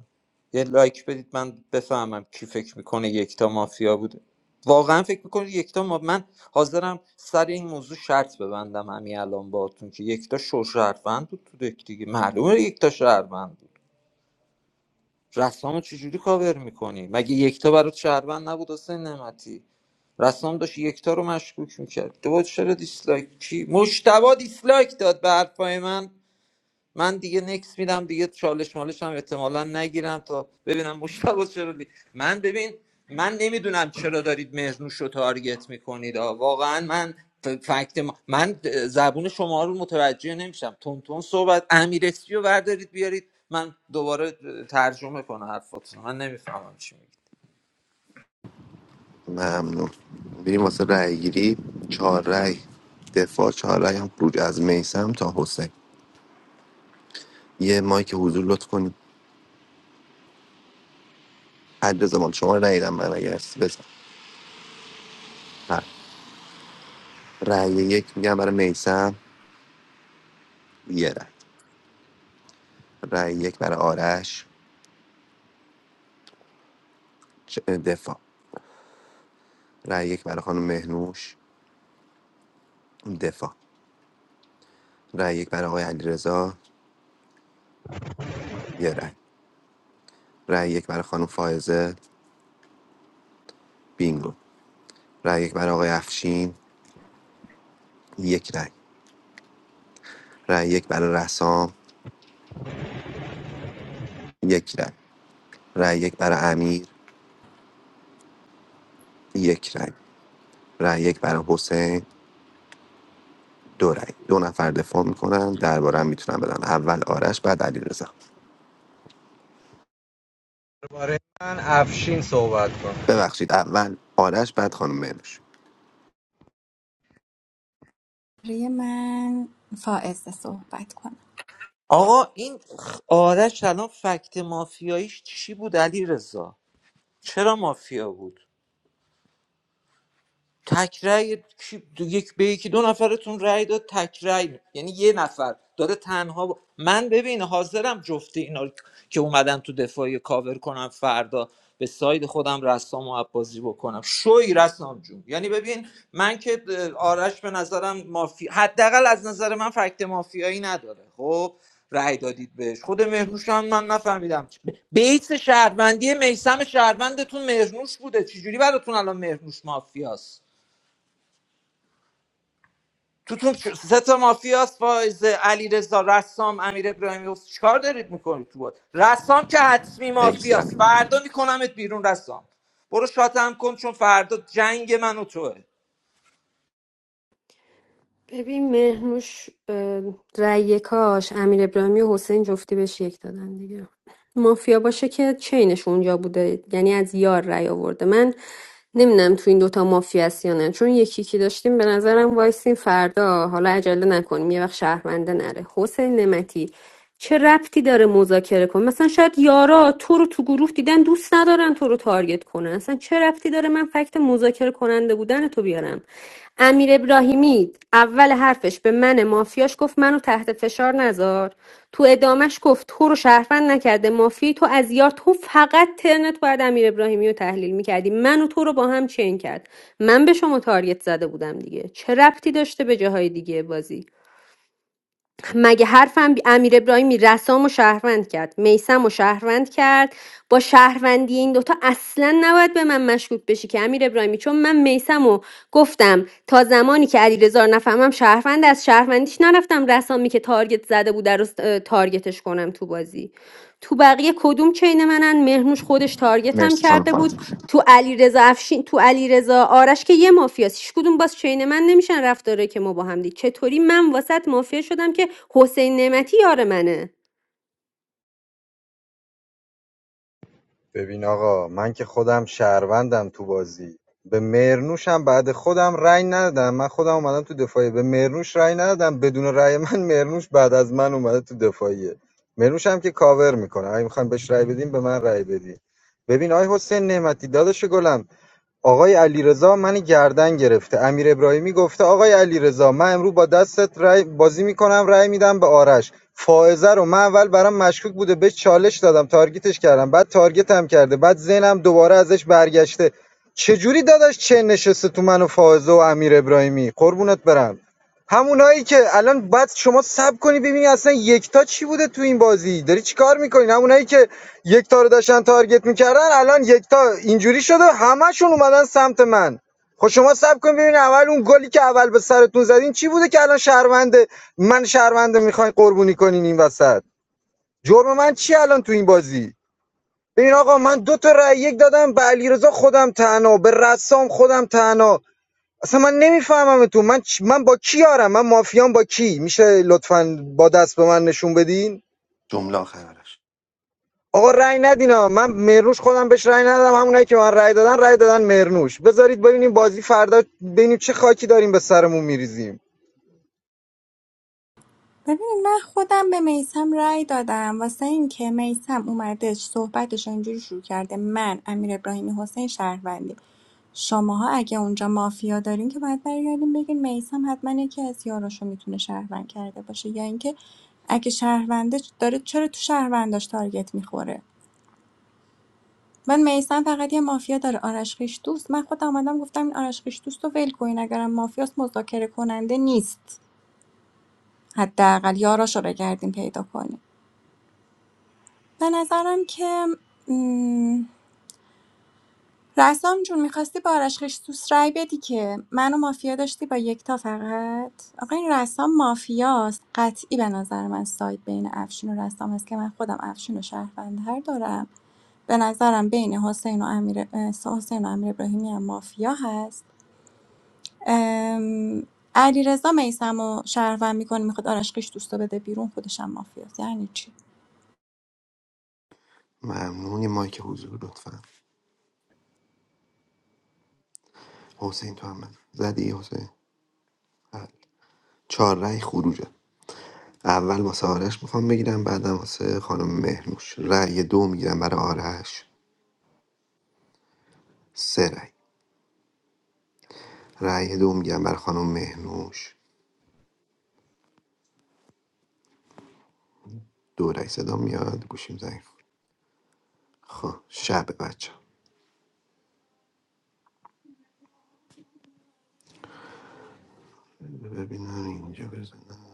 Speaker 11: یه لایک بدید من بفهمم کی فکر میکنه یکتا مافیا بوده واقعا فکر میکنه یکتا ما... من حاضرم سر این موضوع شرط ببندم همین الان باهاتون که یکتا شو شهروند بود تو دک دیگه معلومه یکتا شهروند بود رسامو چجوری کاور میکنی مگه یکتا برات شهروند نبود حسین نعمتی رسام داشت یکتا رو مشکوک میکرد تو چرا دیسلایک کی مشتبا دیسلایک داد به حرفای من من دیگه نکس میدم دیگه چالش مالش هم احتمالا نگیرم تا ببینم مشتبه چرا دی... من ببین من نمیدونم چرا دارید مهرنوش رو تارگت میکنید واقعا من ف- فکت ما... من زبون شما رو متوجه نمیشم تونتون صحبت امیرسی رو بردارید بیارید من دوباره ترجمه کنم حرفاتون رو. من نمیفهمم چی میگید
Speaker 2: ممنون بریم واسه رأی گیری چهار رأی دفاع چهار رأی هم خروج از میسم تا حسین یه مایک حضور لطف کنیم حد زمان شما نیدم من اگر هستی بزن بله. رأی یک میگم برای میسم یه رأی رأی یک برای آرش چ- دفاع رأی یک برای خانم مهنوش دفاع رأی یک برای آقای علیرضا یه رأی رأی یک برای خانم فائزه بینگو رأی یک برای آقای افشین یک رأی رأی یک برای رسام یک رأی رای یک برای امیر یک رای رای یک برای حسین دو رای دو نفر دفاع میکنن درباره هم میتونن بدن اول آرش بعد علی
Speaker 4: درباره من افشین صحبت کن
Speaker 2: ببخشید اول آرش بعد خانم مهنوش
Speaker 5: برای من فائزه صحبت کنم
Speaker 11: آقا این خ- آرش الان فکت مافیاییش چی بود علی رضا چرا مافیا بود تک رأی کی- دو- یک به یکی دو نفرتون رأی داد تک رأی یعنی یه نفر داره تنها با- من ببین حاضرم جفته اینا رو که اومدن تو دفاعی کاور کنم فردا به ساید خودم رسام و عبازی بکنم شوی رسام جون یعنی ببین من که اه، آرش به نظرم مافی حداقل از نظر من فکت مافیایی نداره خب رأی دادید بهش خود مهرنوش هم من نفهمیدم چی- ب- بیس شهروندی میسم شهروندتون مهرنوش بوده چجوری براتون الان مهرنوش مافیاست توتون چ- سه تا مافیاس فایز علیرضا رسام امیر ابراهیمی چیکار دارید میکنید تو بود رسام که حتمی
Speaker 2: مرسی
Speaker 11: مافیاس
Speaker 2: علی
Speaker 11: فردا میکنمت بیرون رسام برو شاتم کن چون فردا جنگ من و توه
Speaker 10: ببین مهنوش اه، رأی یکاش امیر ابراهیمی و حسین جفتی بهش یک دادن دیگه مافیا باشه که چینش اونجا بوده یعنی از یار رأی آورده من نمیدونم تو این دوتا مافیا هست یا نه چون یکی که داشتیم به نظرم وایسین فردا حالا عجله نکنیم یه وقت شهرونده نره حسین نمتی چه ربطی داره مذاکره کن مثلا شاید یارا تو رو تو گروه دیدن دوست ندارن تو رو تارگت کنن اصلا چه ربطی داره من فکت شگفت مذاکره کننده بودن تو بیارم امیر ابراهیمی اول حرفش به من مافیاش گفت منو تحت فشار نذار تو ادامش گفت تو رو شهروند نکرده مافی تو از یار تو فقط ترنت باید امیر ابراهیمی رو تحلیل میکردی من و تو رو با هم چین کرد من به شما تارگت زده بودم دیگه چه ربطی داشته به جاهای دیگه بازی مگه حرفم بی- امیر ابراهیمی رسام و شهروند کرد میسم و شهروند کرد با شهروندی این دوتا اصلا نباید به من مشکوک بشی که امیر ابراهیمی چون من میسم و گفتم تا زمانی که علیرضا رو نفهمم شهروند از شهروندیش نرفتم رسامی که تارگت زده بود رو اه، تارگتش کنم تو بازی تو بقیه کدوم چین منن مهرنوش خودش تارگتم
Speaker 2: مرسی خانم
Speaker 10: کرده بود
Speaker 2: فاطمه
Speaker 10: تو علیرضا افشین تو علیرضا آرش که یه مافیاست هیچ کدوم باز چین من نمیشن رفتاره که ما با هم دید چطوری من واسط مافیا شدم که حسین نعمتی یار منه
Speaker 4: ببین آقا من که خودم شهروندم تو بازی به مرنوشم بعد خودم رأی ندادم من خودم اومدم تو دفاعیه به مرنوش رأی ندادم بدون رأی من مرنوش بعد از من اومده تو دفاعیه مرنوش هم که کاور میکنه اگه میخوایم بهش رأی بدیم به من رأی بدین ببین آی حسین نعمتی داداش گلم آقای علیرضا من گردن گرفته امیر ابراهیمی گفته آقای علیرضا من امروز با دستت رای بازی میکنم رای میدم به آرش فائزه رو من اول برام مشکوک بوده به چالش دادم تارگتش کردم بعد تارگتم کرده بعد ذهنم دوباره ازش برگشته چجوری داداش چه نشسته تو من و فائزه و امیر ابراهیمی قربونت برم همونایی که الان بعد شما سب کنی ببینی اصلا یکتا چی بوده تو این بازی داری چیکار میکنی همونایی که یک تا رو داشتن تارگت میکردن الان یک تا اینجوری شده همشون اومدن سمت من خب شما سب کن ببین اول اون گلی که اول به سرتون زدین چی بوده که الان شهرونده من شهرونده میخواین قربونی کنین این وسط جرم من چی الان تو این بازی ببین آقا من دو تا رأی یک دادم به علیرضا خودم تنها به رسام خودم تنها اصلا من نمیفهمم تو من چ- من با کی یارم من مافیام با کی میشه لطفاً با دست به من نشون بدین
Speaker 2: جمله آخر آرش
Speaker 4: آقا رأی ندینا من مرنوش خودم بهش رأی ندادم همونایی که من رأی دادن رأی دادن مرنوش بذارید ببینیم بازی فردا ببینیم چه خاکی داریم به سرمون میریزیم
Speaker 5: ببینید من خودم به میسم رأی دادم واسه اینکه میسم اومده صحبتش رو اینجوری شروع کرده من امیر ابراهیمی حسین شهروندی شماها اگه اونجا مافیا دارین که باید برگردین بگین میسم حتما یکی از یاراشو میتونه شهروند کرده باشه یا اینکه اگه شهرونده داره چرا تو شهرونداش تارگت میخوره من میسم فقط یه مافیا داره آرش خیش دوست من خودم آمدم گفتم این آرش خیش دوست رو ول کنین اگرم مافیاست مذاکره کننده نیست حداقل یاراشو بگردین پیدا کنین به نظرم که م، رسام جون میخواستی با آرش خیشتوس رای بدی که منو مافیا داشتی با یکتا فقط آقا این رسام مافیاست قطعی به نظر من سایت بین افشین و رسام هست که من خودم افشین و شهروندتر دارم به نظرم بین حسین و امیر اه، حسین و امیر ابراهیمی هم مافیا هست علی رضا میسم و شهروند میکنه میخواد آرش خیش دوست رو بده بیرون خودش هم مافیاست یعنی چی
Speaker 2: ممنونی مایک حضور لطفا حسین تو هم بزن. زدی حسین بله. چهار رای خروجه اول واسه آرش میخوام بگیرم بعدم واسه خانم مهنوش رای دو میگیرم برای آرش سه رای رای دو میگیرم برای خانم مهنوش دورک صدا میاد گوشیم ضعیف خب شب بچه ببینم اینجا بزنن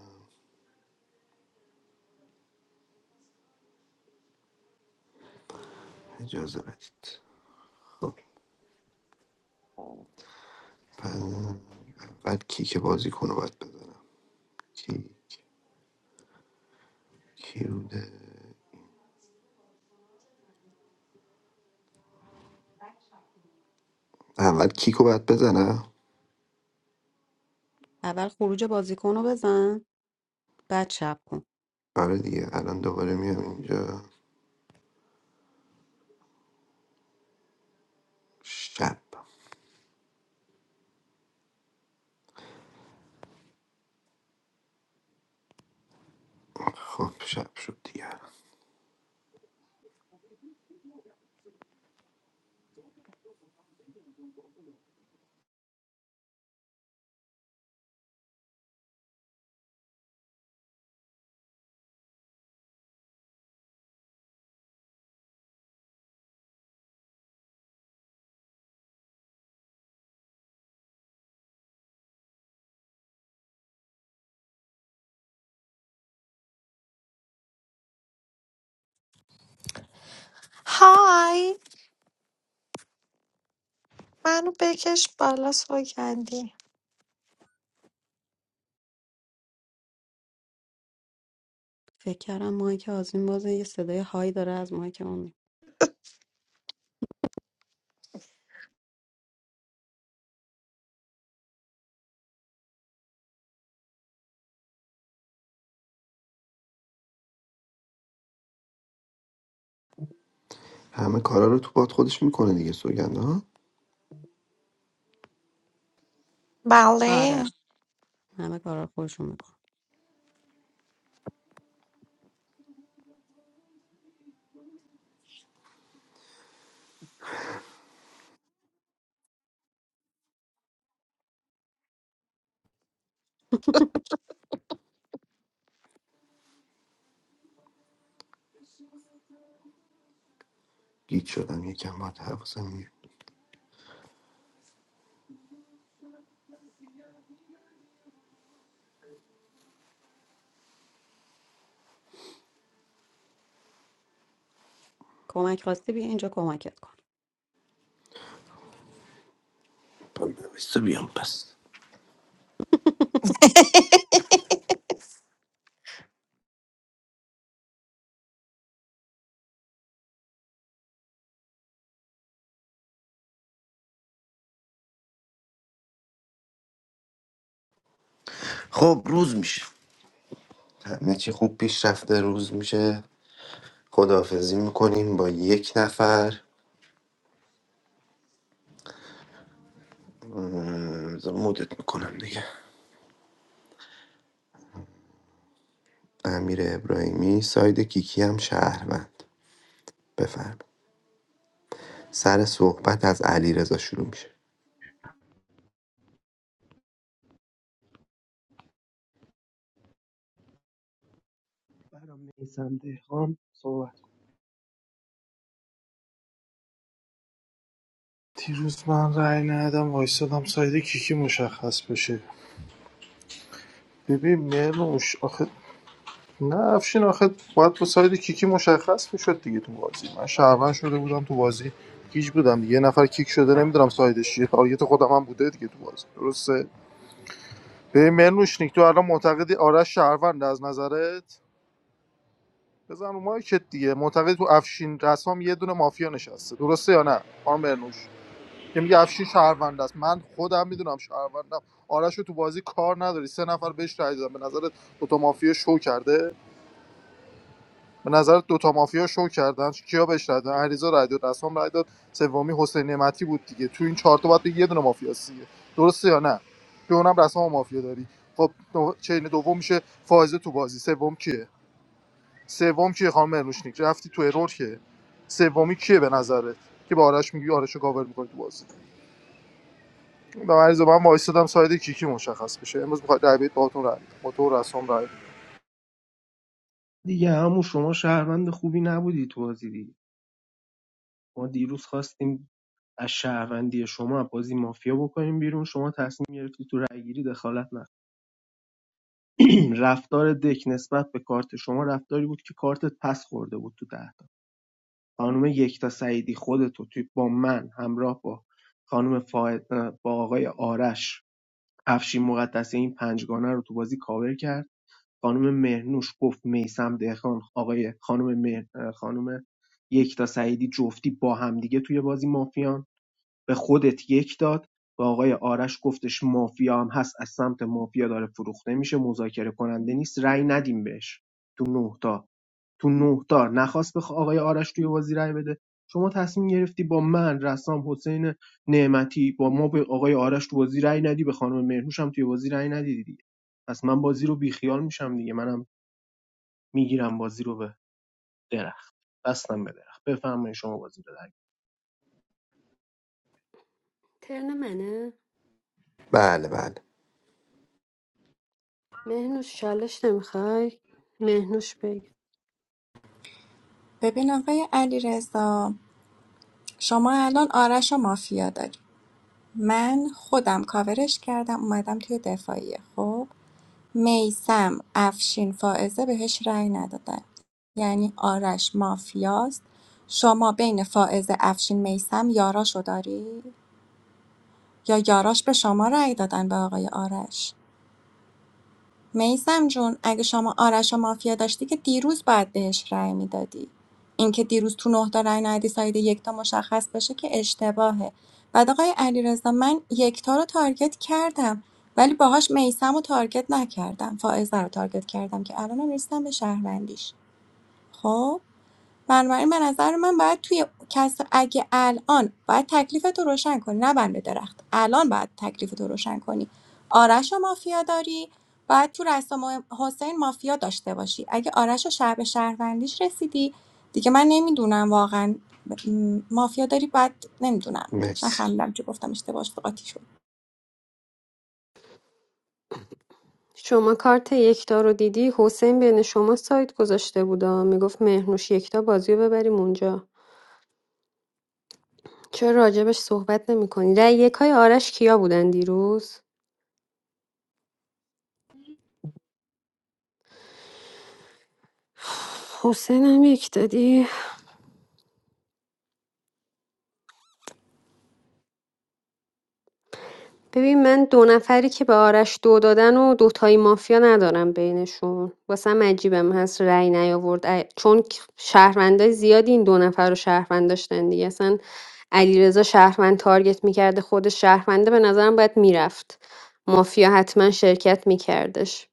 Speaker 2: اجازه بدید خب پس اول کیک بازیکن رو باید بزنم کیک کی بوده اول کیک رو باید بزنم
Speaker 12: اول خروج بازیکن رو بزن بعد شب کن
Speaker 2: آره دیگه الان دوباره میام اینجا شب خب شب شد دیگه
Speaker 20: Hi, manu bekeş balasoyyendi.
Speaker 12: فکر کردم مایک آزمین بازه یه صدای هایی داره از مایک اون
Speaker 2: همه کارا رو تو باد خودش میکنه دیگه سوگند ها
Speaker 20: Balay.
Speaker 12: آره همه کارا رو خودشون میکن <laughs>
Speaker 2: گیت شدم یکم باید حواسم میره
Speaker 12: کمک خواستی بیا اینجا کمکت کن
Speaker 2: بایسته بیام پس
Speaker 20: <laughs>
Speaker 2: خب روز میشه همه چی خوب پیش رفته روز میشه خداحافظی میکنیم با یک نفر م، مدت میکنم دیگه امیر ابراهیمی ساید کیکی هم شهروند بفرم سر صحبت از علی رضا شروع میشه
Speaker 8: برام میسم دهقان صحبت
Speaker 17: دیروز من رأی ندادم وایستادم ساید کیکی مشخص بشه ببین مرنوش آخه نه افشین آخه باید با ساید کیکی مشخص میشد دیگه تو بازی من شهروند شده بودم تو بازی کیج بودم دیگه یه نفر کیک شده نمیدونم سایدش چیه تارگت خودم هم بوده دیگه تو بازی درسته به منوشنیک تو الان معتقدی آرش شهروند از نظرت بزن رو مایکت دیگه معتقد تو افشین رسام یه دونه مافیا نشسته درسته یا نه خانم مرنوش که میگه افشین شهروند است من خودم میدونم شهروندم آرش رو تو بازی کار نداری سه نفر بهش رای دادن به نظرت دو تا مافیا شو کرده به نظر دوتا مافیا شو کردن کیا بهش رای دادن علیرضا رای داد رسام رای داد سومی حسین نعمتی بود دیگه تو این چهار تا باید بگی یه دونه مافیا سیه درسته یا نه که اونم رسام و مافیا داری خب نو- چین دوم میشه فائزه تو بازی سوم کیه سوم کیه خانم مرنوشنیک رفتی تو ارور که سومی کیه به نظرت که با آرش میگی آرش رو کاور میکنی تو بازی به عریض من وایس دادم ساید کیکی مشخص بشه امروز میخواد رای بدید باهاتون رای می‌دم. با تو رسام رای بدید.
Speaker 8: دیگه همون شما شهروند خوبی نبودی تو بازی دیگه ما دیروز خواستیم از شهروندی شما بازی مافیا بکنیم بیرون شما تصمیم گرفتی تو رأیگیری دخالت نکن <clears throat> رفتار دک نسبت به کارت شما رفتاری بود که کارتت پس خورده بود تو ده تا خانم یکتا سعیدی خودتو توی با من همراه با خانم فاید با آقای آرش افشین مقدسی این پنجگانه رو تو بازی کاور کرد خانم مهرنوش گفت میسم دهخان آقای خانم مهر خانم یکتا سعیدی جفتی با همدیگه توی بازی مافیان به خودت یک داد به آقای آرش گفتش مافیا هم هست از سمت مافیا داره فروخته میشه مذاکره کننده نیست رأی ندیم بهش تو نه تا تو نه تا نخواست به آقای آرش توی بازی رأی بده شما تصمیم گرفتی با من رسام حسین نعمتی با ما به آقای آرش تو بازی رأی ندی به خانم مرهوش هم توی بازی رأی ندیدی دیگه پس من بازی رو بیخیال میشم دیگه منم میگیرم بازی رو به درخت بستم به درخت بفرمایید شما بازی رو
Speaker 10: ترن منه
Speaker 2: بله بله
Speaker 10: مهنوش چالش نمیخوای مهنوش بگی
Speaker 5: ببین آقای علی شما الان آرش و مافیا داری من خودم کاورش کردم اومدم توی دفاعیه خب میسم افشین فائزه بهش رأی ندادن یعنی آرش مافیاست شما بین فائزه افشین میسم یاراشو داری یا یاراش به شما رأی دادن به آقای آرش میثم جون، اگه شما آرش و مافیا داشتی که دیروز باید بهش رأی میدادی. اینکه دیروز تو نه تا رأی ندی ساید یکتا مشخص بشه که اشتباهه. بعد آقای علیرضا من یکتا رو تارگت کردم ولی باهاش میسم رو تارگت نکردم. فائزه رو تارگت کردم که الانم رسیدم به شهروندیش. خب بنابراین به نظر من باید توی کس اگه الان باید تکلیفتو روشن کنی نه بند به درخت الان باید تکلیفتو روشن کنی آرش و مافیا داری باید تو رسام و حسین مافیا داشته باشی اگه آرش و شب به شهروندیش رسیدی دیگه من نمیدونم واقعا م، مافیا داری باید نمیدونم
Speaker 2: مرسی
Speaker 5: نفهمیدم چی گفتم اشتباه شد، قاطی شد
Speaker 10: شما کارت یکتا رو دیدی حسین بین شما سایت گذاشته بودا میگفت مهنوش یکتا بازی رو ببریم اونجا چرا راجبش صحبت نمی کنی؟ رأی یکای آرش کیا بودن دیروز؟ حسین هم یک دادی ببین من دو نفری که به آرش دو دادن و دوتایی مافیا ندارم بینشون واسم عجیبم هست رأی نیاورد ا- چون ک- شهروندای زیادی این دو نفر رو شهروند داشتن دیگه اصلا علیرضا شهروند تارگت میکرده خود شهرونده به نظرم باید میرفت مافیا حتما شرکت میکردش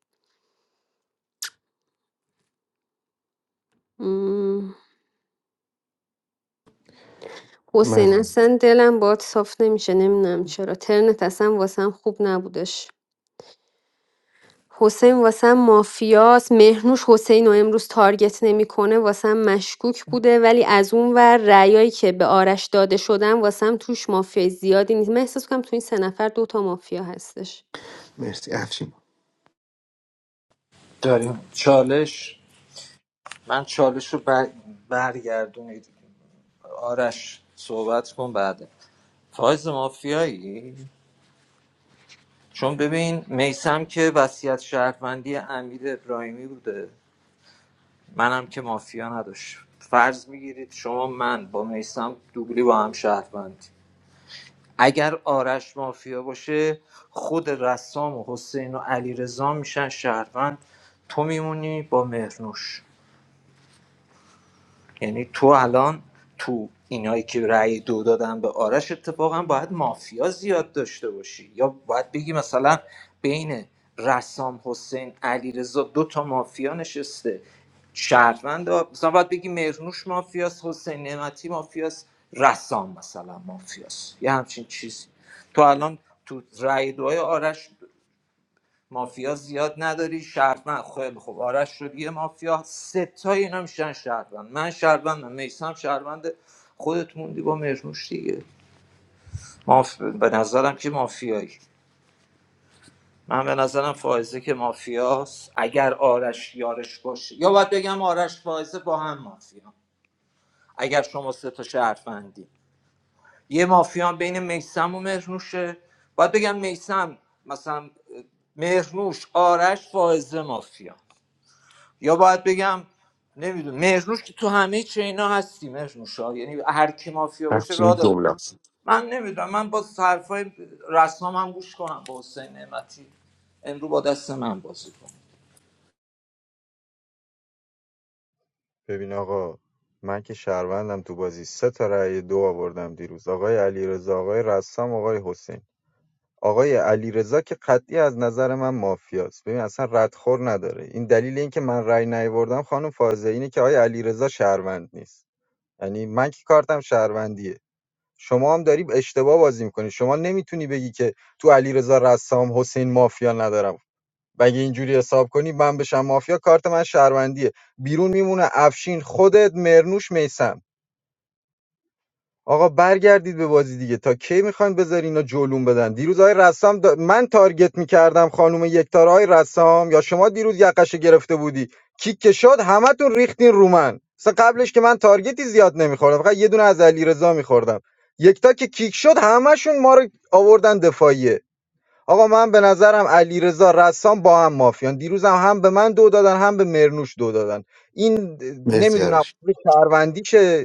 Speaker 10: حسین
Speaker 2: من
Speaker 10: اصلا دلم باد صاف نمیشه نمیدونم چرا ترنت اصلا واسم خوب نبودش حسین واسم مافیاس مهرنوش حسین رو امروز تارگت نمیکنه واسم مشکوک بوده ولی از اون ور رأیایی که به آرش داده شدن واسم توش مافیای زیادی نیست من احساس کنم تو این سه نفر دوتا مافیا هستش
Speaker 2: مرسی افشین
Speaker 11: داریم چالش من چالش رو بر... برگردونید آرش صحبت کن بعد فایز مافیایی چون ببین میسم که وصیت شهروندی امیر ابراهیمی بوده منم که مافیا نداشت فرض میگیرید شما من با میسم دوبلی با هم شهروند اگر آرش مافیا باشه خود رسام و حسین و علی میشن شهروند تو میمونی با مهرنوش یعنی تو الان تو اینایی که رأی دو دادن به آرش اتفاقا باید مافیا زیاد داشته باشی یا باید بگی مثلا بین رسام حسین علیرضا دو تا مافیا نشسته شهروند مثلا باید بگی مرنوش مافیاس حسین نعمتی مافیاس رسام مثلا مافیاس یه همچین چیزی تو الان تو رأی دوهای آرش مافیا زیاد نداری شهروند خیلی خوب آرش شد یه مافیا ستای اینا میشن شهروند من شهروندم میسم شهروند خودت موندی با مرموش دیگه ماف... به نظرم که مافیایی من به نظرم فائزه که مافیاست اگر آرش یارش باشه یا باید بگم آرش فائزه با هم مافیا اگر شما سه تا شهروندی یه مافیا بین میسم و مرنوشه باید بگم میسم مثلا مرنوش آرش فائزه مافیا یا باید بگم نمیدونم مهرنوش که تو همه چینا هستی مهرنوشا یعنی هر کی مافیا باشه راه داره من نمیدونم من با حرفای رسام هم گوش کنم با حسین نعمتی امرو با دست من بازی کنم
Speaker 4: ببین آقا من که شهروندم تو بازی سه تا رأی دو آوردم دیروز آقای علیرضا آقای رسام آقای حسین آقای علیرضا که قطعی از نظر من مافیاست ببین اصلا ردخور نداره این دلیل اینکه من رأی نیاوردم خانم فاضله اینه که آقای علیرضا شهروند نیست یعنی من که کارتم شهروندیه شما هم داری اشتباه بازی میکنی شما نمیتونی بگی که تو علیرضا رسام حسین مافیا ندارم و اگه اینجوری حساب کنی من بشم مافیا کارت من شهروندیه بیرون میمونه افشین خودت مرنوش میسم آقا برگردید به بازی دیگه تا کی میخواین بذاری اینا جلوم بدن دیروز آقای رسام دا- من تارگت میکردم خانم یکتار آقای رسام یا شما دیروز یقش گرفته بودی کیک که شد همتون ریختین رو من مثلا قبلش که من تارگتی زیاد نمیخوردم فقط یه دونه از علیرضا میخوردم یکتا که کیک شد همشون ما رو آوردن دفاعیه آقا من به نظرم علیرضا رسام با هم مافیان دیروزم هم هم به من دو دادن هم به مرنوش دو دادن این
Speaker 2: مرسی
Speaker 4: نمیدونم
Speaker 2: آرش
Speaker 4: شهروندیشه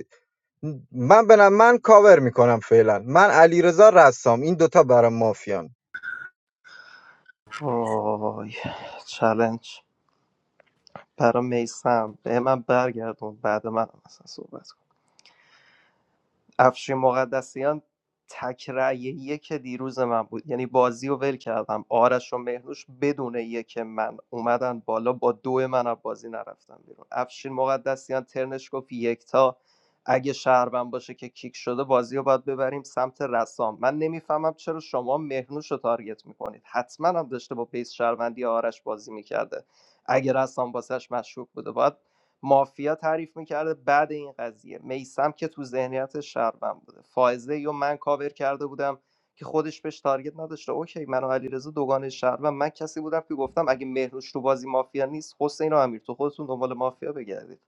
Speaker 4: من به من کاور میکنم فعلا من علیرضا رسام این دوتا برام مافیان
Speaker 15: وای چلنج برا میسم به من برگردون بعد من هم مثلا صحبت کن افشین مقدسیان تک رأی یک دیروز من بود یعنی بازی رو ول کردم آرش و مهنوش بدون یک من اومدن بالا با دو من از بازی نرفتم بیرون افشین مقدسیان ترنش گفت یکتا اگه شهروند باشه که کیک شده بازی رو باید ببریم سمت رسام من نمیفهمم چرا شما مهنوش رو تارگت میکنید حتما هم داشته با بیس شهروندی آرش بازی میکرده اگه رسام واسش مشکوک بوده باید مافیا تعریف میکرده بعد این قضیه میسم که تو ذهنیت شهروند بوده فائزه یا من کاور کرده بودم که خودش بهش تارگت نداشته اوکی من و علیرضا دوگان شهروند من کسی بودم که گفتم اگه مهرنوش تو بازی مافیا نیست حسین و امیر تو خودتون دنبال مافیا بگردید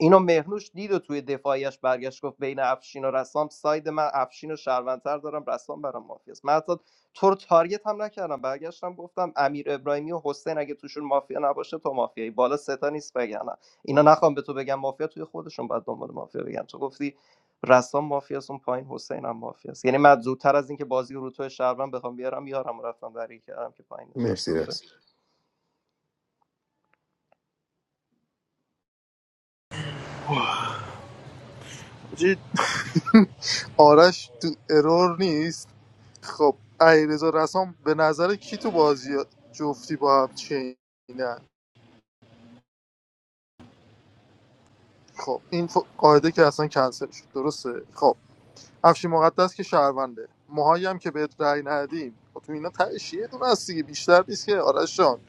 Speaker 15: اینو مهرنوش دید و توی دفاعیش برگشت گفت بین افشین و رسام ساید من افشین و شهروندتر دارم رسام برام مافیاست من حتی تو رو تارگت هم نکردم برگشتم گفتم امیر ابراهیمی و حسین اگه توشون مافیا نباشه تو مافیایی بالا سه تا نیست بگن اینا نخوام به تو بگم مافیا توی خودشون بعد دنبال مافیا بگم تو گفتی رسام مافیاست اون پایین حسین هم مافیاست یعنی من زودتر از اینکه بازی رو تو شهروند بخوام بیارم یارم رفتم در کردم که پایین
Speaker 2: مرسی
Speaker 15: نشسته بوده
Speaker 2: راست
Speaker 17: آرش تو ارور نیست خب علیرضا رسام به نظر کی تو بازی جفتی با هم چینن خب این ف- قاعده که اصلا کنسل شد درسته خب افشین مقدس که شهرونده موهایی هم که بهت رأی ندیم خب تو اینا تهش یه دونه هست دیگه بیشتر نیست که آرش جان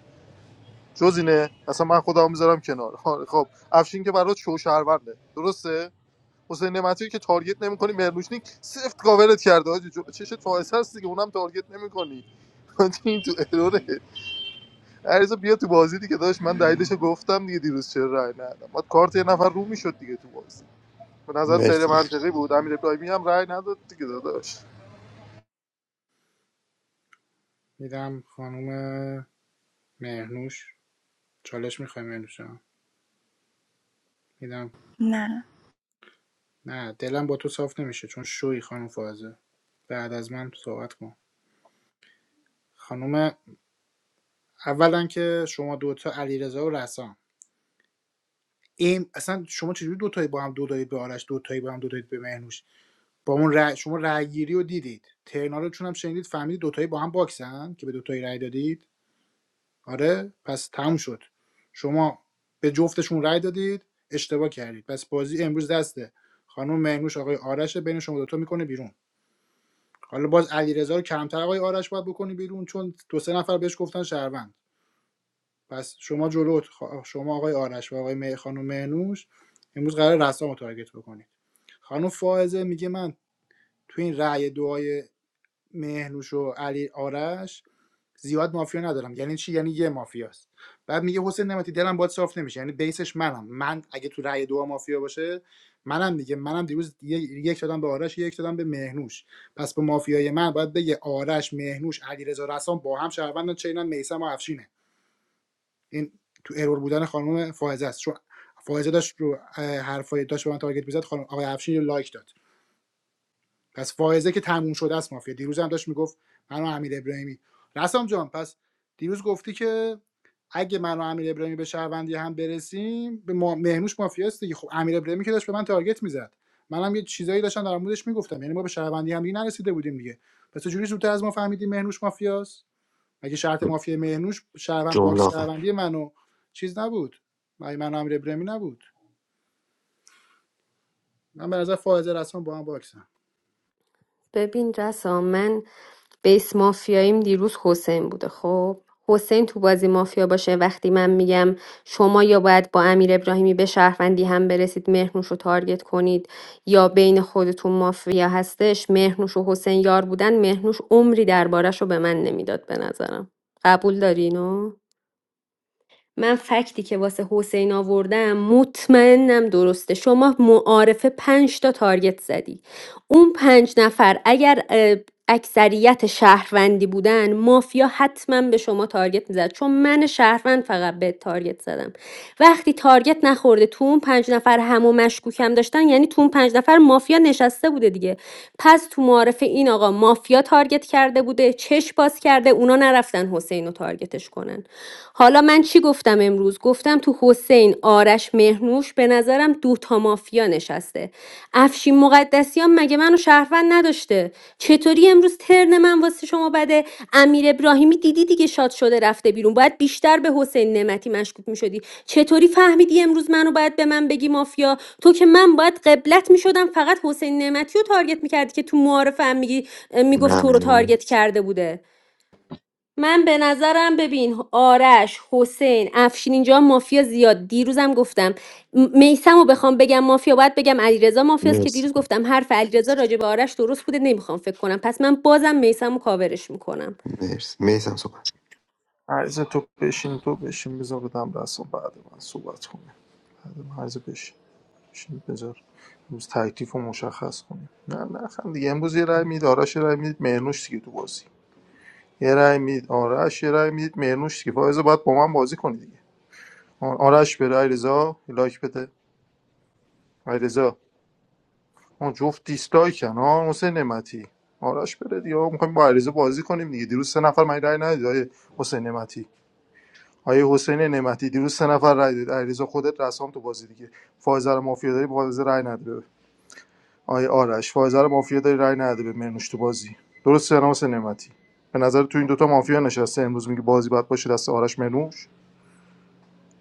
Speaker 17: جز اینه اصلا من خودمو میذارم کنار آره، خب افشین که برات شو شهرونده درسته حسین نعمتی رو که تارگت نمی‌کنی مرلوشنیک سفت کاورت کرده حاجی جو- چش تایس هست دیگه اونم تارگت نمی‌کنی <laughs> این تو اروره عریضا بیا تو بازی دیگه داشت من دلیلش گفتم دیگه دیروز چرا رای ندادم بعد کارت یه نفر رو میشد دیگه تو بازی به نظر غیر
Speaker 2: مرسی مرسی
Speaker 17: منطقی بود امیر ابراهیمی هم رای نداد دیگه داداش
Speaker 1: میدم خانم مهنوش چالش میخوای مهنوش جان؟ میدم
Speaker 5: نه
Speaker 1: نه دلم با تو صاف نمیشه چون شوی خانم فائزه بعد از من صحبت کن خانم اولا که شما دوتا علیرضا و رسام این اصلا شما چجوری دوتایی با هم دو دادید به آرش دوتایی با هم دو دادید به مهنوش با اون رأی- شما رأی رو دیدید ترنا رو چون هم شنیدید فهمیدید دوتایی با هم باکسن که به دوتایی رأی دادید آره پس تموم شد شما به جفتشون رأی دادید اشتباه کردید پس بازی امروز دسته خانم مهنوش آقای آرش بین شما دوتا میکنه بیرون حالا باز علیرضا رو کمتر آقای آرش باید بکنی بیرون چون دو سه نفر بهش گفتن شهروند پس شما جلو اتخا- شما آقای آرش و آقای مه- خانم مهنوش امروز قرار رسام رو تارگت بکنید خانم فائزه میگه من تو این رأی دعای مهنوش و علی آرش زیاد مافیا ندارم یعنی چی یعنی یه مافیاست بعد میگه حسین نمتی دلم باید صاف نمیشه یعنی بیسش منم من اگه تو رأی دعا مافیا باشه منم دیگه منم دیروز یه- یک دادم به آرش یک دادم به مهنوش پس به مافیای من باید بگه آرش مهنوش علیرضا رسام با هم شهروندن چینن میسم و افشینه این تو ارور بودن خانم فائزه است چون فائزه داشت رو اه، حرفای داشت به من تارگت میزد خانم آقای افشین لایک داد پس فائزه که تموم شده است مافیا دیروز هم داشت میگفت من و امیر ابراهیمی رسام جان پس دیروز گفتی که اگه من و امیر ابراهیمی به شهروندی هم برسیم به ما... مهنوش مافیاست دیگه خب امیر ابراهیمی که داشت به من تارگت میزد منم یه چیزایی داشتم در موردش میگفتم یعنی ما به شهروندی هم دیگه نرسیده بودیم دیگه پس چجوری زودتر از ما فهمیدیم مهنوش مافیاست مگه شرط مافیا مهنوش شهروند
Speaker 2: جمله
Speaker 1: باکس
Speaker 2: آخر
Speaker 1: شهروندی منو چیز نبود مگه من و امیر ابراهیمی نبود من به نظر فائزه رسما با هم باکسم
Speaker 10: ببین رسا من بیس مافیاییم دیروز حسین بوده خب حسین تو بازی مافیا باشه وقتی من میگم شما یا باید با امیر ابراهیمی به شهروندی هم برسید مهرنوش رو تارگت کنید یا بین خودتون مافیا هستش مهرنوش و حسین یار بودن مهرنوش عمری دربارش رو به من نمیداد به نظرم قبول دارینو؟ من فکتی که واسه حسین آوردم مطمئنم درسته شما معارفه پنج تا تارگت زدی اون پنج نفر اگر اه، اکثریت شهروندی بودن مافیا حتما به شما تارگت میزد چون من شهروند فقط به تارگت زدم وقتی تارگت نخورده تو اون پنج نفر همو مشکوکم داشتن یعنی تو اون پنج نفر مافیا نشسته بوده دیگه پس تو معارفه این آقا مافیا تارگت کرده بوده چش باز کرده اونا نرفتن حسین رو تارگتش کنن حالا من چی گفتم امروز گفتم تو حسین آرش مهرنوش به نظرم دو تا مافیا نشسته افشین مقدسیان مگه منو شهروند نداشته چطوری امروز ترن من واسه شما بده امیر ابراهیمی دیدی دیگه شاد شده رفته بیرون باید بیشتر به حسین نعمتی مشکوک میشدی چطوری فهمیدی امروز منو باید به من بگی مافیا تو که من باید قبلت میشدم فقط حسین نعمتی رو تارگت میکردی که تو معارفه هم میگی میگفت تو رو
Speaker 2: ممنون
Speaker 10: تارگت کرده بوده من به نظرم ببین آرش حسین افشین اینجا مافیا زیاد دیروزم گفتم میسم رو بخوام بگم مافیا باید بگم علیرضا مافیاست که
Speaker 2: مرسی
Speaker 10: دیروز گفتم حرف علیرضا راجع به آرش درست بوده نمیخوام فکر کنم پس من بازم میسم و کاورش میکنم
Speaker 2: مرسی مرسی صحبت
Speaker 17: عریضا تو بشین تو بشین بذار بدم رسا بعد من صحبت کنیم بعد من عریضا بشین بشین بذار امروز تکلیف رو مشخص کنیم نه نه خند دیگه امروز یه رای میدید آرش یه رای میدید مهرنوش دیگه تو بازی یه رای میدید آرش یه رای میدید مهرنوش دیگه فائزه باید با من بازی کنی دیگه آ- آرش بره علیرضا لایک بده علیرضا اون جفت دیسلایکن ها حسین نعمتی آرش بره دیگه میخوایم با علیرضا بازی کنیم دیگه دیروز سه نفر من رأی ندید آیه حسین نعمتی آیه حسین نعمتی دیروز سه نفر رأی داد علیرضا خودت رسام تو بازی دیگه فائزه رو مافیا داری فائزه رأی نداره آیه آرش فائزه رو مافیا داری رأی نداره به مهرنوش تو بازی درسته نه حسین نعمتی به نظر تو این دوتا مافیا نشسته امروز میگه بازی باید باشه دست آرش مهرنوش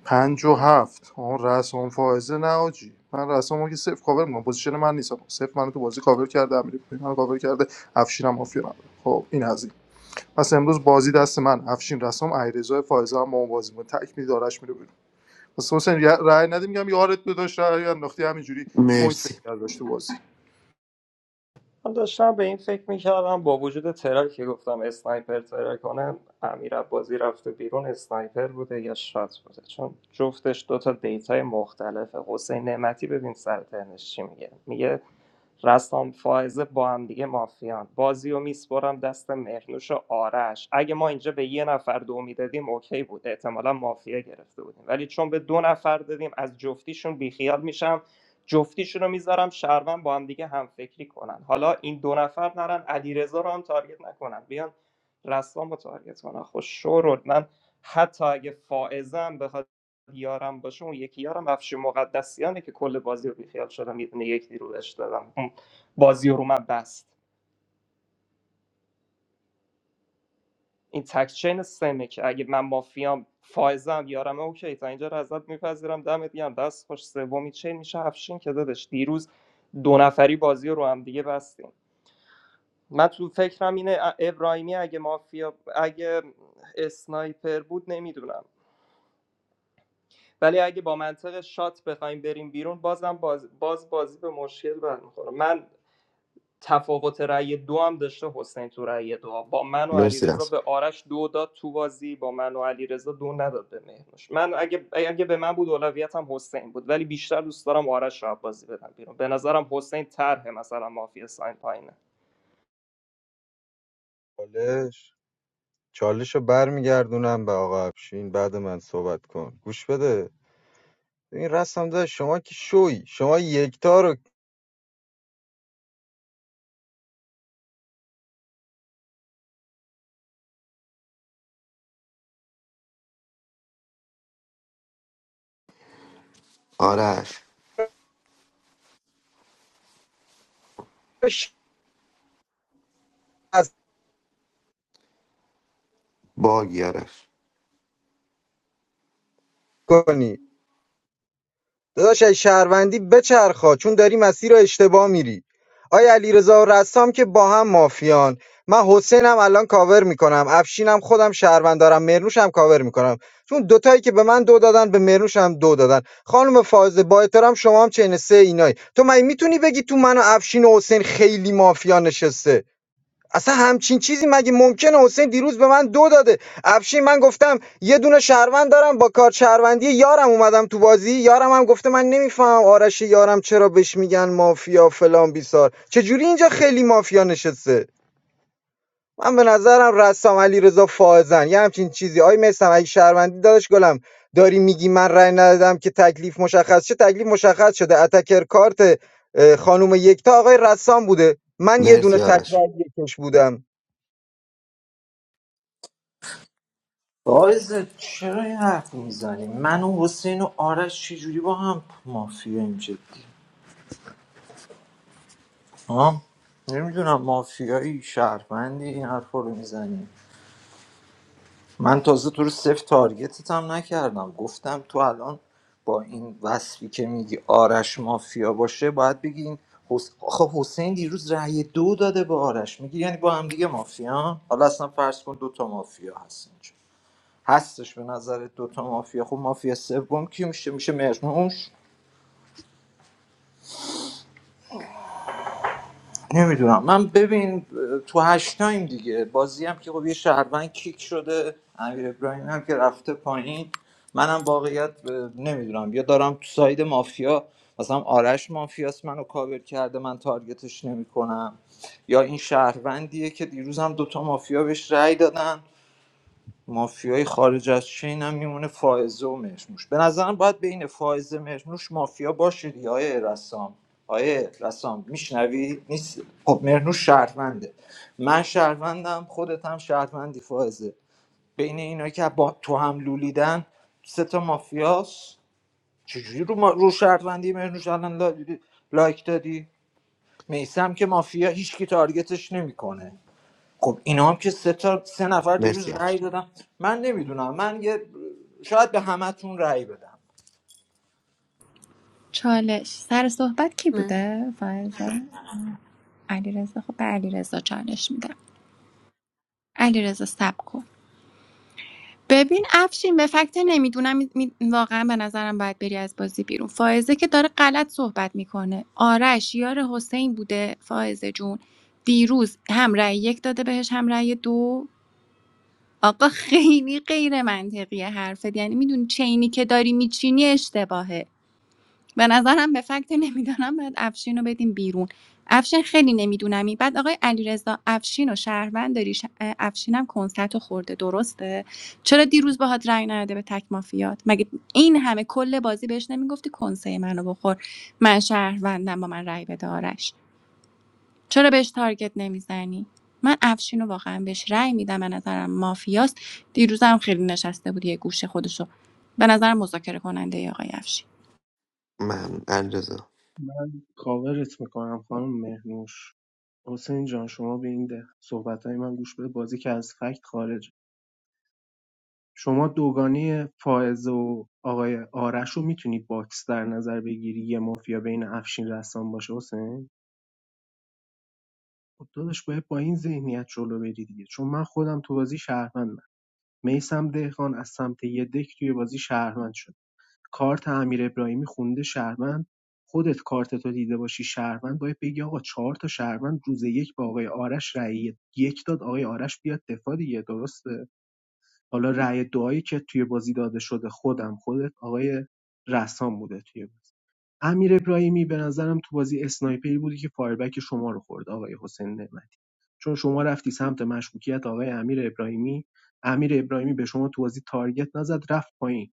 Speaker 17: پنج و هفت آن رسام فائزه نه آجی من رسامو که صفر کاور میکنم پوزیشن من نیستم صفر منو تو بازی کاور کرده امیری من کاور کرده افشینم مافیا نداره خب این از این پس امروز بازی دست من افشین رسام علیرضا فائزه هم با اون بازی میکنه تک میری دارش میره بیرون پس حسین یه رأی ندیم میگم یارت بداشت رأی انداختی همینجوری پوینت
Speaker 2: مرسی
Speaker 17: بگیر داشت تو بازی
Speaker 15: من داشتم به این فکر میکردم با وجود ترک که گفتم اسنایپر ترک کنه امیر بازی رفته بیرون اسنایپر بوده یا شات بوده چون جفتش دوتا دیتای مختلفه حسین نعمتی ببین سر ترنش چی میگه میگه رستم فائزه با هم دیگه مافیان بازی و میسپرم دست مهرنوش و آرش اگه ما اینجا به یه نفر دو میدادیم اوکی بود احتمالا مافیا گرفته بودیم ولی چون به دو نفر دادیم از جفتیشون بیخیال میشم جفتیشون رو میذارم شهروند با هم دیگه همفکری کنن حالا این دو نفر نرن علیرضا رو هم تارگت نکنن بیان رسام رو تارگت کنن خب شورول من حتی اگه فائزم بخواد یارم باشه اون یکی یارم افشین مقدسیانه که کل بازی رو بیخیال شدم یه دونه یک رو بهش دادم اون بازی رو من بست این تکچین سمه که اگه من مافیام فائزم یارم اوکی تا اینجا رو ازت میپذیرم دمت گرم دست خوش سومی چین میشه افشین که دادش دیروز دو نفری بازی رو هم دیگه بستیم من تو فکرم اینه ا- ابراهیمی اگه مافیا اگه اسنایپر بود نمیدونم ولی اگه با منطق شات بخوایم بریم بیرون بازم باز, باز بازی به مشکل برمیخوره من تفاوت رأی دو هم داشته حسین تو رأی دو با من و
Speaker 2: مرسی
Speaker 15: علیرضا
Speaker 2: راست
Speaker 15: به آرش دو داد تو بازی با من و علیرضا دو نداد به مهرنوش من اگه اگه به من بود اولویتم حسین بود ولی بیشتر دوست دارم آرش رو بازی بدم بیرون به نظرم حسین طرح مثلا مافیا ساین پایینه
Speaker 4: چالش چالش رو برمیگردونم به آقا افشین بعد من صحبت کن گوش بده این رسام داره شما که شوی شما یکتا رو
Speaker 2: آرش
Speaker 4: کش
Speaker 2: باگی آرش
Speaker 4: کنی داداش اگه شهروندی بچرخا چون داری مسیر رو اشتباه میری آیا علیرضا و رسام که با هم مافیان من حسینم الان کاور میکنم افشینم خودم شهروند دارم مرنوشم کاور میکنم چون دوتایی که به من دو دادن به مرنوش هم دو دادن خانم فاضله با احترام شما هم چین سه اینایی تو مگه میتونی بگی تو من و افشین و حسین خیلی مافیا نشسته اصلا همچین چیزی مگه ممکنه حسین دیروز به من دو داده افشین من گفتم یه دونه شهروند دارم با کار شهروندی یارم اومدم تو بازی یارم هم گفته من نمیفهمم آرش یارم چرا بهش میگن مافیا فلان بیسار چجوری اینجا خیلی مافیا نشسته من به نظرم رسام علی رضا فائزن یه همچین چیزی آی میسم اگه شهروندی داداش گلم داری میگی من رأی ندادم که تکلیف مشخص چه تکلیف مشخص شده اتکر کارت اه، خانم یکتا آقای رسام بوده من یه دونه
Speaker 2: مرسی
Speaker 4: تک
Speaker 2: آرش
Speaker 4: رأی یکش بودم
Speaker 11: باعث چرا این حرف میزنی من و حسین و آرش چجوری با هم مافیاییم جدی ها نمیدونم مافیایی شهروندی این حرفا رو میزنی من تازه تو رو صفر تارگتت هم نکردم گفتم تو الان با این وصفی که میگی آرش مافیا باشه باید بگی این حس... آخه حسین دیروز رأی دو داده به آرش میگی یعنی با هم دیگه مافیا حالا اصلا فرض کن دوتا مافیا هست اینجا هستش به نظر دوتا مافیا خب مافیا سوم کی میشه میشه مرموش نمیدونم من ببین اه، تو هشتایم دیگه بازی هم که خب یه شهروند کیک شده امیر ابراهیم هم که رفته پایین منم واقعیت اه، نمیدونم یا دارم تو ساید مافیا مثلا آرش مافیاست منو کاور کرده من تارگتش نمیکنم یا این شهروندیه که دیروز هم دوتا مافیا بهش رأی دادن مافیای خارج از چین هم میمونه فائزه و مهرنوش به نظرم باید بین فائزه مهرنوش مافیا باشه دیگه آیه رسام آیه رسام میشنوی نیست خب مهرنوش شهرونده من شهروندم خودت هم شهروندی فائزه بین اینا که با تو هم لولیدن سه تا مافیاس چجوری رو, ما... رو شهروندی مهرنوش الان لا... لایک دادی میسم که مافیا هیچکی تارگتش نمیکنه خب اینا هم که سه تا سه نفر دیروز
Speaker 2: مرسی
Speaker 11: رأی
Speaker 2: افش
Speaker 11: دادم من نمیدونم من یه شاید به همتون رأی بدم
Speaker 5: چالش سر صحبت کی بوده فرزا علیرضا خب به علیرضا چالش میدم علیرضا صبر کن ببین افشین به فکت نمیدونم می- می- واقعا به نظرم باید بری از بازی بیرون فائزه که داره غلط صحبت میکنه آرش یار حسین بوده فائزه جون دیروز هم رأی یک داده بهش هم رأی دو آقا <laughs> خیلی غیر منطقیه حرفت یعنی میدونی چینی که داری میچینی اشتباهه به نظرم به فکت نمیدونم باید افشین رو بدیم بیرون افشین خیلی نمیدونمی بعد آقای علیرضا افشین و شهروند داری ش... افشینم کنسرت رو خورده درسته چرا دیروز باهات رأی نداده به تک مافیات مگه این همه کل بازی بهش نمیگفتی کنسه منو بخور من شهروندم با من رأی بده آرش چرا بهش تارگت نمیزنی من افشین رو واقعا بهش رأی میدم به نظرم مافیاست دیروزم خیلی نشسته بود یه گوشه خودشو به نظر مذاکره کننده آقای افشین
Speaker 2: من علیرضا
Speaker 8: من کاورت میکنم خانم مهنوش حسین جان شما به این ده- صحبتهای من گوش بده بازی که از فکت خارج شما دوگانه فائزه و آقای آرش رو میتونی باکس در نظر بگیری یه مافیا بین افشین رسام باشه حسین خب داداش باید با این ذهنیت جلو بری دیگه چون من خودم تو بازی شهروندم میسم دهقان از سمت یه دک توی بازی شهروند شد کارت امیر ابراهیمی خونده شهروند خودت کارتتو دیده باشی شهروند باید بگی آقا چهار تا شهروند روز یک با آقای آرش رأی یک داد آقای آرش بیاد دفاع دیگه درسته حالا رأی دعایی که توی بازی داده شده خودم خودت آقای رسام بوده توی بازی امیر ابراهیمی به نظرم تو بازی اسنایپری بودی که فایربک شما رو خورد آقای حسین نعمتی چون شما رفتی سمت مشکوکیت آقای امیر ابراهیمی امیر ابراهیمی به شما تو بازی تارگت نزد رفت پایین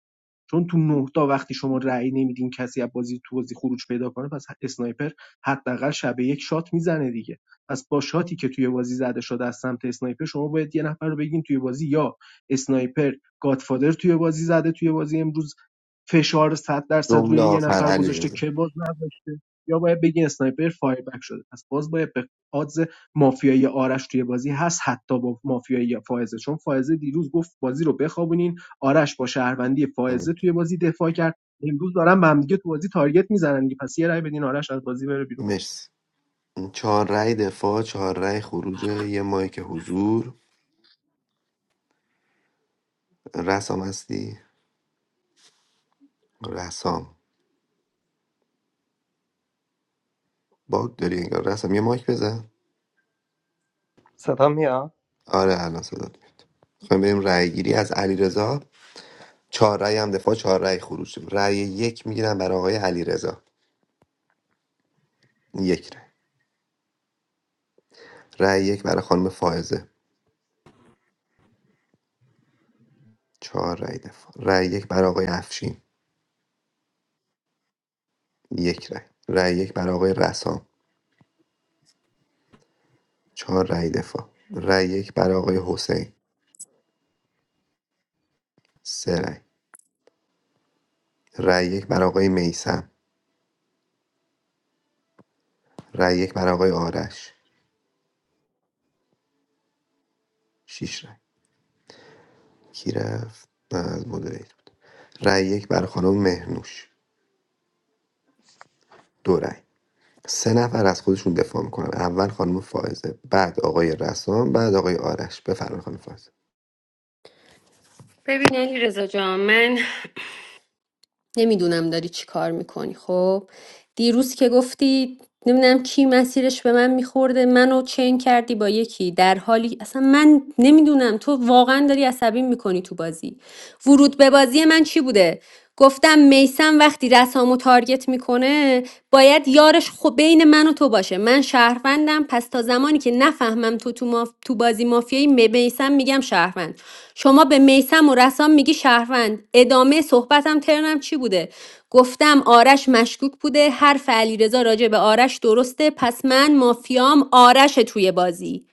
Speaker 8: چون تو 9 تا وقتی شما رأی نمیدین کسی از بازی تو بازی خروج پیدا کنه پس اسنایپر حداقل شب یک شات میزنه دیگه پس با شاتی که توی بازی زده شده از سمت اسنایپر شما باید یه نفر رو بگین توی بازی یا اسنایپر گادفادر توی بازی زده توی بازی امروز فشار 100 درصد
Speaker 2: جمله
Speaker 8: روی یه
Speaker 2: آخر
Speaker 8: نفر گذاشته
Speaker 2: علیرضا
Speaker 8: که باز نداشته یا باید بگین اسنایپر فایر بک شده پس باز باید به odds مافیایی آرش توی بازی هست حتی با مافیایی فائزه چون فائزه دیروز گفت بازی رو بخوابونین آرش با شهروندی
Speaker 2: م.
Speaker 8: فائزه توی بازی دفاع کرد امروز دارن به هم دیگه تو بازی تارگت میزنن دیگه پس یه رأی بدین آرش از بازی بره بیرون
Speaker 2: مرسی چهار رأی دفاع چهار رأی خروج یه مایک حضور رسام هستی رسام باگ داری انگار رسام یه مایک بزن
Speaker 15: صدا میاد
Speaker 2: آره الان صدات میاد خواهیم بریم رأی گیری از علیرضا چهار رأی هم دفاع چهار رأی خروج رأی یک میگیرم برای آقای علیرضا یک رأی رأی یک برای خانم فائزه چهار رأی دفاع رأی یک برای آقای افشین یک رأی رأی یک برای آقای رسام چهار رأی دفاع رأی یک برای آقای حسین سه رأی رأی یک برای آقای میسم رأی یک برای آقای آرش شش رأی کی رفت نه از مدریت بود رأی یک برای خانم مهنوش دو رأی سه نفر از خودشون دفاع میکنن اول خانم فائزه بعد آقای رسام بعد آقای آرش بفرمایید خانم فائزه
Speaker 10: ببین علی رضا جان من نمیدونم داری چی کار میکنی خب دیروز که گفتی نمیدونم کی مسیرش به من میخورده منو چین کردی با یکی در حالی اصلا من نمیدونم تو واقعا داری عصبی میکنی تو بازی ورود به بازی من چی بوده گفتم میسم وقتی رسامو تارگت میکنه باید یارش خب بین من و تو باشه من شهروندم پس تا زمانی که نفهمم تو تو, ماف... تو بازی مافیایی می- میسم میگم شهروند شما به میسم و رسام میگی شهروند ادامه صحبتم ترنم چی بوده گفتم آرش مشکوک بوده حرف علیرضا راجع به آرش درسته پس من مافیام آرش توی بازی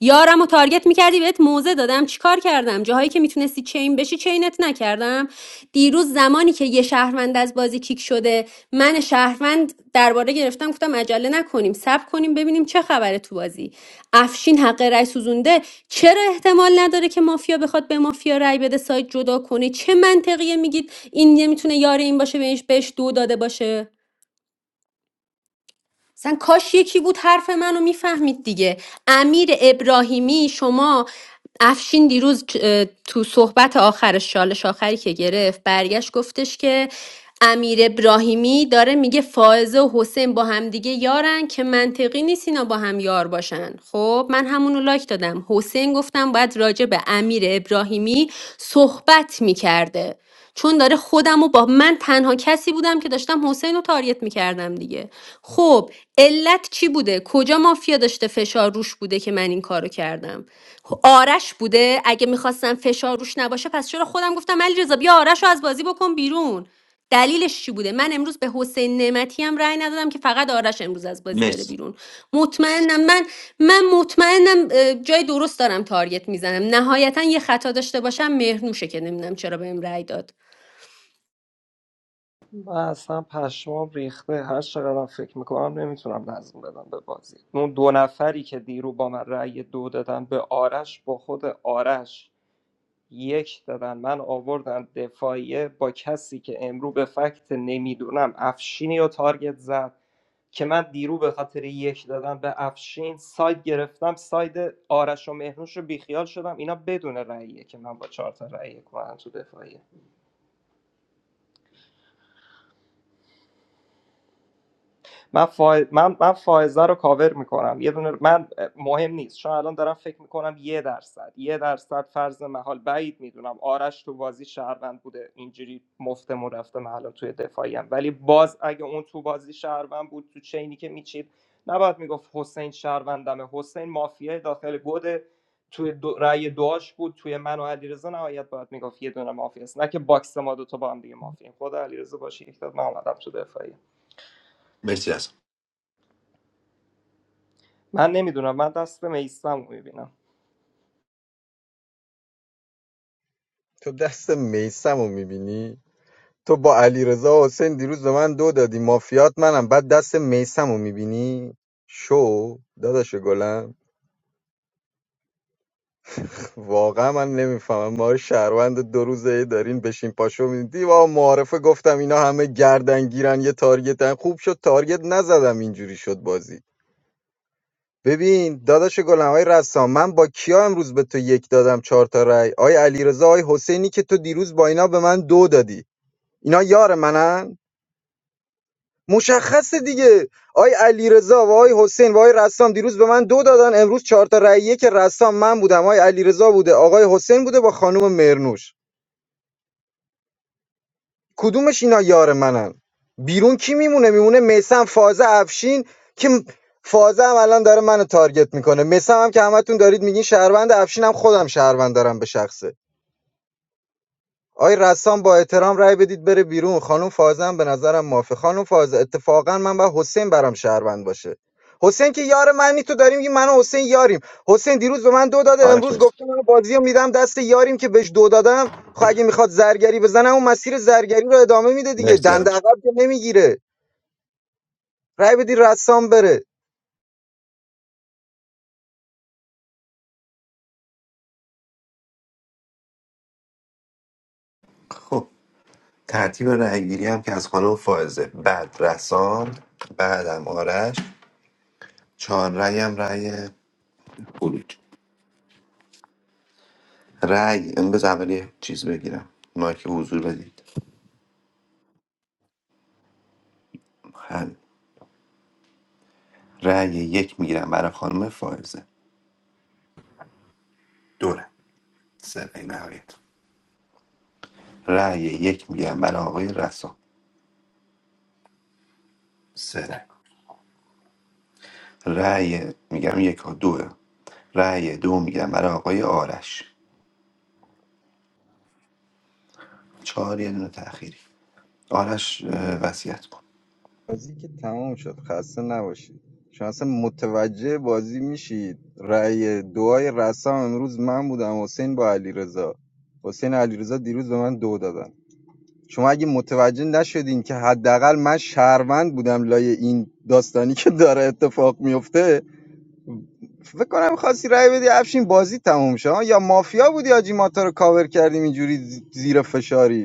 Speaker 10: یارم و تارگت میکردی بهت موزه دادم چیکار کردم جاهایی که میتونستی چین بشی چینت نکردم دیروز زمانی که یه شهروند از بازی کیک شده من شهروند درباره گرفتم گفتم عجله نکنیم صبر کنیم ببینیم چه خبره تو بازی افشین حق رأی سوزونده چرا احتمال نداره که مافیا بخواد به مافیا رأی بده سایت جدا کنه چه منطقیه میگید این نمیتونه یار این باشه بهش بهش دو داده باشه اصلا کاش یکی بود حرف منو میفهمید دیگه امیر ابراهیمی شما افشین دیروز اه، تو صحبت آخرش چالش آخری که گرفت برگشت گفتش که امیر ابراهیمی داره میگه فائزه و حسین با همدیگه یارن که منطقی نیست اینا با هم یار باشن خب من همونو لایک دادم حسین گفتم باید راجع به امیر ابراهیمی صحبت میکرده چون داره خودم و با من تنها کسی بودم که داشتم حسین رو تاریت میکردم دیگه خب علت چی بوده کجا مافیا داشته فشار روش بوده که من این کارو کردم خب، آرش بوده اگه میخواستم فشار روش نباشه پس چرا خودم گفتم علی رضا بیا آرش رو از بازی بکن بیرون دلیلش چی بوده من امروز به حسین نعمتی هم رأی ندادم که فقط آرش امروز از بازی بره
Speaker 2: مرسی
Speaker 10: بیرون مطمئنم من من مطمئنم اه، جای درست دارم تارگت میزنم نهایتا یه خطا داشته باشم مهرنوشه که نمیدونم چرا بهم رأی داد
Speaker 15: من اصلا پشمام ریخته هر چقدرم فکر میکنم نمیتونم نظم بدم به بازی اون دو نفری که دیرو با من رأی دو دادن به آرش با خود آرش یک دادن من آوردم دفاعیه با کسی که امرو به فکت نمیدونم افشینی و تارگت زد که من دیرو به خاطر یک دادن به افشین ساید گرفتم ساید آرش و مهنوش رو بیخیال شدم اینا بدون رأیه که من با چهار تا رأی کنم تو دفاعیه من فای... من من فائزه رو کاور میکنم یه دونه من مهم نیست چون الان دارم فکر میکنم یه درصد یه درصد فرض محال بعید میدونم آرش تو بازی شهروند بوده اینجوری مفتمون رفته من الان توی دفاعیم ولی باز اگه اون تو بازی شهروند بود تو چینی که میچید نباید میگفت حسین شهروندمه حسین مافیای داخل گوده توی دو... رأی دعاش بود توی من و علیرضا نهایت باید میگفت یه دونه مافیاست نه که باکس ما دو تا با هم دیگه مافیا خود علیرضا باشه یک تا من اومدم تو دفاعی
Speaker 2: مرسی رسام
Speaker 15: من نمیدونم من دست میسم رو میبینم
Speaker 4: تو دست میسم میبینی تو با علیرضا و حسین دیروز به من دو دادی مافیات منم بعد دست میسم میبینی شو داداش گلم <laughs> واقعا من نمیفهمم ما شهروند دو روزه دارین بشین پاشو میدی و معارفه گفتم اینا همه گردن گیرن یه تارگتن خوب شد تارگت نزدم اینجوری شد بازی ببین داداش گلم آقای رسام من با کیا امروز به تو یک دادم چهار تا رای آقای علیرضا آقای حسینی که تو دیروز با اینا به من دو دادی اینا یار منن مشخصه دیگه آی علیرضا و آی حسین و آی رسام دیروز به من دو دادن امروز چهار تا رأیه که رسام من بودم آی علیرضا بوده آقای حسین بوده با خانم مرنوش کدومش اینا یار منن بیرون کی میمونه میمونه میسم فازه افشین که فازه هم الان داره منو تارگت میکنه میسم هم که همتون دارید میگین شهروند افشین هم خودم شهروند دارم به شخصه آقای رسام با احترام رأی بدید بره بیرون خانم فاضل هم به نظرم موافقه خانم فاضل اتفاقا من با حسین برام شهروند باشه حسین که یار منی تو داریم میگی من و حسین یاریم حسین دیروز به من دو داده امروز گفته من بازی رو میدم دست یاریم که بهش دو دادم خب اگه میخواد زرگری بزنم اون مسیر زرگری رو ادامه میده دیگه
Speaker 2: مرسی
Speaker 4: دنده
Speaker 2: آرش
Speaker 4: عقب که نمیگیره رأی بدید رسام بره
Speaker 2: خب ترتیب رأیگیری هم که از خانم فائزه بعد رسام بعدم آرش چهار رأی هم رأی خروج رأی بذار اول چیز بگیرم ما که حضور بدید حل رأی یک میگیرم برای خانم فائزه دوره سه رأی نهایت رأی یک میگیرم برای آقای رسا سه رأی رأی میگم یک و دوه رأی دو میگیرم برای آقای آرش چهار یه دونه تأخیری آرش اه، وصیت کن
Speaker 4: بازی که تمام شد خسته نباشید شما اصلا متوجه بازی میشید رأی دعای رسام امروز من بودم حسین با علیرضا حسین و علیرضا دیروز به من دو دادن شما اگه متوجه نشدین که حداقل من شهروند بودم لای این داستانی که داره اتفاق میفته فکر کنم خواستی رأی بدی افشین بازی تموم شد یا مافیا بودی آجی ماتا رو کاور کردیم اینجوری زی- زیر فشاری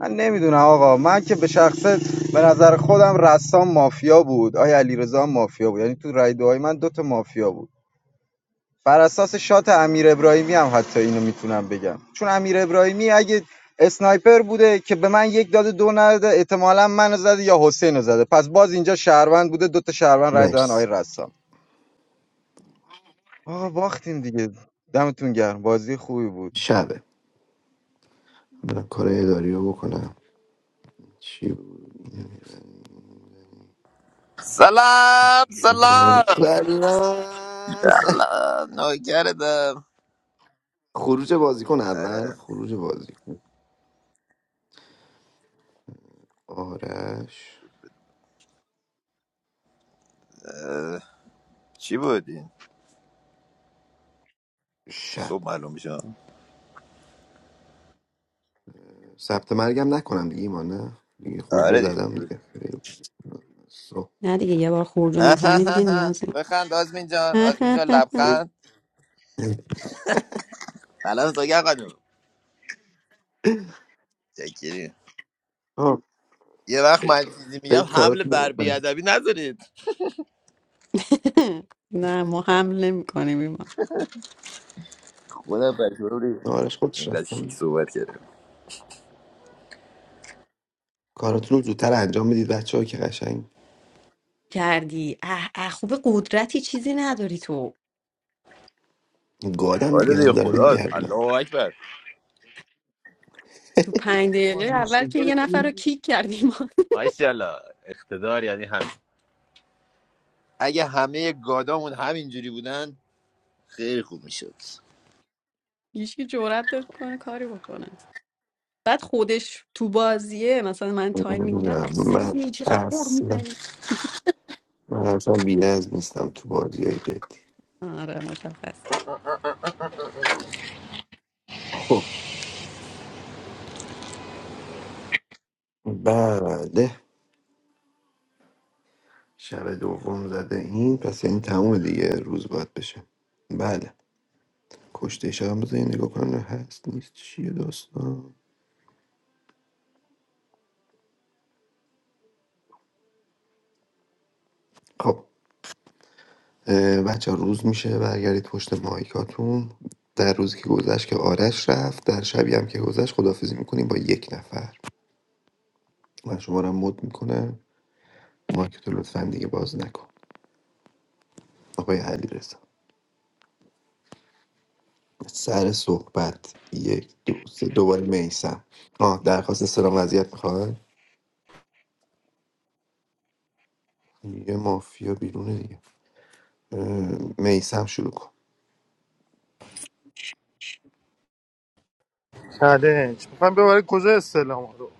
Speaker 4: من نمیدونم آقا من که به شخصه به نظر خودم رسام مافیا بود آیا علیرضا هم مافیا بود یعنی تو رای دوهای من دوتا مافیا بود بر اساس شات امیر ابراهیمی هم حتی اینو میتونم بگم چون امیر ابراهیمی اگه اسنایپر بوده که به من یک داده دو نداده احتمالا منو زده یا حسین رو زده پس باز اینجا شهروند بوده دوتا شهروند رای دادن
Speaker 2: مرسی
Speaker 4: آی رسام آقا باختیم دیگه دمتون گرم بازی خوبی بود
Speaker 2: شبه من کار اداری رو بکنم چی بود؟
Speaker 21: Salam, salam.
Speaker 2: سلام
Speaker 21: Salaam, noykerda.
Speaker 2: خروج بازیکن
Speaker 21: Ala,
Speaker 2: اول خروج بازیکن آرش
Speaker 21: chibodi so
Speaker 2: شب
Speaker 21: malum shom.
Speaker 2: ثبت مرگم نکنم دیگه ایمان نه دیگه خروج
Speaker 21: Ala
Speaker 2: رو
Speaker 21: di.
Speaker 2: زدم دیگه خیلی صبح.
Speaker 12: نه دیگه یه بار خروج رو
Speaker 21: Haha,
Speaker 12: میزنی دیگه
Speaker 21: haha.
Speaker 12: نیاز نیست <laughs>
Speaker 21: Toxan, az bin John, az bin John labkhad. Alan toya qanu. Jekiri.
Speaker 2: آه،
Speaker 21: Yevakh mal, zimiyam
Speaker 2: برید
Speaker 21: hamle
Speaker 2: کاراتون رو
Speaker 21: berbi
Speaker 2: بکنید
Speaker 21: adami nazarid.
Speaker 12: نه ما حمله میکنیم
Speaker 21: Kuna peyvori.
Speaker 2: آرش خودش
Speaker 21: In das shik
Speaker 2: رفتم
Speaker 21: sovat kere.
Speaker 2: کاراتون رو زودتر انجام بدید بچه ها که قشنگ
Speaker 12: کردی اه اه خوب قدرتی چیزی نداری تو
Speaker 2: گادم
Speaker 21: Ala
Speaker 2: دیگه
Speaker 21: di,
Speaker 2: من دارم
Speaker 21: khodas.
Speaker 2: میگردم
Speaker 21: Allahu akbar.
Speaker 12: تو پنج دقیقه اول که یه نفر رو کیک کردیم
Speaker 21: Wassala. Ehtedar yani ham. Aga hamayek qadamun hamin juri budan, khir komi shod.
Speaker 12: هیچکی جرأت داد کنه کاری بکنه بعد خودش تو بازیه مثلا من تایم میگیرم
Speaker 2: من
Speaker 12: اصلا چقدر پر
Speaker 2: اصلا
Speaker 12: میزنی
Speaker 2: من اصلا بی‌نظم نیستم تو بازی های جدی
Speaker 12: آره مشخص
Speaker 2: خب بله شب دوم زده این پس این تموم دیگه روز باید بشه بله کشته شب بذار یه نگاه کنم نه هست نیست چیه داستان خب بچه روز میشه برگردید پشت مایکاتون در روزی که گذشت که آرش رفت در شبی هم که گذشت خدافزی میکنیم با یک نفر من شما رو هم مد میکنم مایکتو لطفا دیگه باز نکن آقای علی رضا سر صحبت یک دو سه دوباره میسم آه درخواست سلام وضعیت میخواد یه مافیا بیرونه دیگه میسم شروع کن
Speaker 17: چالش میخوام ببرید کجا استعلام رو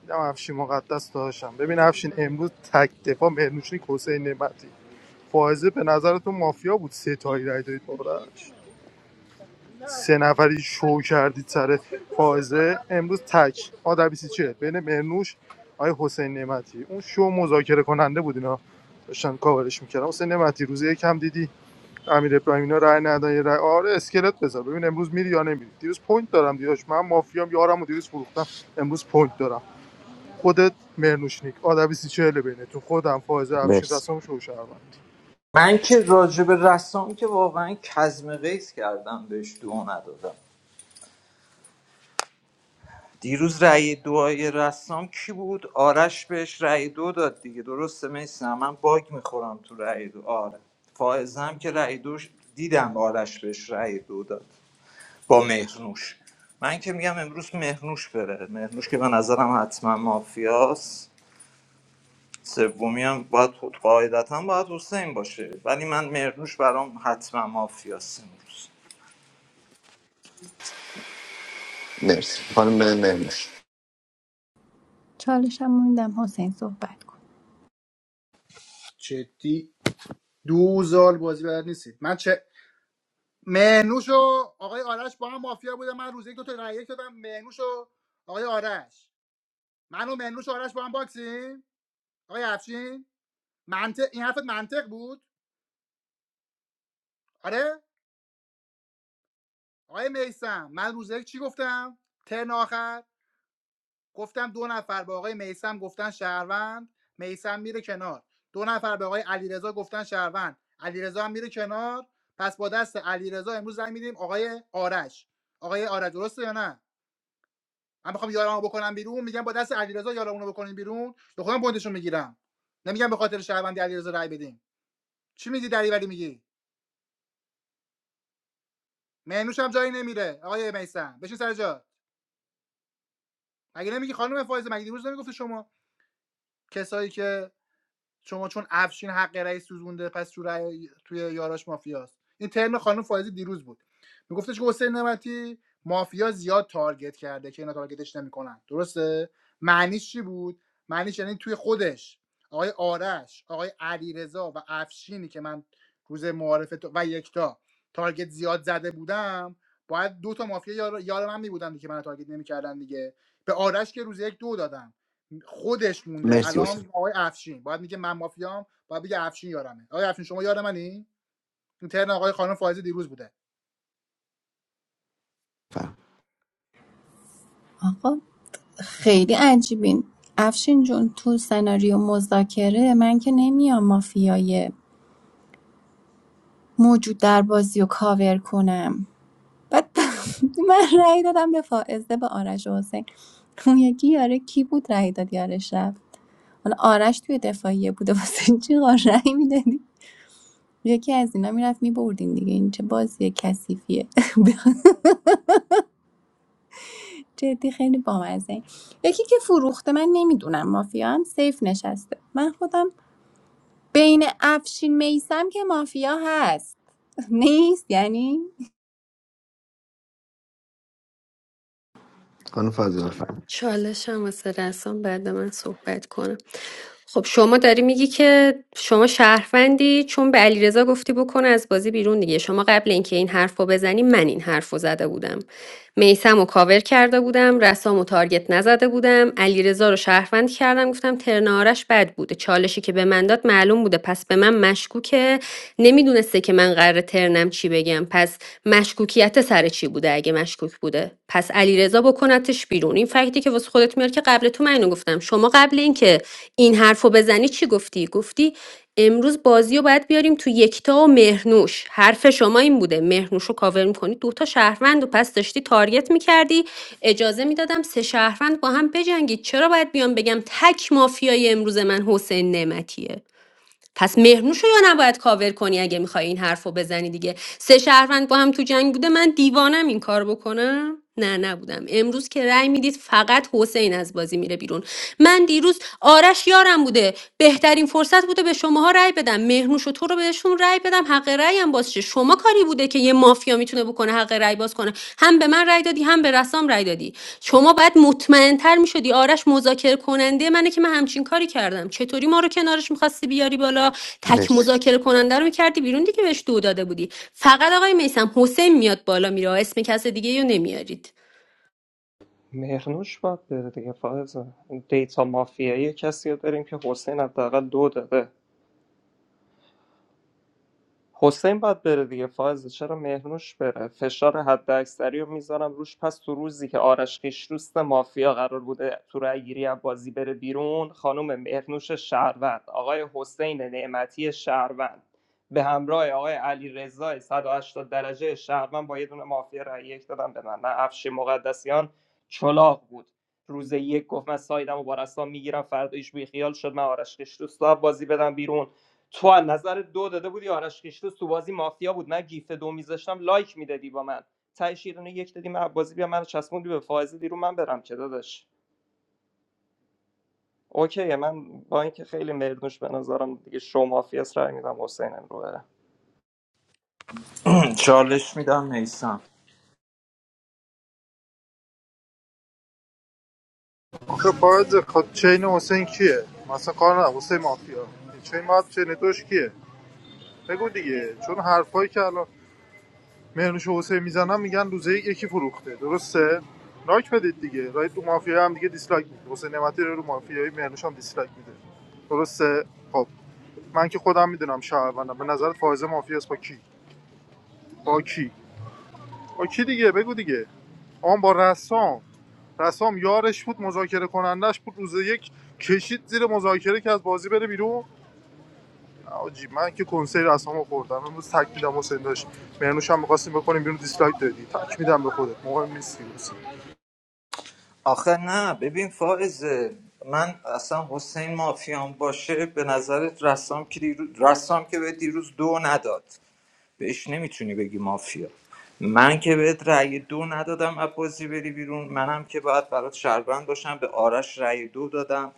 Speaker 17: دیدم افشین مقدس داشتم ببین افشین امروز تک دفاع مهرنوشنی حسین نعمتی فائزه به نظرتون مافیا بود سه تایی رای دادید بابرش سه نفری شو کردید سر فائزه امروز تک آدر بیسی چه بین مرنوش آیه حسین نعمتی اون شو مذاکره کننده بود اینا داشتن کاورش میکردن حسین نعمتی روز یکم دیدی امیر ابراهیم اینا رای ندن یه رای آره اسکلت بذار ببین امروز میری یا نمیری دیروز پوینت دارم دیروز من مافیام یارم دیروز فروختم امروز پوینت دارم خودت مرنوش مرنوشنیک آدر 24 بینتون خودم فائزه افشین
Speaker 2: مرسی
Speaker 17: رسام شو شهروند.
Speaker 11: من که راجب رسام که واقعا کزم قیس کردم بهش دو ندادم دیروز رأی دوای رسام کی بود آرش بهش رأی دو داد دیگه درسته میسم من باگ میخورم تو رأی دو آره فائزم که رأی دوش دیدم آرش بهش رأی دو داد با مهرنوش من که میگم امروز مهرنوش بره مهرنوش که به نظرم حتما مافیاست سومی هم باید خود قاعدتا باید حسین باشه ولی من مرنوش برام حتما مافیاست امروز
Speaker 2: مرسی خانم مرموش
Speaker 5: چالشم موندم حسین صحبت کن
Speaker 1: جدی دو زال بازی بلد نیستید من چه مهنوش و آقای آرش با هم مافیا بودم من روز یک دو تا رأی یک دادم مهنوش و آقای آرش من و مهنوش و آرش با هم باکسیم آقای افشین منطق این حرفت منطق بود آره آقای میسم من روز یک چی گفتم ترن آخر گفتم دو نفر به آقای میسم گفتن شهروند میسم میره کنار دو نفر به آقای علیرضا گفتن شهروند علیرضا هم میره کنار پس با دست علیرضا امروز زنگ میدیم آقای آرش آقای آرش درسته یا نه من میخوام یارمو بکنم بیرون میگم با دست علیرضا یارمونو بکنین بیرون به خودم پوینتشو میگیرم نمیگم به خاطر شهروندی علیرضا رای بدیم چی میگی دریوری میگی مینوش هم جایی نمیره آقای میسم بشین سر جات مگه نمیگی خانم فایزه مگه دیروز نمیگفتی شما کسایی که شما چون افشین حق رأی سوزونده پس تو رأی- توی یاراش مافیاست این ترم خانم فائزی دیروز بود میگفتش که حسین نمتی مافیا زیاد تارگت کرده که اینا تارگتش نمیکنن درسته معنیش چی بود معنیش یعنی توی خودش آقای آرش آقای علیرضا و افشینی که من روز معارفه و یکتا تارگت زیاد زده بودم باید دو تا مافیا یار, یار من می بودن که من تارگت نمیکردن دیگه به آرش که روز یک دو دادم خودش مونده
Speaker 2: مرسی حسین
Speaker 1: الان آقای افشین باید میگه من مافیام باید بگه افشین یارمه آقای افشین شما یار منی اینترن آقای خانم فائزه دیروز بوده
Speaker 2: فرم
Speaker 5: آقا خیلی عجیبین افشین جون تو سناریو مذاکره من که نمیام مافیای موجود در بازی و کاور کنم بعد <laughs> من رأی دادم به فائزه به آرش و حسین اون یکی یاره کی بود رأی داد یارش رفت حالا آرش توی دفاعیه بوده واسه چی قار رأی میدادی یکی از اینا میرفت میبردین دیگه این چه بازی کثیفیه <laughs> به جدی خیلی بامزه یکی که فروخته من نمیدونم مافیا هم سیف نشسته من خودم بین افشین میسم که مافیا هست <laughs> نیست یعنی
Speaker 2: خانم فاطمه بفرمایید
Speaker 10: چالش هم واسه رسام بعد من صحبت کنم خب شما داری میگی که شما شهروندی چون به علیرضا گفتی بکنه از بازی بیرون دیگه شما قبل اینکه این حرف رو بزنی من این حرف رو زده بودم میسم و کاور کرده بودم رسام و تارگت نزده بودم علیرضا رو شهروند کردم گفتم ترنارش بد بوده چالشی که به من داد معلوم بوده پس به من مشکوکه نمیدونسته که من قرار ترنم چی بگم پس پس مشکوکیت سر چی بوده اگه مشکوک بوده پس علیرضا بکنتش بیرون این فکتی که واسه خودت میاری که قبل تو من اینو گفتم شما قبل اینکه این حرفو بزنی چی گفتی گفتی امروز بازی رو باید بیاریم تو یکتا و مهرنوش حرف شما این بوده مهرنوش رو کاور میکنی دوتا شهروند و پس داشتی تارگت میکردی اجازه میدادم سه شهروند با هم بجنگید چرا باید بیام بگم تک مافیای امروز من حسین نعمتیه پس مهرنوش رو یا نباید کاور کنی اگه میخوای این حرف رو بزنی دیگه سه شهروند با هم تو جنگ بوده من دیوانم این کار بکنم نه نبودم امروز که رأی میدید فقط حسین از بازی میره بیرون من دیروز آرش یارم بوده بهترین فرصت بوده به شماها رأی بدم مهرنوش و تو رو بهشون رأی بدم حق رأی هم باز شه. شما کاری بوده که یه مافیا میتونه بکنه حق رأی باز کنه هم به من رأی دادی هم به رسام رأی دادی شما باید مطمئنتر میشدی آرش مذاکره کننده منه که من همچین کاری کردم چطوری ما رو کنارش میخواستی بیاری بالا تک
Speaker 2: مرسی
Speaker 10: مذاکره کننده رو میکردی بیرون دیگه بهش دو داده بودی فقط آقای میسم حسین میاد بالا میره اسم کس دیگه رو نمیارید
Speaker 15: مهرنوش باید بره دیگه فائزه دیتا مافیایی کسی رو داریم که حسین حداقل دو داده حسین باید بره دیگه فازه چرا مهرنوش بره فشار حد اکثری رو میذارم روش پس تو روزی که آرش خیشروست مافیا قرار بوده تو رای گیری از بازی بره بیرون خانم مهرنوش شهروند آقای حسین نعمتی شهروند به همراه آقای علی رضای 180 درجه شهروند با یه دونه مافیا رای یک دادم به من نه افشین مقدسیان چلاق بود روز یک گفت من سایدم و با رسام میگیرم فردایش بی خیال شد من آرش خیشروست رو بازی بدم بیرون تو از نظر دو داده بودی آرش خیشتو تو بازی مافیا بود من گیفت دو میذاشتم لایک میدادی با من تهش یه دونه یک دادی من عبازی بیا من چسبوندی به فائزه دیرو من برم که داداش اوکیه من با اینکه خیلی مردوش به نظرم دیگه شو مافیاس رای میدم حسین رو بره
Speaker 11: <clears throat> چالش میدم میسم
Speaker 17: آخه باید خود چین حسین کیه مثلا کار نه حسین مافیا چین باید چین توش کیه بگو دیگه چون حرفایی که الان مهرنوش و حسین میزنن میگن روزه یکی فروخته درسته لایک بدید دیگه رای تو مافیا هم دیگه دیسلایک میده حسین نعمتی رو رو مافیای مهرنوش هم دیسلایک میده درسته خب من که خودم میدونم شهروندم به نظرت فائزه مافیاس با کی با کی با کی دیگه بگو دیگه آن با رسام رسام یارش بود مذاکره کنندش بود روز یک کشید زیر مذاکره که از بازی بره بیرون آجی من که کنسرت رسام رو خوردم امروز تک میدم حسین داشت مرنوش هم می‌خواستیم بکنیم بیرون دیسلایک دادی تک میدم به خودت مهم نیستی روز
Speaker 11: آخه نه ببین فائزه من اصلا حسین مافیان باشه به نظرت رسام که دیروز, رسام که به دیروز دو نداد بهش نمیتونی بگی مافیا من که بهت رأی دو ندادم از بازی بری بیرون منم که باید برات شهروند باشم به آرش رأی دو دادم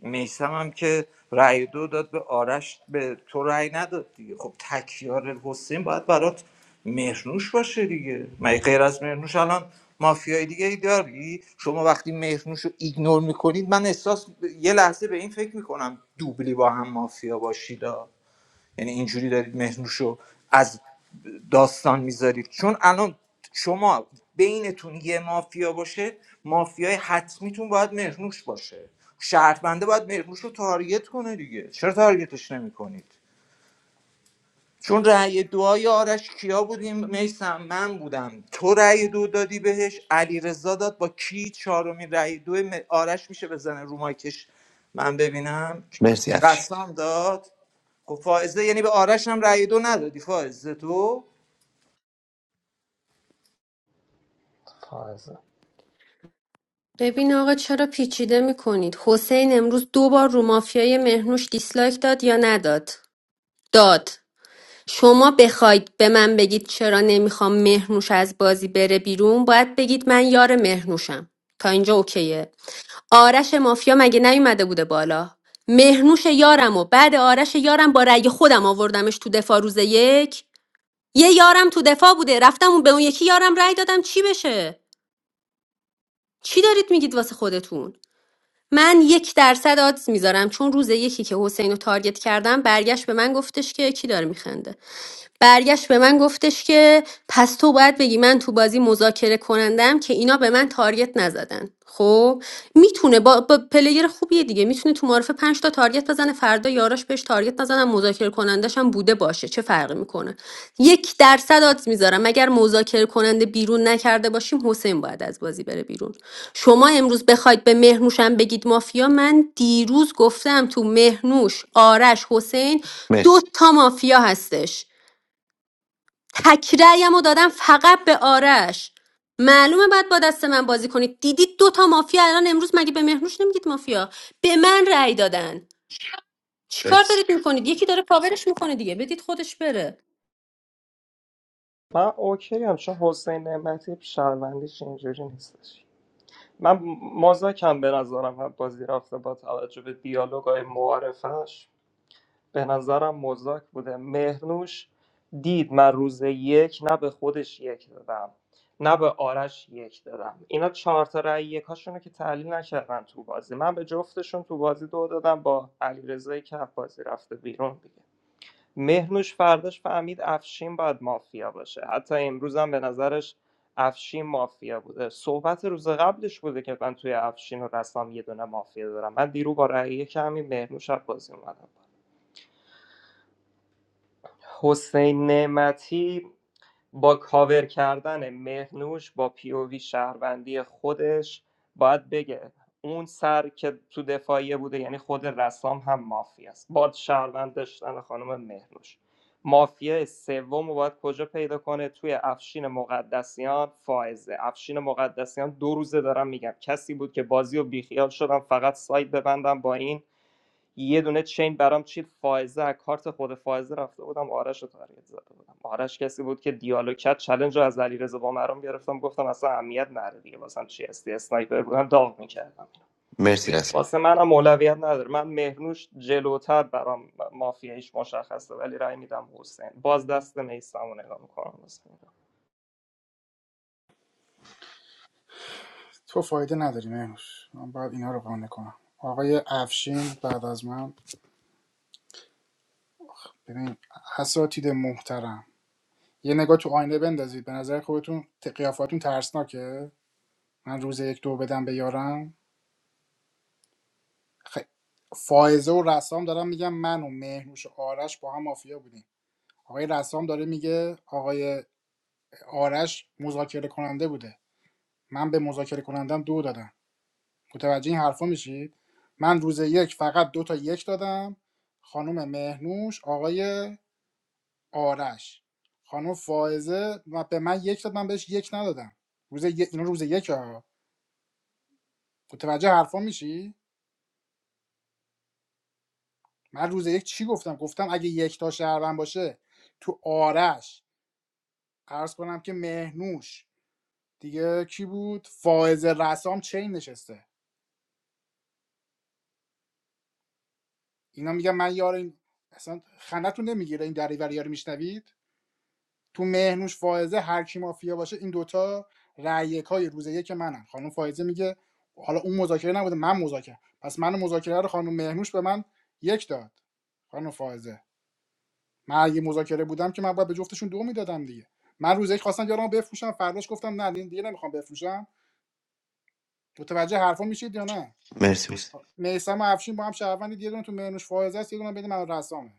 Speaker 11: میسم هم که رأی دو داد به آرش به تو رأی نداد دیگه خب تکیار حسین باید برات مهرنوش باشه دیگه مگه غیر از مهرنوش الان مافیای دیگه ای داری شما وقتی مهرنوش رو ایگنور میکنید من احساس یه لحظه به این فکر میکنم دوبلی با هم مافیا باشید ها. یعنی اینجوری دارید مهنوش رو از داستان میذارید چون الان شما بینتون یه مافیا باشه مافیای حتمیتون باید مهنوش باشه شهرونده باید مهنوش رو تارگت کنه دیگه چرا تارگتش نمیکنید چون رأی دعای آرش کیا بودیم میسم من بودم تو رأی دو دادی بهش علیرضا داد با کی چهارمین رأی دو م- آرش میشه بزنه رو مایکش من ببینم
Speaker 2: مرسی افشین
Speaker 11: رسام داد خب فائزه یعنی به آرش هم رأی دو ندادی فائزه تو
Speaker 15: فائزه
Speaker 10: ببین آقا چرا پیچیده میکنید حسین امروز دو بار رو مافیای مهنوش دیسلایک داد یا نداد داد شما بخواید به من بگید چرا نمیخوام مهنوش از بازی بره بیرون باید بگید من یار مهنوشم تا اینجا اوکیه آرش مافیا مگه نیومده بوده بالا مهرنوش یارم و بعد آرش یارم با رأی خودم آوردمش تو دفاع روز یک یه یارم تو دفاع بوده رفتم اون به اون یکی یارم رأی دادم چی بشه چی دارید میگید واسه خودتون من یک درصد آدز میذارم چون روز یکی که حسین رو تارگت کردم برگشت به من گفتش که کی داره میخنده برگشت به من گفتش که پس تو باید بگی من تو بازی مذاکره کنندم که اینا به من تارگت نزدن خب میتونه با, با پلیر خوبیه دیگه میتونه تو معرفه 5 تارگت بزنه فردا یاراش بهش تارگت نزنن مذاکره کنندش هم بوده باشه چه فرقی میکنه یک درصد آدز میذارم اگر مذاکره کننده بیرون نکرده باشیم حسین باید از بازی بره بیرون شما امروز بخواید به مهرنوش هم بگید مافیا من دیروز گفتم تو مهرنوش آرش حسین دو
Speaker 2: مرسی
Speaker 10: تا مافیا هستش تکرایمو دادم فقط به آرش معلومه بعد با دست من بازی کنید دیدید دو تا مافیا الان امروز مگه به مهرنوش نمیگید مافیا به من رأی دادن چیکار دارید میکنید یکی داره کاورش میکنه دیگه بدید خودش بره
Speaker 15: من اوکی هم چون حسین نعمتی شهروندیش اینجوری نیستش من مزاکم به نظرم هم بازی رفته با توجه به دیالوگای معارفش به نظرم مزاک بوده مهرنوش دید من روز یک نه به خودش یک دادم نه به آرش یک دادم اینا چهار تا رأی یکاشونو که تحلیل نکردن تو بازی من به جفتشون تو بازی دو دادم با علیرضا کف بازی رفته بیرون دیگه مهرنوش فرداش فهمید افشین باید مافیا باشه حتی امروز هم به نظرش افشین مافیا بوده صحبت روز قبلش بوده که من توی افشین و رسام یه دونه مافیا دارم من دیرو با رأی کمی مهرنوش از بازی اومدم حسین نعمتی با کاور کردن مهرنوش با پیووی شهروندی خودش باید بگه اون سر که تو دفاعیه بوده یعنی خود رسام هم مافیا است با شهروند داشتن خانم مهنوش مافیا سوم رو باید کجا پیدا کنه توی افشین مقدسیان فائزه افشین مقدسیان دو روزه دارم میگم کسی بود که بازی و بیخیال شدم فقط سایت ببندم با این یه دونه چین برام چید فائزه کارت خود فائزه رفته بودم آرش رو تارگت زده بودم آرش کسی بود که دیالوگ کرد چلنج رو از علیرضا بامرام گرفتم گفتم اصلا اهمیت نداره دیگه واسم چی هستی اسنایپر بودم داغ میکردم
Speaker 2: مرسی رسول
Speaker 15: واسه منم اولویت نداره من مهرنوش جلوتر برام مافیایش مشخصه ولی رای میدم حسین باز دست میستم رو نگاه میکنم
Speaker 1: تو فایده نداری مهنوش من باید اینا رو قانع کنم آقای افشین بعد از من ببین اساتید محترم یه نگاه تو آینه بندازید به نظر خودتون ت- قیافاتون ترسناکه من روز یک دو بدم به یارم خ... فائزه و رسام دارم میگم من و مهنوش و آرش با هم مافیا بودیم آقای رسام داره میگه آقای آرش مذاکره کننده بوده من به مذاکره کنندم دو دادم متوجه این حرفا میشید من روز یک فقط دو تا یک دادم خانم مهنوش آقای آرش خانم فائزه و به من یک داد من بهش یک ندادم روز یک اینا روز یک ها متوجه حرفا میشی من روز یک چی گفتم گفتم اگه یک تا شهروند باشه تو آرش عرض کنم که مهنوش دیگه کی بود فائزه رسام چین نشسته اینا میگن من یار این اصلا خندتون نمیگیره این دریوری ها رو میشنوید تو مهنوش فائزه هر کی مافیا باشه این دوتا رأی های روز یک منن خانم فائزه میگه حالا اون مذاکره نبوده من مذاکره پس من مذاکره رو خانم مهنوش به من یک داد خانم فائزه من اگه مذاکره بودم که من باید به جفتشون دو میدادم دیگه من روز یک خواستم یارم بفروشم فرداش گفتم نه دیگه نمیخوام بفروشم متوجه حرفا میشید یا نه
Speaker 2: مرسی حسین
Speaker 1: میسم و افشین با هم شهروندی یه دونه تو مهنوش فائزه است یه دونه بین من و رسامه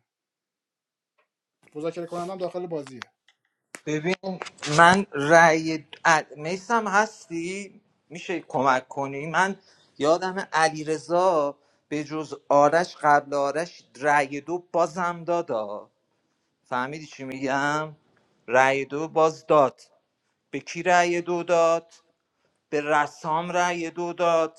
Speaker 1: مذاکره کنندم داخل بازیه
Speaker 11: ببین من رأی میسم هستی میشه کمک کنی من یادم علیرضا به جز آرش قبل آرش رأی دو بازم دادا فهمیدی چی میگم رأی دو باز داد به کی رأی دو داد به رسام رأی دو داد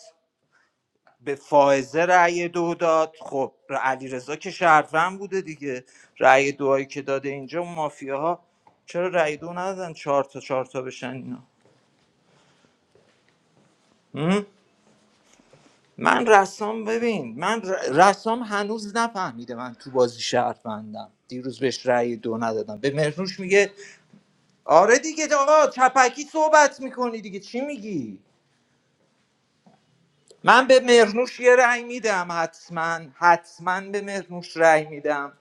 Speaker 11: به فائزه رأی دو داد خب علی رضا که شهروند بوده دیگه رأی دوهایی که داده اینجا اون مافیاها چرا رأی دو ندادن چهار تا چهار تا بشن اینا هم؟ من رسام ببین من ر- رسام هنوز نفهمیده من تو بازی شهروندم دیروز بهش رأی دو ندادم به مهرنوش میگه آره دیگه آقا چپکی صحبت میکنی دیگه چی میگی من به مرنوش یه رأی میدم حتما حتما به مرنوش رأی میدم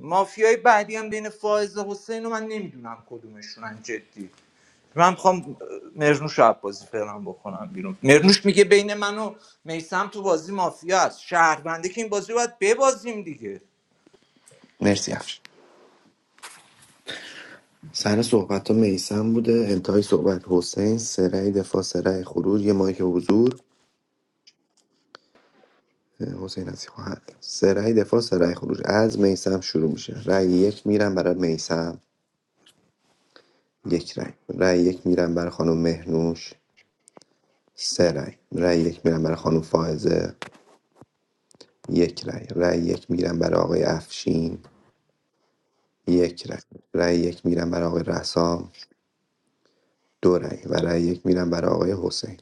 Speaker 11: مافیای بعدی هم بین فائز حسین و من نمیدونم کدومشونن جدی من میخوام مرنوش رو بازی فعلا بکنم بیرون مرنوش میگه بین من و میسم تو بازی مافیا است شهرونده که این بازی رو باید ببازیم دیگه
Speaker 2: مرسی افشین سر صحبت ها میسم بوده انتهای صحبت حسین سرای دفاع سرای خروج یه مایک حضور حسین از خواهد سرای دفاع سرای خروج از میسم شروع میشه رأی یک میرم برای میسم یک رأی رأی یک میرم برای خانم مهنوش سه رأی رأی یک میرم برای خانم فائزه یک رای رای یک میگیرم برای آقای افشین یک رای رای یک میگیرم برای آقای رسام دو رای و رای یک میگیرم برای آقای حسین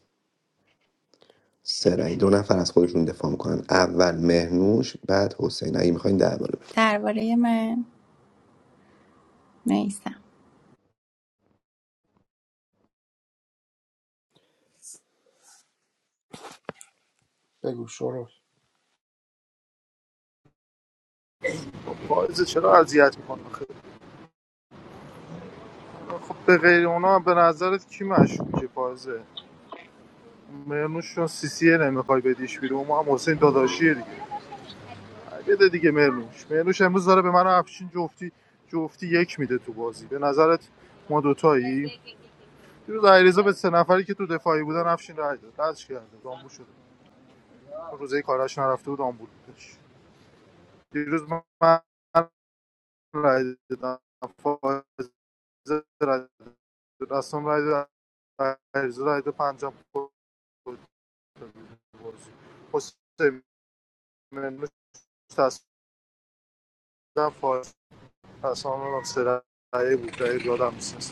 Speaker 2: سه رأی دو نفر از خودشون دفاع میکنن اول مهنوش بعد حسین اگه میخواین درباره بدید.
Speaker 5: درباره من میسم
Speaker 1: بگو شروع
Speaker 17: چرا اذیت میکنه خب به غیر اونا به نظرت کی مشکوکه پایزه مرنوش چون سی سیه نمیخوای بدیش بیرون ما هم حسین داداشیه دیگه بده دیگه مرلوش مرلوش امروز داره به من و افشین جفتی جفتی یک میده تو بازی به نظرت ما دوتایی دیروز علیرضا به سه نفری که تو دفاعی بودن افشین رای داد دستش کرده دامبول شده روزه کاراش نرفته بود آمبول بودش دیروز من رای دادم فائزه رای داد. دستم رای داد علیرضا رای داد پنجم خورد تو بازی حسین منوش تصدیم فائز تصامیم هم سه رای بود رای دادم میسنست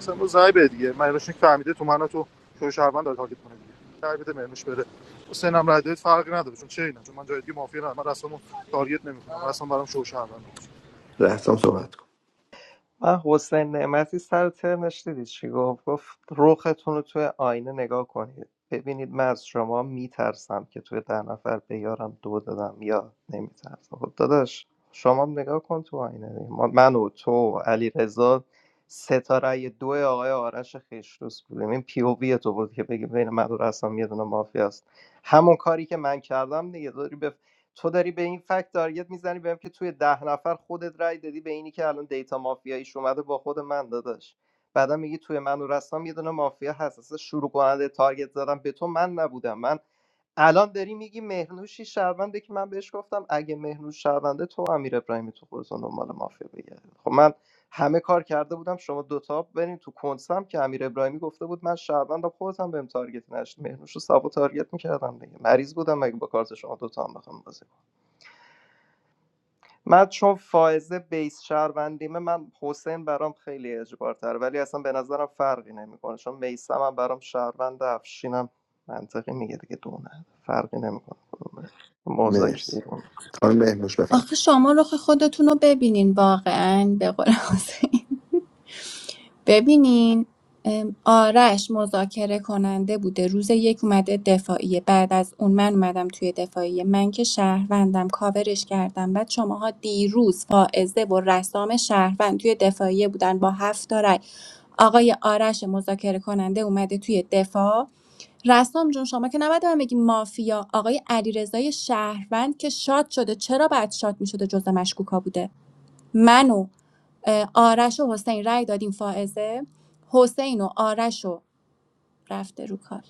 Speaker 17: مثلا رو زای به دیگه مهرنوش فهمیده تو منو تو شو شهروند داره تارگت کنه دیگه رای بده مهرنوش بره حسین هم فرقی نداره چون چه اینا چون من جای دیگه مافیا ندارم من رسامو تارگت نمیکنم رسم برام شو شهروند میشه.
Speaker 2: رسام صحبت کن
Speaker 15: من حسین نعمتی سر ترنش دیدی چی گفت گفت رختون رو توی آینه نگاه کنید ببینید من از شما میترسم که توی ده نفر به یارم دو دادم یا نمیترسم خب داداش شما هم نگاه کن تو آینه دیگه. ما- من و تو علی رضا ستاره دو آقای آرش خیشتوس بودیم این پی او وی تو بود که بگی بین من و رسام یه دونه مافیا است همون کاری که من کردم دیگه داری تو داری به این فکت تارگت میزنی بهم که توی ده نفر خودت رای دادی به اینی که الان دیتا مافیاییش اومده با خود من داداش بعدا میگی توی من و رستم یه دونه مافیا هست اصلا شروع کننده تارگت زدم به تو من نبودم من الان داری میگی مهرنوشی شهرونده که من بهش گفتم اگه مهرنوش شهرونده تو امیر ابراهیمی تو خودتون دنبال مافیا بگردید خب من همه کار کرده بودم شما دوتا برین تو کنسم که امیر ابراهیمی گفته بود من شهروندم خودت هم بهم تارگت نشد مهرنوش رو سبا تارگت میکردم دیگه مریض بودم مگه با کارت شما دوتا هم بخوام بازی من چون فائزه بیس شهروندیمه من حسین برام خیلی اجبارتر ولی اصلا به نظرم فرقی نمیکنه چون میسم هم برام شهروند افشینم منطقی میگه دیگه دونه فرقی نمیکنه مزاک
Speaker 2: مرسی
Speaker 15: بیرون
Speaker 2: خانم مهنوش بفرم
Speaker 5: آخه شما رخ خودتون رو ببینین واقعا به قول حسین ببینین ام، آرش مذاکره کننده بوده روز یک اومده دفاعیه بعد از اون من اومدم توی دفاعیه من که شهروندم کاورش کردم بعد شماها دیروز فائزه و رسام شهروند توی دفاعیه بودن با هفت تا رأی آقای آرش مذاکره کننده اومده توی دفاع رسام جون شما که نباید به من بگی مافیا آقای علیرضای شهروند که شاد شده چرا بعد شاد میشده جزء مشکوکا بوده من و اه، آرش و حسین رای دادیم فائزه حسین و آرش رو رفته رو کال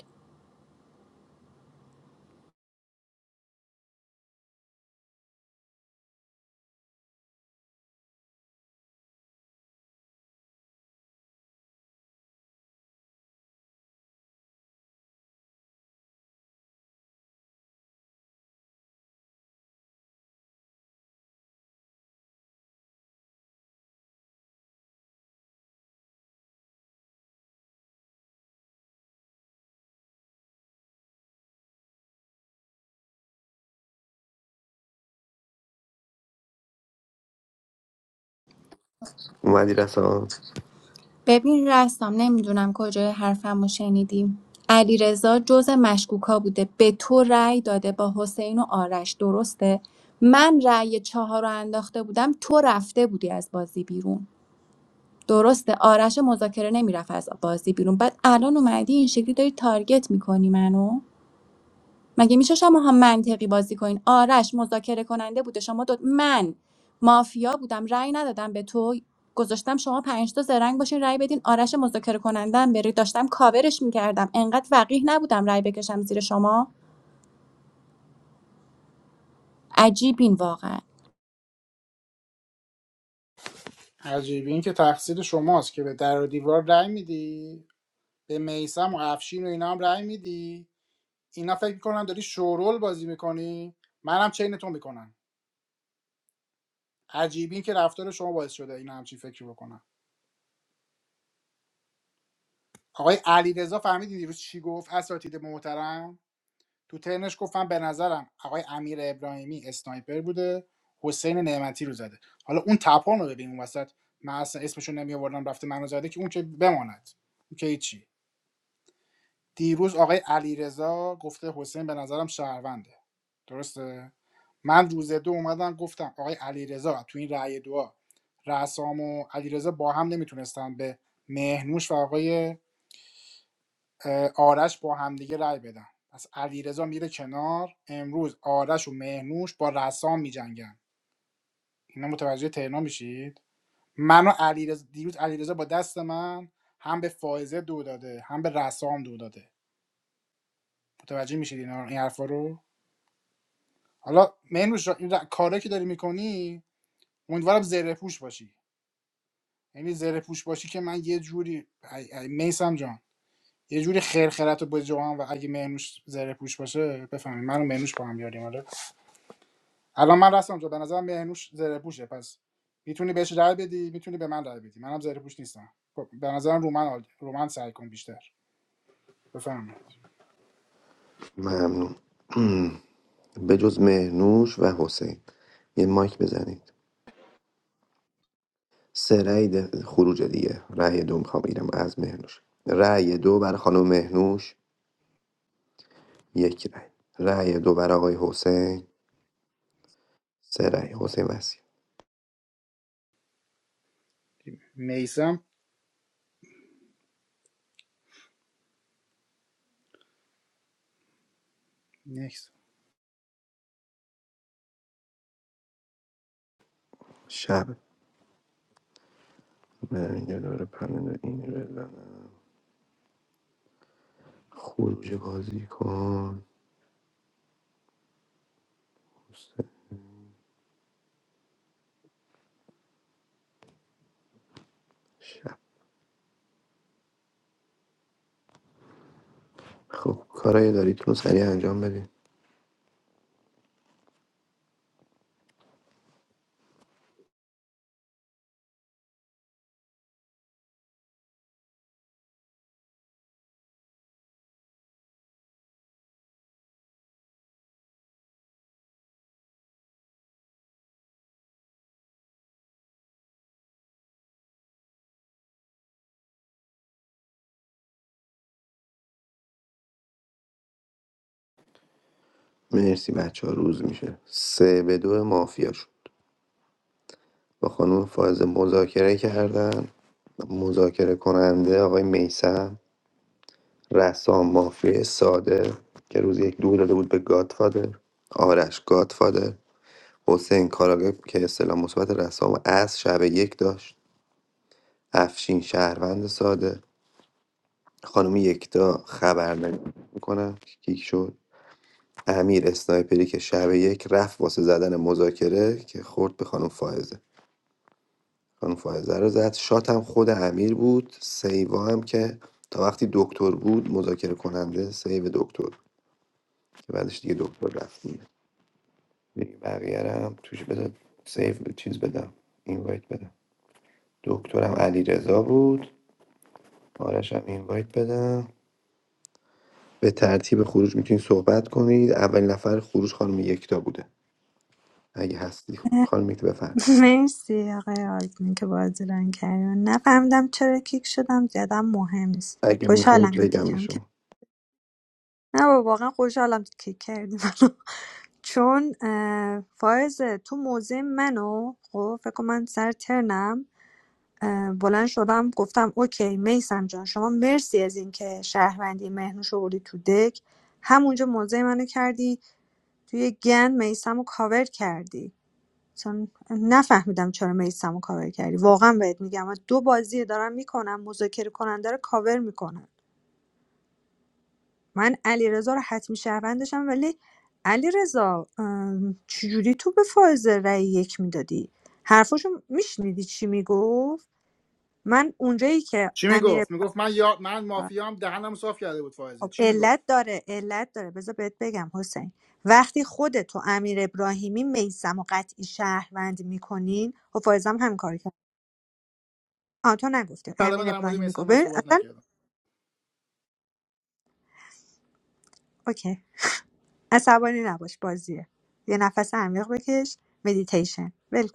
Speaker 2: اومدی رسام
Speaker 5: ببین رستم نمیدونم کجای حرفم رو شنیدیم علی رضا جز مشکوکا بوده به تو رأی داده با حسین و آرش درسته من رأی چهار رو انداخته بودم تو رفته بودی از بازی بیرون درسته آرش مذاکره نمیرفت از بازی بیرون بعد الان اومدی این شکلی داری تارگت میکنی منو مگه میشه شما شماها منطقی بازی کنین آرش مذاکره کننده بوده شما دو من مافیا بودم رأی ندادم به تو گذاشتم شما پنج تا زرنگ باشین رأی بدین آرش مذاکره کننده هم بری داشتم کاورش میکردم انقدر وقیح نبودم رأی بکشم زیر شما عجیبین واقعا
Speaker 1: عجیبی این که تقصیر شماست که به در و دیوار رأی میدی به میسم و افشین و اینا هم رأی میدی اینا فکر میکنن داری شورول بازی میکنی منم چینتون میکنن عجیبی این که رفتار شما باعث شده این چی فکر بکنن آقای علیرضا فهمیدین دیروز چی گفت اساتید محترم تو ترنش گفتم به نظرم آقای امیر ابراهیمی اسنایپر بوده حسین نعمتی رو زده حالا اون تپان رو ببین اون وسط من اصلا اسمشون نمی آوردم رفته منو زده که اون که بماند اون که هیچی دیروز آقای علیرضا گفته حسین به نظرم شهرونده درسته من روز دو اومدم گفتم آقای علیرضا تو این رأی دعا رسام و علیرضا با هم نمیتونستن به مهنوش و آقای اه، آرش با همدیگه رأی بدن پس علیرضا میره کنار امروز آرش و مهنوش با رسام میجنگن اینا متوجه ترنا میشید من و علیرضا دیروز علیرضا با دست من هم به فائزه دو داده هم به رسام دو داده متوجه میشید اینا این حرفا رو حالا مهنوش جان، این ر- کارا که داری میکنی امیدوارم زره پوش باشی یعنی زره پوش باشی که من یه جوری ای... ای... میسم جان یه جوری خرخرت رو بجوام و اگه مهنوش زره پوش باشه بفهمید من و مهنوش با هم یاریم آره الان من راستم جان به نظرم مهنوش زره پوشه پس میتونی بهش رأی بدی میتونی به من رأی بدی منم زره پوش نیستم خب، به نظرم رومن عالی- رومن سعی کن بیشتر بفهمید
Speaker 2: ممنون <clears throat> به جز مهنوش و حسین یه مایک بزنید سه رأی ده- خروج دیگه رأی دو میخوام بگیرم از مهنوش رای دو برای خانم مهنوش یک رای رای دو بر آقای حسین سه رای حسین وسیع
Speaker 1: میسم نیست
Speaker 2: شب من اینجا داره پنل این بزنم خروج بازی کن شب خب کارایی دارید رو سریع انجام بدید مرسی بچه ها روز میشه سه به دو مافیا شد با خانم فائزه مذاکره کردن مذاکره کننده آقای میسم رسام مافیا ساده که روز یک دو داده بود به گادفادر آرش گادفادر حسین کاراگاه که استعلام مثبت رسام از شب یک داشت افشین شهروند ساده خانم یکتا خبرنگاری میکنم کیک شد امیر اسنایپری که شب یک رفت واسه زدن مذاکره که خورد به خانم فائزه خانم فائزه رو زد شات هم خود امیر بود سیوا هم که تا وقتی دکتر بود مذاکره کننده سیو دکتر که بعدش دیگه دکتر رفت دیگه بقیه رو هم توش بده سیو چیز بدم اینوایت بدم دکترم علیرضا بود آرشم اینوایت بدم به ترتیب خروج میتونید صحبت کنید اولین نفر خروج خانم یکتا بوده اگه هستی خانم یکتا بفرم
Speaker 14: <laughs> مرسی آقای آلتمن که بازی رنگ کردن نفهمیدم چرا کیک شدم زیادم مهم نیست
Speaker 2: اگه میخواید
Speaker 14: خوشحالم که
Speaker 2: بگم به
Speaker 14: کیکم
Speaker 2: شما
Speaker 14: نه بابا واقعا خوشحالم که کردی <laughs> منو چون اه، فائزه تو موضع منو خب فکر کن من سر ترنم اه، بلند شدم گفتم اوکی میسم جان شما مرسی از اینکه شهروندی مهنوش آوردی تو دک همونجا موضع منو کردی توی گن میسم رو کاور کردی چون نفهمیدم چرا میسم رو کاور کردی واقعا بهت میگم من دو بازی دارم میکنم مذاکره کننده رو کاور میکنم من علیرضا رو حتمی شهروندشم ولی علیرضا ام، چجوری تو به فائزه رأی یک میدادی حرفاشو میشنیدی چی میگفت من اونجایی که
Speaker 1: چی
Speaker 14: امیر
Speaker 1: میگفت میگفت من یا من مافیام دهنم صاف کرده بود فائزه
Speaker 14: خب
Speaker 1: چی میگفت
Speaker 14: علت داره علت داره بذار بهت بگم حسین وقتی خودت تو امیر ابراهیمی میسم و قطعی شهروند میکنین خب فائزم هم کار کرد آه تو نگفتی
Speaker 1: کلمه
Speaker 14: امیر
Speaker 1: در مورد
Speaker 14: ابراهیمی
Speaker 1: میثم
Speaker 14: گفت
Speaker 1: من
Speaker 14: ببین،
Speaker 1: صحبت
Speaker 14: اصلا
Speaker 1: نکردم
Speaker 14: اوکی عصبانی نباش بازیه یه نفس عمیق بکش مدیتیشن ول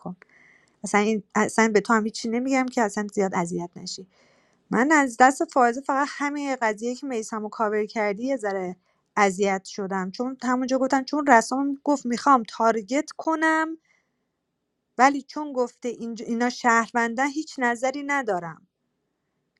Speaker 14: اصلا این اصلا به تو هم هیچی نمیگم که اصلا زیاد اذیت نشی من از دست فائزه فقط همین قضیه که میسم و کاور کردی یه ذره اذیت شدم چون همونجا گفتن چون رسام گفت میخوام تارگت کنم ولی چون گفته اینج- اینا شهروندن هیچ نظری ندارم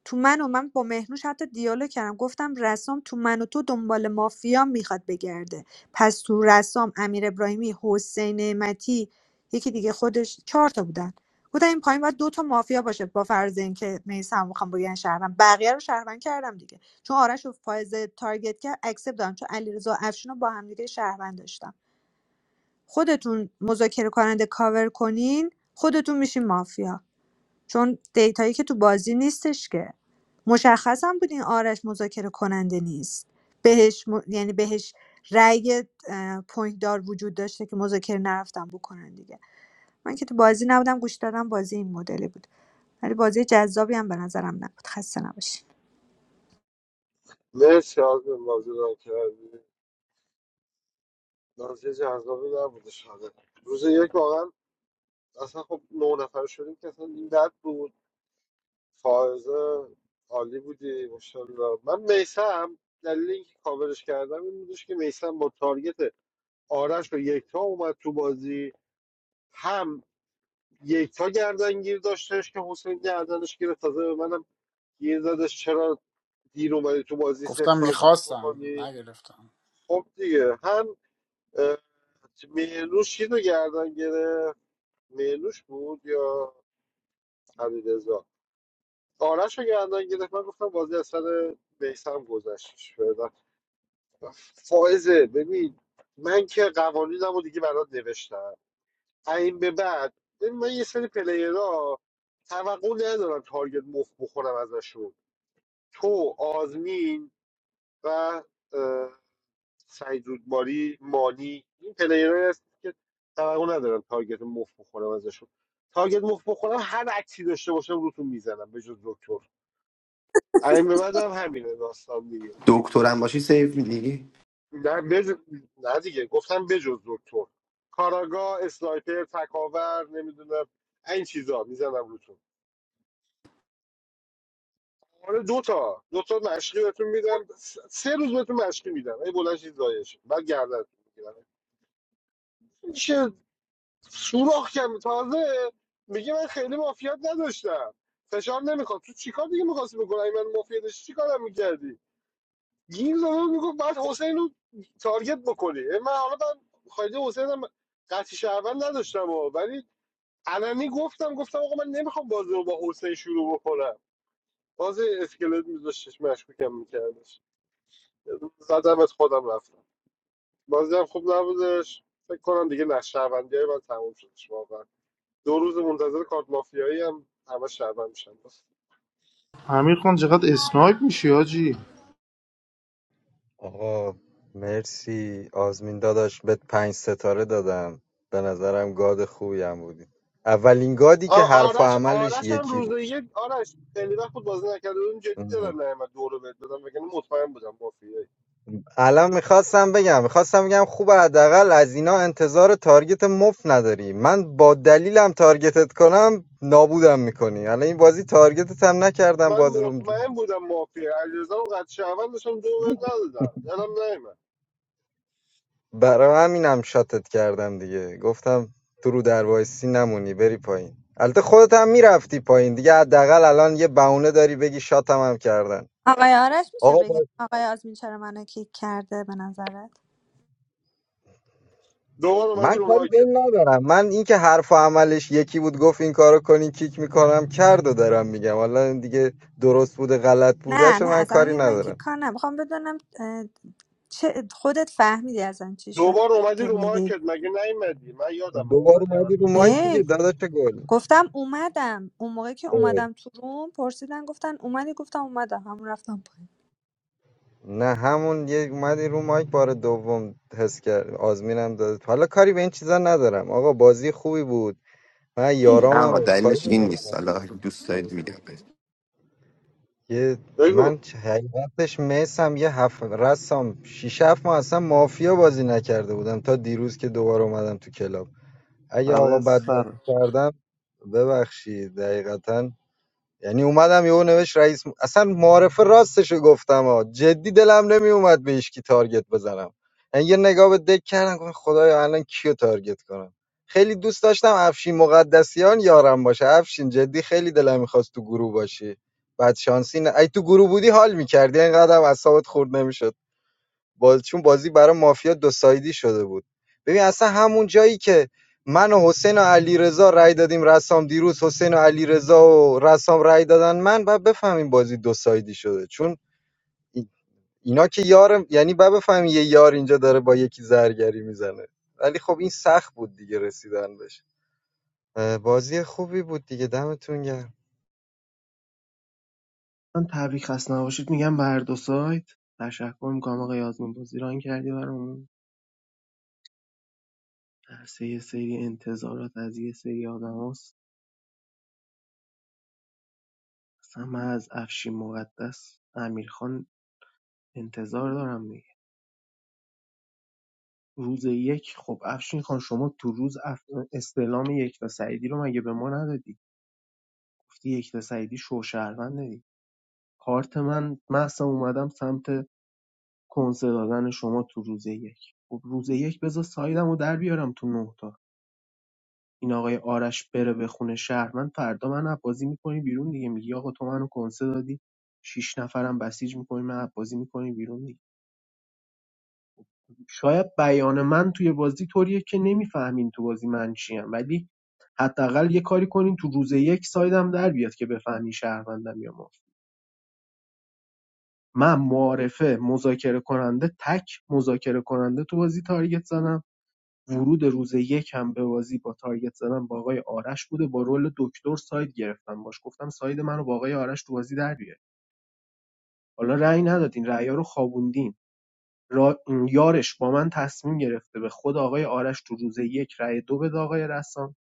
Speaker 14: تو من و من با مهنوش حتی دیالوگ کردم گفتم رسام تو من و تو دنبال مافیا میخواد بگرده پس تو رسام امیر ابراهیمی حسین نعمتی یکی دیگه خودش چهار تا بودن بودن این پایین باید دو تا مافیا باشه با فرض اینکه میسم میخوام بگن شهروند بقیه رو شهروند کردم دیگه چون آرش و فائز تارگت کرد اکسپ دادم چون علیرضا و افشین رو با هم دیگه شهروند داشتم خودتون مذاکره کننده کاور کنین خودتون میشین مافیا چون دیتایی که تو بازی نیستش که مشخصم بود این آرش مذاکره کننده نیست بهش م- یعنی بهش رأی اه، پوینت دار وجود داشته که مذاکره نرفتم بکنن دیگه من که تو بازی نبودم گوش دادم بازی این مدلی بود ولی بازی جذابی هم به نظرم نبود خسته نباشی
Speaker 3: مرسی از این بازی رو کردی بازی جذابی نبوده شده روز یک واقعا اصلا خب نه نفر شدیم که اصلا این بد بود فائزه عالی بودی ماشاءالله من میسم دلیل اینکه کاورش کردم این بودش که میسم با تارگت آرش و یکتا اومد تو بازی هم یکتا گردنگیر داشتش که حسین گردنش گرفت تازه به منم گیر زدش چرا دیر اومدی تو بازی
Speaker 1: گفتم
Speaker 3: سفت تارگتش
Speaker 1: میخواستم
Speaker 3: بکنی
Speaker 1: نگرفتم
Speaker 3: خب دیگه هم اه، مهرنوش چیز رو گردن گرفت مهرنوش بود یا حمیدرضا آرش رو گردن گرفت من گفتم بازی از سر میسم گذشت فائزه ببین من که قوانینم رو دیگه برات نوشتم این به بعد ببین من یه سری پلیرها توقع ندارم تارگت مفت بخورم ازشون تو آزمین و اه، سعید رودباری مانی این پلیرهایی هست که توقع ندارم تارگت مفت بخورم ازشون تارگت مفت بخورم هر عکسی داشته باشم روتون میزنم به جز دکتر این به بعد هم همینه داستان دیگه
Speaker 2: دکترم باشی سیف میدی؟
Speaker 3: نه, بج... نه دیگه گفتم بجز دکتر کاراگاه اسنایپر تکاور نمیدونم این چیزا میزنم روتون آره دوتا دوتا دو تا مشقی بهتون میدم س- سه روز بهتون مشقی میدم ای بلند شید زایش بعد گردن میگیرم چه سوراخ کم تازه میگه من خیلی مافیات نداشتم فشار نمیخواد تو چیکار دیگه میخواستی بکنی اگه من مافیا داشتی چیکارم میکردی این زمان میگفت بعد حسین رو تارگت بکنی اه، من حالا من خواهده حسین هم قطعی شهروند نداشتم و ولی علنی گفتم گفتم آقا من نمیخوام بازی رو با حسین شروع بکنم باز اسکلت میذاشتش مشکوکم میکردش زدم از خودم رفتم بازی هم خوب نبودش فکر کنم دیگه نه شهروندی های من تموم شدش واقعا دو روز منتظر کارت مافیایی هم همه شهروند میشن
Speaker 17: امیر خان چقدر اسنایپ میشی حاجی
Speaker 4: آقا مرسی آزمین داداش بهت پنج ستاره دادم به نظرم گاد خوبی هم بودی اولین گادی
Speaker 3: آ-
Speaker 4: که حرف و
Speaker 3: آرش
Speaker 4: عملش
Speaker 3: آرش هم
Speaker 4: یکی
Speaker 3: روز
Speaker 4: بود
Speaker 3: یک آرش خیلی وقت بود بازی نکرده بودیم جدی
Speaker 4: ام.
Speaker 3: دارم نیامد دو رو بهت بدم وگرنه مطمئن بودم مافیایی
Speaker 4: الان میخواستم بگم میخواستم بگم خوب حداقل از اینا انتظار تارگت مف نداری من با دلیلم تارگتت کنم نابودم میکنی الان این بازی تارگتت هم نکردم
Speaker 3: من
Speaker 4: باز روم
Speaker 3: مطمئن بودم مافیایی علیرضا و قد شهروند داشتم دو بهت ندادم دلم نیامد
Speaker 4: برای همینم شاتت کردم دیگه گفتم تو رو در وایسی نمونی بری پایین البته خودت هم میرفتی پایین دیگه حداقل الان یه بهونه داری بگی شاتم هم کردن
Speaker 14: آقای آرش میشه
Speaker 4: آقا با...
Speaker 14: بگین آقای آزمین چرا منو کیک کرده به نظرت
Speaker 3: دوبار اومدی
Speaker 4: من
Speaker 3: رو
Speaker 4: کاری به
Speaker 3: مارکت
Speaker 4: این ندارم من اینکه حرف و عملش یکی بود گفت این کارو کنین کیک میکنم کرد و دارم میگم حالا این دیگه درست بوده غلط بوده
Speaker 14: نه
Speaker 4: شو
Speaker 14: نه
Speaker 4: من
Speaker 14: اصلا
Speaker 4: کاری
Speaker 14: من من که
Speaker 4: ندارم
Speaker 14: کار نمیخوام بدونم اه، چه خودت فهمیدی ازم چی شد
Speaker 3: دوبار اومدی
Speaker 14: که
Speaker 3: رو مارکت
Speaker 14: میگی
Speaker 3: مگه نیومدی من یادم
Speaker 4: دوباره
Speaker 3: اومدی هر
Speaker 4: اومدی رو
Speaker 3: دوباره
Speaker 4: مایک
Speaker 3: شد
Speaker 4: دیگه داداش گل
Speaker 14: گفتم اومدم اون موقع که
Speaker 4: اه.
Speaker 14: اومدم تو روم پرسیدن گفتن اومدی گفتم اومدم همون رفتم پایین
Speaker 4: نه همون یه اومدی رو مایک بار دوم حس کرد آزمینم داد حالا کاری به این چیزا ندارم آقا بازی خوبی بود من
Speaker 2: نه آقا
Speaker 4: یارامم کاری
Speaker 2: دلیلش
Speaker 4: میکنم
Speaker 2: این نیست حالا اگه دوست دارید میگم بهت.
Speaker 4: یه
Speaker 3: بگو
Speaker 4: من چ- حقیقتش میسم یه هفت رسام شیش هفت ماه اصلا مافیا بازی نکرده بودم تا دیروز که دوباره اومدم تو کلاب اگه
Speaker 15: بعد
Speaker 4: آقا
Speaker 15: از
Speaker 4: بد بازی
Speaker 15: سر
Speaker 4: کردم ببخشید دقیقتا یعنی اومدم یهو نوشت رئیس م- اصلا معارفه راستش رو گفتم ها جدی دلم نمی اومد به هیچ کی تارگت بزنم یعنی یه نگاه به دک کردم گفتم خدایا الان کیو تارگت کنم خیلی دوست داشتم افشین مقدسیان یارم باشه افشین جدی خیلی دلم میخواست تو گروه باشی بعد شانسی نه ای تو گروه بودی حال میکردی اینقدر اعصابت خورد نمیشد باز چون بازی برای مافیا دو سایدی شده بود ببین اصلا همون جایی که من و حسین و علیرضا رای دادیم رسام دیروز حسین و علیرضا و رسام رای دادن من بعد بفهمیم بازی دو سایدی شده چون ای- اینا که یار یعنی بعد بفهمیم یه یار اینجا داره با یکی زرگری میزنه ولی خب این سخت بود دیگه رسیدن بهش اه، بازی خوبی بود دیگه دمتون گرم
Speaker 8: من تبریک خسته نباشید میگم به هر دو سایت تشکر میکنم آقای آزمین بازی ران کردی برامون درسه یه سری انتظارات از یه سری آدم هست. اصلا من از افشین مقدس امیرخان انتظار دارم دیگه روز یک خب افشین خان شما تو روز اف... استعلام یک تا سعیدی رو مگه به ما ندادی گفتی یک تا سعیدی شوشهروند کارت من مهسا اومدم سمت کنسه دادن شما تو روز یک خب روز یک بذار سایدم رو در بیارم تو نه تا این آقای آرش بره به خونه شهر من فردا من عبازی میکنی بیرون دیگه میگی آقا تو منو کنسه دادی شیش نفرم بسیج میکنی من عبازی میکنی بیرون دیگه شاید بیان من توی بازی طوریه که نمیفهمین تو بازی من چیم ولی حداقل یه کاری کنین تو روز یک سایدم در بیاد که بفهمی شهروندم یا مافیا من معارفه مذاکره کننده تک مذاکره کننده تو بازی تارگت زدم ورود روز یک هم به بازی با تارگت زدم با آقای آرش بوده با رول دکتر ساید گرفتم باش گفتم ساید منو با آقای آرش تو بازی در بیاره حالا رأی ندادین رأیا رو خوابوندین را... یارش با من تصمیم گرفته به خود آقای آرش تو روز یک رأی دو به آقای رسام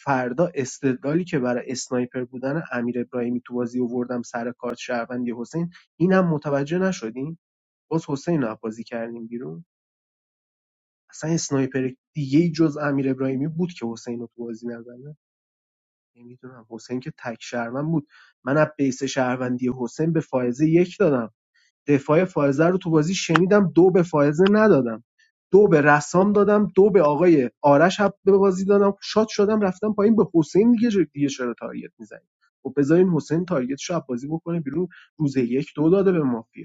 Speaker 8: فردا استدلالی که برای اسنایپر بودن امیر ابراهیمی تو بازی آوردم سر کارت شهروندی حسین اینم متوجه نشدین باز حسین رو بازی کردیم بیرون اصلا اسنایپر دیگه ای جز امیر ابراهیمی بود که حسین رو تو بازی نزنه نمیدونم حسین که تک شهروند بود من از بیس شهروندی حسین به فائزه یک دادم دفاع فائزه رو تو بازی شنیدم دو به فائزه ندادم دو به رسام دادم دو به آقای آرش هم به بازی دادم شاد شدم رفتم پایین به حسین دیگه دیگه چرا تارگت میزنی خب بذارین حسین تارگت شو بازی بکنه بیرون روز یک دو داده به مافیا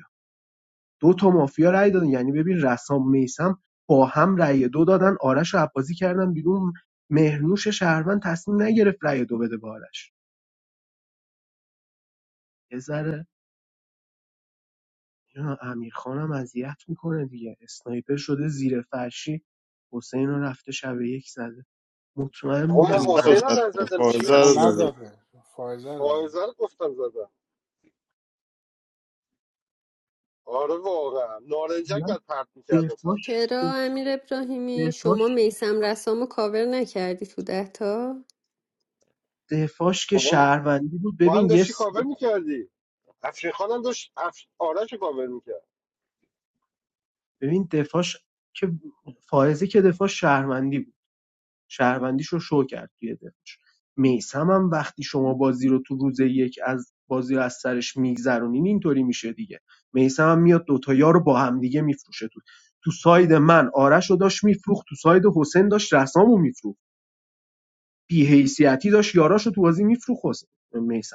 Speaker 8: دو تا مافیا رأی دادن یعنی ببین رسام میسم با هم رأی دو دادن آرش رو عباسی کردن بیرون مهرنوش شهروند تصمیم نگرفت رأی دو بده به آرش یه ذره اینا امیرخانم اذیت میکنه دیگه اسنایپر شده زیر فرشی حسین رو رفته شب یک زده مطمئن
Speaker 3: آقا
Speaker 8: بودم
Speaker 3: من
Speaker 8: این
Speaker 17: فائزه
Speaker 1: من
Speaker 8: کار
Speaker 17: رو
Speaker 3: حسین
Speaker 8: رو.
Speaker 3: رو
Speaker 17: زد
Speaker 3: نزدم چی
Speaker 17: فائزه
Speaker 1: اما
Speaker 17: رو
Speaker 3: میگی
Speaker 17: زده
Speaker 1: نزده فایزه رو داده
Speaker 3: فائزه رو گفتم زدم آره واقعا نارنجک
Speaker 8: من
Speaker 3: بعد پرت میکردم
Speaker 8: دفاعش
Speaker 3: سمتش
Speaker 10: چرا امیر ابراهیمی شما
Speaker 8: دفاعش
Speaker 10: میسم رسامو کاور نکردی تو ده تا
Speaker 8: دفاعش که
Speaker 3: خب
Speaker 8: شهروندی بود
Speaker 3: تو هم
Speaker 8: ببین یه
Speaker 3: داشتی
Speaker 8: س-
Speaker 3: کاور میکردی افشین خانم داشت اف... آرش رو کاور میکرد
Speaker 8: ببین دفاعش که فائزه که دفاع شهروندی بود شهروندیش رو شو کرد توی دفاعش میسم هم وقتی شما بازی رو تو روز یک از بازی رو از سرش میگذرونین اینطوری میشه دیگه میسم هم میاد دوتایا رو با هم دیگه میفروشه تو تو ساید من آرش رو داشت میفروخت تو ساید حسین داشت رسامو میفروخت بی‌حیثیتی داشت یاراشو تو بازی میفروخت حسین میسم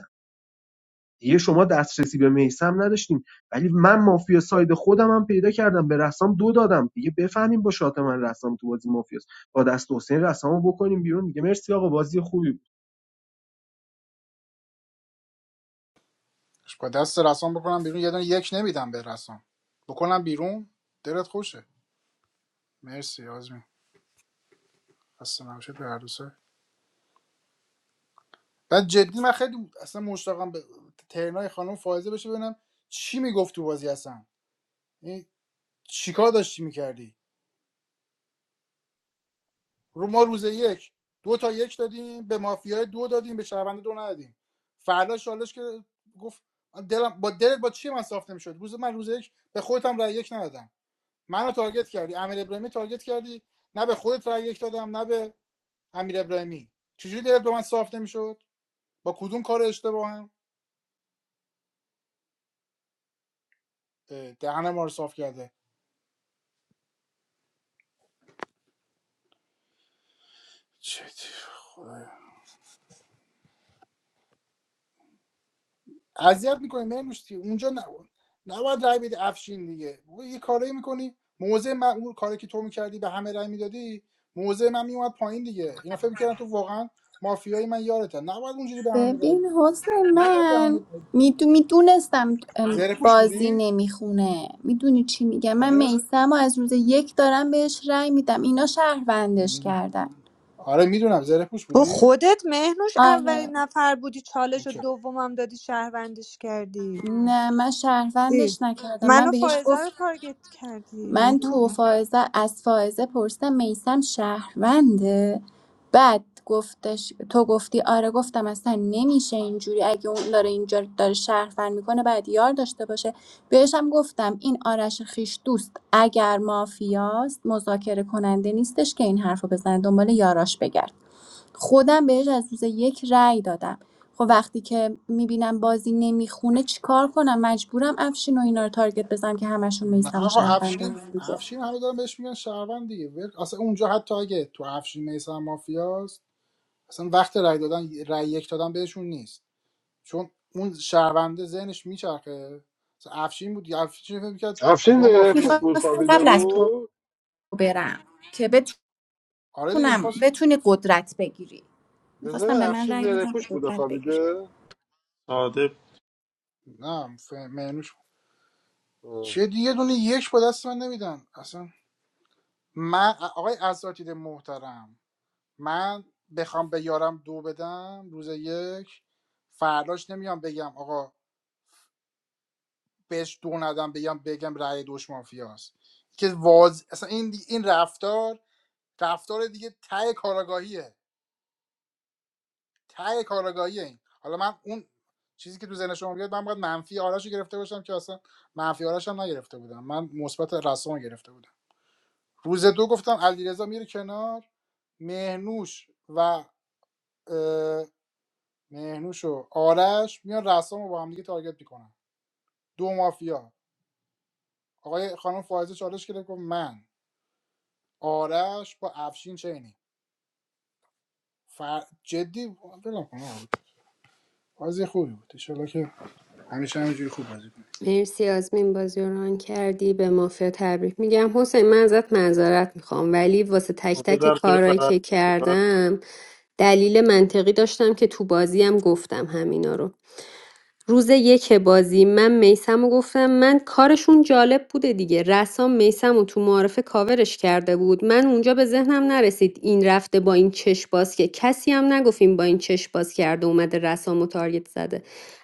Speaker 8: دیگه شما دسترسی به میسم نداشتیم ولی من مافیا ساید خودم هم پیدا کردم به رسام دو دادم دیگه بفهمیم با شات من رسام تو بازی مافیاست با دست حسین رسامو بکنیم بیرون دیگه مرسی آقا بازی خوبی بود
Speaker 1: با دست رسام بکنم بیرون یه دونه یک نمیدم به رسام بکنم بیرون دلت خوشه مرسی آزمین اصلا نباشید به هر دو بعد جدی من خیلی اصلا مشتاقم به ترنای خانم فائزه بشه ببینم چی میگفت تو بازی اصلا یعنی چیکار داشتی میکردی رو ما روز یک دو تا یک دادیم به مافیای دو دادیم به شهرونده دو ندادیم فردا شالش که گفت دلم با دلت با چی من صاف نمیشد روز من روز یک به خودت هم رای یک ندادم منو تارگت کردی امیر ابراهیمی تارگت کردی نه به خودت رای یک دادم نه به امیر ابراهیمی چجوری دلت به من صاف نمیشد با کدوم کار اشتباهم اه، دهن ما رو صاف کرده چه خدایا اذیت میکنه نمیش اونجا نه نباید رای بدی افشین دیگه بابا یه کاری میکنی موضع من اون کاری که تو میکردی به همه رای میدادی موضع من میومد پایین دیگه اینا فکر میکردن تو واقعا مافیای من یارته نباید اونجوری به همه رای
Speaker 5: ببین
Speaker 1: بدی.
Speaker 5: حسن
Speaker 1: نباید به همه
Speaker 5: من
Speaker 1: رای بدی.
Speaker 5: میدونستم
Speaker 1: زره پوش
Speaker 5: بازی
Speaker 1: بودی
Speaker 5: نمیخونه میدونی چی میگم من
Speaker 1: آره
Speaker 5: میسم و از روز یک دارم بهش رأی میدم اینا شهروندش
Speaker 1: می‌دونم.
Speaker 5: کردن
Speaker 1: آره میدونم زره پوش
Speaker 14: تو
Speaker 1: بودی
Speaker 14: خودت مهنوش
Speaker 5: آره
Speaker 14: اولین نفر بودی چالش و
Speaker 1: اوکی
Speaker 14: دومم دادی شهروندش کردی
Speaker 5: نه من
Speaker 14: ای،
Speaker 5: شهروندش نکردم من
Speaker 14: منو
Speaker 5: بهش
Speaker 14: فائزه
Speaker 5: گفت
Speaker 14: رو تارگت کردی
Speaker 5: من تو
Speaker 14: مهنوش
Speaker 5: فائزه از فائزه پرسیدم میسم شهرونده بعد گفتش تو گفتی آره گفتم اصلا نمیشه اینجوری اگه اون داره اینجا داره شهروند میکنه بعد یار داشته باشه بهش هم گفتم این آرش خیش دوست اگر مافیاست مذاکره کننده نیستش که این حرفو بزنه دنبال یاراش بگرد خودم بهش از روز یک رأی دادم خب وقتی که میبینم بازی نمیخونه چیکار کنم مجبورم افشین و اینا رو تارگت بزنم که همشون
Speaker 1: نه
Speaker 5: میثم و
Speaker 1: آقا
Speaker 5: شهروند
Speaker 1: افشین
Speaker 5: دیگه
Speaker 1: افشین همه دارن بهش میگن شهروند دیگه ول- اصلا اونجا حتی اگه تو افشین میسان مافیاست اصلا وقت رای دادن رای یک دادن بهشون نیست چون اون شهرونده ذهنش میچرخه مثلا افشین بود افشین فکر میکرد
Speaker 3: افشین
Speaker 1: شما
Speaker 3: زرهپوش
Speaker 1: مافیایی
Speaker 3: بود
Speaker 5: میخواستم
Speaker 3: خوابیده
Speaker 5: قبل از تو
Speaker 3: بود
Speaker 5: برم که
Speaker 1: آره دیگه
Speaker 5: بتونم
Speaker 1: میخواست
Speaker 5: بتونی
Speaker 1: ف...
Speaker 5: قدرت بگیری
Speaker 3: جزه
Speaker 5: میخواستم به من
Speaker 3: افشین
Speaker 5: رأی بدم که
Speaker 3: زرهپوش بوده
Speaker 5: قدرت بگیری
Speaker 3: خوابیده
Speaker 17: ساده
Speaker 1: نه ف... مهنوش
Speaker 3: آه.
Speaker 1: چه دیگه دونه یک با دست من نمیدن اصلا من آقای اساتید محترم من بخوام به یارم دو بدم روز یک فرداش نمیام بگم آقا بهش دو ندم بگم بگم رأی دوش مافیاست که واز... اصلا این دی- این رفتار رفتار دیگه ته کاراگاهیه ته کارآگاهی این حالا من اون چیزی که تو ذهن شما بیاد من باید منفی آرش گرفته باشم که اصلا منفی آرش هم نگرفته بودم من مثبت رسام گرفته بودم روز دو گفتم علیرضا میره کنار مهنوش و مهنوش و آرش میان رسام رو با هم دیگه تارگت میکنن دو مافیا آقای خانم فائزه چالش کرد گفت من آرش با افشین چینی فر... جدی بلم کنم بازی خوبی بود ان شاءالله که همیشه همینجوری خوب بازی کنیم.
Speaker 10: مرسی آزمین بازی رو ران کردی به مافیا تبریک میگم حسین من ازت معذرت میخوام ولی واسه تک
Speaker 17: ساده
Speaker 10: تک
Speaker 17: در تیم
Speaker 10: کارهایی
Speaker 17: برنده
Speaker 10: که
Speaker 17: بودی. باید
Speaker 10: کردم دلیل منطقی داشتم که تو بازی هم گفتم همینا رو روز یک بازی من میسمو گفتم من کارشون جالب بوده دیگه رسام میسمو تو معارفه کاورش کرده بود من اونجا به ذهنم نرسید این رفته با این چش باز که کسی هم نگفت با این چش باز کرده اومده رسامو تارگت زده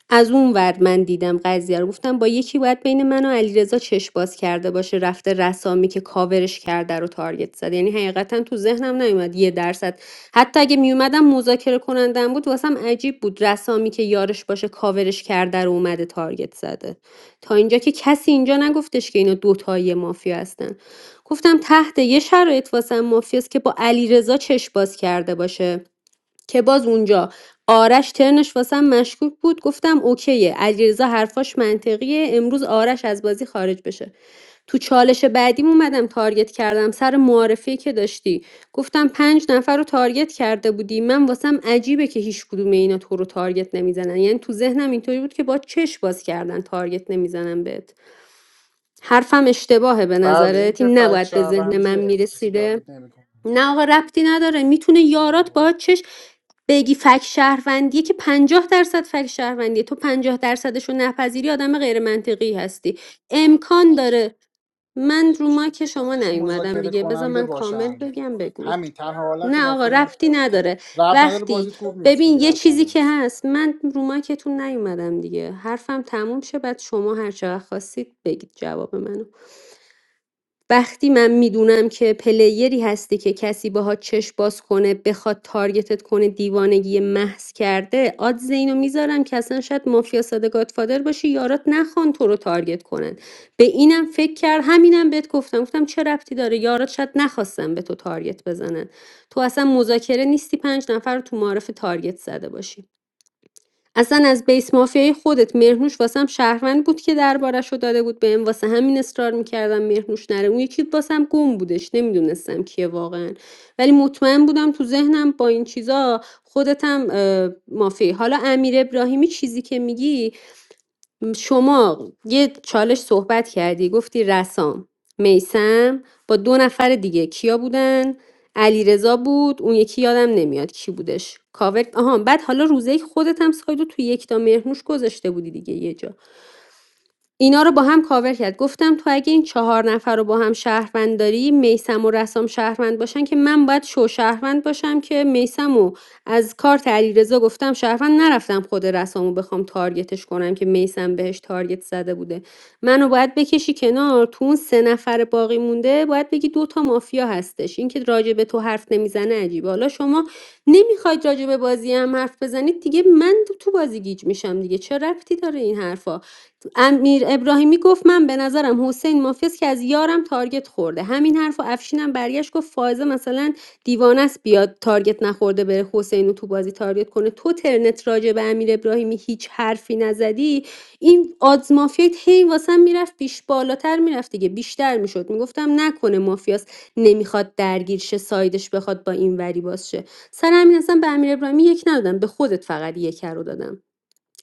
Speaker 10: از اون ور من دیدم دیدم قضیه رو گفتم با یکی باید بین من و علیرضا چش باز کرده باشه رفته رسامی که کاورش کرده رو تارگت زد یعنی حقیقتا تو ذهنم نیومد یه درصد حتی اگه میومدم مذاکره کنندم بود واسم عجیب بود رسامی که یارش باشه کاورش کرده رو اومده تارگت زده تا اینجا که کسی اینجا نگفتش که اینا دوتایی مافیا هستن گفتم تحت یه شرایط واسم مافیاست که با علیرضا چش باز کرده باشه که باز اونجا آرش ترنش واسم مشکوک بود گفتم اوکیه علیرضا حرفاش منطقیه امروز آرش از بازی خارج بشه تو چالش بعدیم اومدم تارگت کردم سر معارفی که داشتی گفتم پنج نفر رو تارگت کرده بودی من واسم عجیبه که هیچ کدوم اینا تو رو تارگت نمیزنن یعنی تو ذهنم اینطوری بود که با چش باز کردن تارگت نمیزنن بهت حرفم اشتباهه به
Speaker 1: بله این
Speaker 10: نظرت
Speaker 1: که
Speaker 10: این
Speaker 1: فکت
Speaker 10: نباید به ذهن من
Speaker 1: شهروندیه کسی
Speaker 10: میرسیده
Speaker 1: تارگت نمیکنه
Speaker 10: نه آقا ربطی نداره میتونه یارات با چش بگی فک شهروندیه که 50 درصد فک شهروندیه تو 50 درصدش رو نپذیری آدم غیر منطقی هستی امکان داره من رو که شما نیومدم
Speaker 1: مذاکره
Speaker 10: دیگه بذار
Speaker 1: کننده
Speaker 10: من کامل
Speaker 1: باشم
Speaker 10: بگم بگو
Speaker 1: همین تنها حالت
Speaker 10: نه آقا
Speaker 1: مافیا اینه.
Speaker 10: ربطی نداره
Speaker 1: رب نداره
Speaker 10: وقتی
Speaker 1: بازیت خوب نیست
Speaker 10: ببین
Speaker 1: میگه
Speaker 10: یه
Speaker 1: رب
Speaker 10: چیزی
Speaker 1: نداره
Speaker 10: که هست من رو که نیومدم دیگه حرفم تموم شه بعد شما هر چقدر خواستید بگید جواب منو وقتی من می‌دونم که پلیری هستی که کسی باهات چشم باز کنه بخواد تارگتت کنه دیوانگی محض کرده آدز اینو میذارم که اصلا شاید مافیا ساده گادفادر باشی یارات نخوان تو رو تارگت کنن به اینم فکر کرد همینم بهت گفتم گفتم چه ربطی داره یارات شاید نخواستم به تو تارگت بزنن تو اصلا مذاکره نیستی پنج نفر رو تو معارف تارگت زده باشی اصلا از بیس مافیای خودت مهرنوش واسم شهروند بود که دربارش رو داده بود بهم واسه همین اصرار میکردم مهرنوش نره اون یکی واسم گم بودش نمیدونستم کیه واقعا ولی مطمئن بودم تو ذهنم با این چیزا خودتم مافی حالا امیر ابراهیمی چیزی که میگی شما یه چالش صحبت کردی گفتی رسام میسم با دو نفر دیگه کیا بودن علیرضا بود اون یکی یادم نمیاد کی بودش کاور آها بعد حالا روزه خودت هم سایدو تو یک تا مهرنوش گذاشته بودی دیگه یه جا اینا رو با هم کاور کرد گفتم تو اگه این چهار نفر رو با هم شهروند داری میسم و رسام شهروند باشن که من باید شو شهروند باشم که میسم و از کارت علیرضا گفتم شهروند نرفتم خود رسامو بخوام تارگتش کنم که میسم بهش تارگت زده بوده منو باید بکشی کنار تو اون سه نفر باقی مونده باید بگی دو تا مافیا هستش اینکه راجع به تو حرف نمیزنه عجیبه حالا شما نمیخواید راجع به بازی هم حرف بزنید دیگه من تو بازی گیج میشم دیگه چه ربطی داره این حرفا امیر ابراهیمی گفت من به نظرم حسین مافیاست که از یارم تارگت خورده همین حرفو و افشینم برگشت گفت فائزه مثلا دیوانه است بیاد تارگت نخورده بره حسین رو تو بازی تارگت کنه تو ترنت راجع به امیر ابراهیمی هیچ حرفی نزدی این آدز مافیات هی واسم میرفت بیش بالاتر میرفت دیگه بیشتر میشد میگفتم نکنه مافیاست نمیخواد درگیر شه سایدش بخواد با این وری باز شه سر همین اصلا به امیر ابراهیمی یک ندادم به خودت فقط یک رو دادم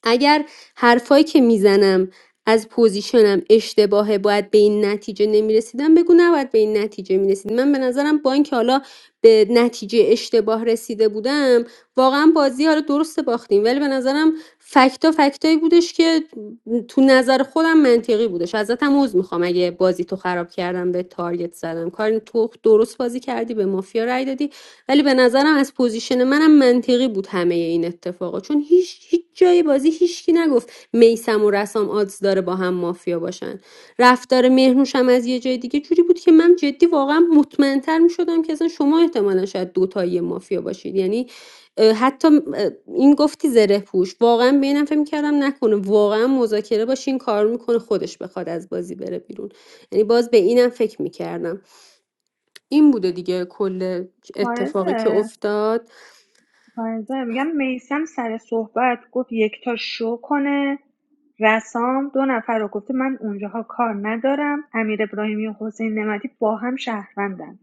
Speaker 10: اگر حرفایی که میزنم از پوزیشنم اشتباهه باید به این نتیجه نمیرسیدم بگو نباید به این نتیجه میرسید من به نظرم با اینکه حالا به نتیجه اشتباه رسیده بودم واقعا بازی حالا درست باختیم ولی به نظرم فکتا فکتایی بودش که تو نظر خودم منطقی بودش ازتم عذر میخوام اگه بازی تو خراب کردم به تارگت زدم کار تو درست بازی کردی به مافیا رای دادی ولی به نظرم از پوزیشن منم منطقی بود همه این اتفاقا چون هیچ هیچ جای بازی هیچکی نگفت میسم و رسام آدز داره با هم مافیا باشن رفتار مهرنوش هم از یه جای دیگه جوری بود که من جدی واقعا مطمئنتر می که اصلا شما احتمالا شاید دوتایی مافیا باشید یعنی حتی این گفتی زره پوش واقعا به اینم فکر کردم نکنه واقعا مذاکره باشه این کار میکنه خودش بخواد از بازی بره بیرون یعنی باز به اینم فکر میکردم این بوده دیگه کل اتفاقی که
Speaker 14: فائزه
Speaker 10: افتاد
Speaker 14: فائزه میگم میسم سر صحبت گفت یکتا شو کنه رسام دو نفر رو گفته من اونجاها کار ندارم امیر ابراهیمی و حسین نمدی با هم شهروندن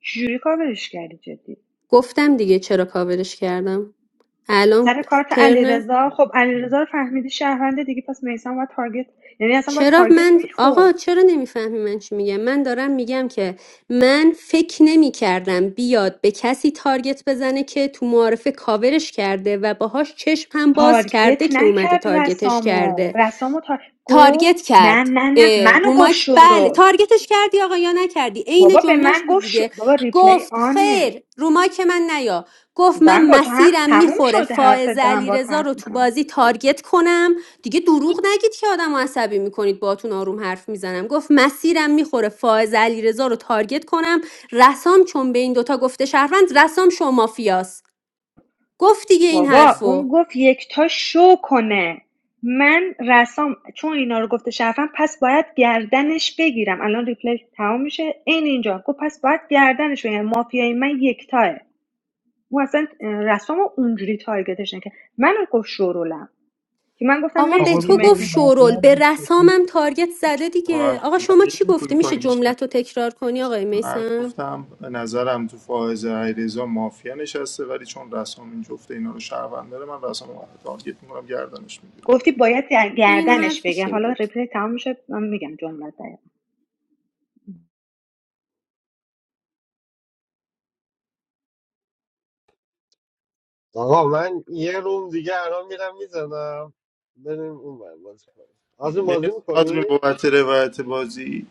Speaker 14: چجوری کاورش کردی جدی
Speaker 10: گفتم دیگه چرا کاورش کردم الان
Speaker 14: سر کارت
Speaker 10: ترنه
Speaker 14: علیرضا خب علیرضا رو فهمیدی شهرونده دیگه پس میسان باید تارگت یعنی اصلا باید
Speaker 10: چرا
Speaker 14: تارگت
Speaker 10: من
Speaker 14: میخورد
Speaker 10: آقا چرا نمیفهمی من چی میگم من دارم میگم که من فکر نمی کردم بیاد به کسی تارگت بزنه که تو معارفه کاورش کرده و باهاش چشم هم باز کرده
Speaker 14: تارگت
Speaker 10: که اومده
Speaker 14: نکرد
Speaker 10: تارگتش کرده
Speaker 14: رسامو رسامو تا گفت
Speaker 10: تارگت
Speaker 14: نه
Speaker 10: کرد
Speaker 14: نه نه
Speaker 10: اه،
Speaker 14: منو گفت
Speaker 10: روماک بله
Speaker 14: شورول
Speaker 10: تارگتش کردی آقا یا نکردی عین
Speaker 14: بابا به
Speaker 10: جملهش
Speaker 14: من
Speaker 10: بود
Speaker 14: گفت شو...
Speaker 10: دیگه
Speaker 14: بابا ریپلی
Speaker 10: گفت
Speaker 14: آنه
Speaker 10: خیر روماک من نیا گفت
Speaker 14: دارم
Speaker 10: من
Speaker 14: با تو هم
Speaker 10: مسیرم
Speaker 14: تموم
Speaker 10: میخوره
Speaker 14: شده حرفت
Speaker 10: فائز
Speaker 14: دارم با
Speaker 10: علیرضا
Speaker 14: حرف
Speaker 10: رو تو
Speaker 14: میزنم
Speaker 10: بازی تارگت کنم دیگه دروغ نگید که آدم رو عصبی میکنید باتون آروم حرف میزنم گفت مسیرم میخوره فائز علیرضا رو تارگت کنم رسام چون به این دوتا گفته شهروند رسام شما فیاس گفت دیگه این
Speaker 14: بابا
Speaker 10: حرفو
Speaker 14: اون گفت یکتا شو کنه من رسام چون اینا رو گفته شرفم پس باید گردنش بگیرم الان ریپلی تمام میشه این اینجا گفت پس باید گردنش بگیرم یعنی مافیای من یکتاه اون اصلا رسام رو اونجوری تارگتش نکرد من رو گفت شورولم که من گفتم
Speaker 10: آقا به
Speaker 8: آقا
Speaker 14: مرسی که
Speaker 10: تو گفت
Speaker 8: بذاریم
Speaker 14: مهمش
Speaker 8: بقیه
Speaker 10: شورول
Speaker 8: هم
Speaker 10: به
Speaker 8: دیسکشن
Speaker 10: رسامم
Speaker 8: کنیم.
Speaker 10: تارگت زده
Speaker 17: با
Speaker 10: دیگه
Speaker 17: حرف
Speaker 10: آقا شما چی
Speaker 17: بزنیم
Speaker 10: گفتی
Speaker 17: پینگ
Speaker 10: میشه
Speaker 17: پونگیش
Speaker 10: جملت رو تکرار کنی آقای
Speaker 17: من
Speaker 10: میسم
Speaker 17: گفتم به نظرم تو فائزه علیرضا مافیا نشسته ولی چون رسام این جفته اینا رو شهروند داره من رسام رو تارگت میکنم گردنش میگیرم
Speaker 14: گفتی باید
Speaker 10: این
Speaker 14: گردنش
Speaker 10: حرفش
Speaker 14: بگیرم
Speaker 10: این
Speaker 14: حالا
Speaker 10: بود
Speaker 14: ریپلی تمام میشه من میگم جملت دقیق
Speaker 3: آقا من یه روم دیگه الان میرم میزنم بریم اون ور بازی کنیم آزمین بازی
Speaker 17: مرسی
Speaker 3: میکنی؟
Speaker 17: آزمین بابت روایت بازی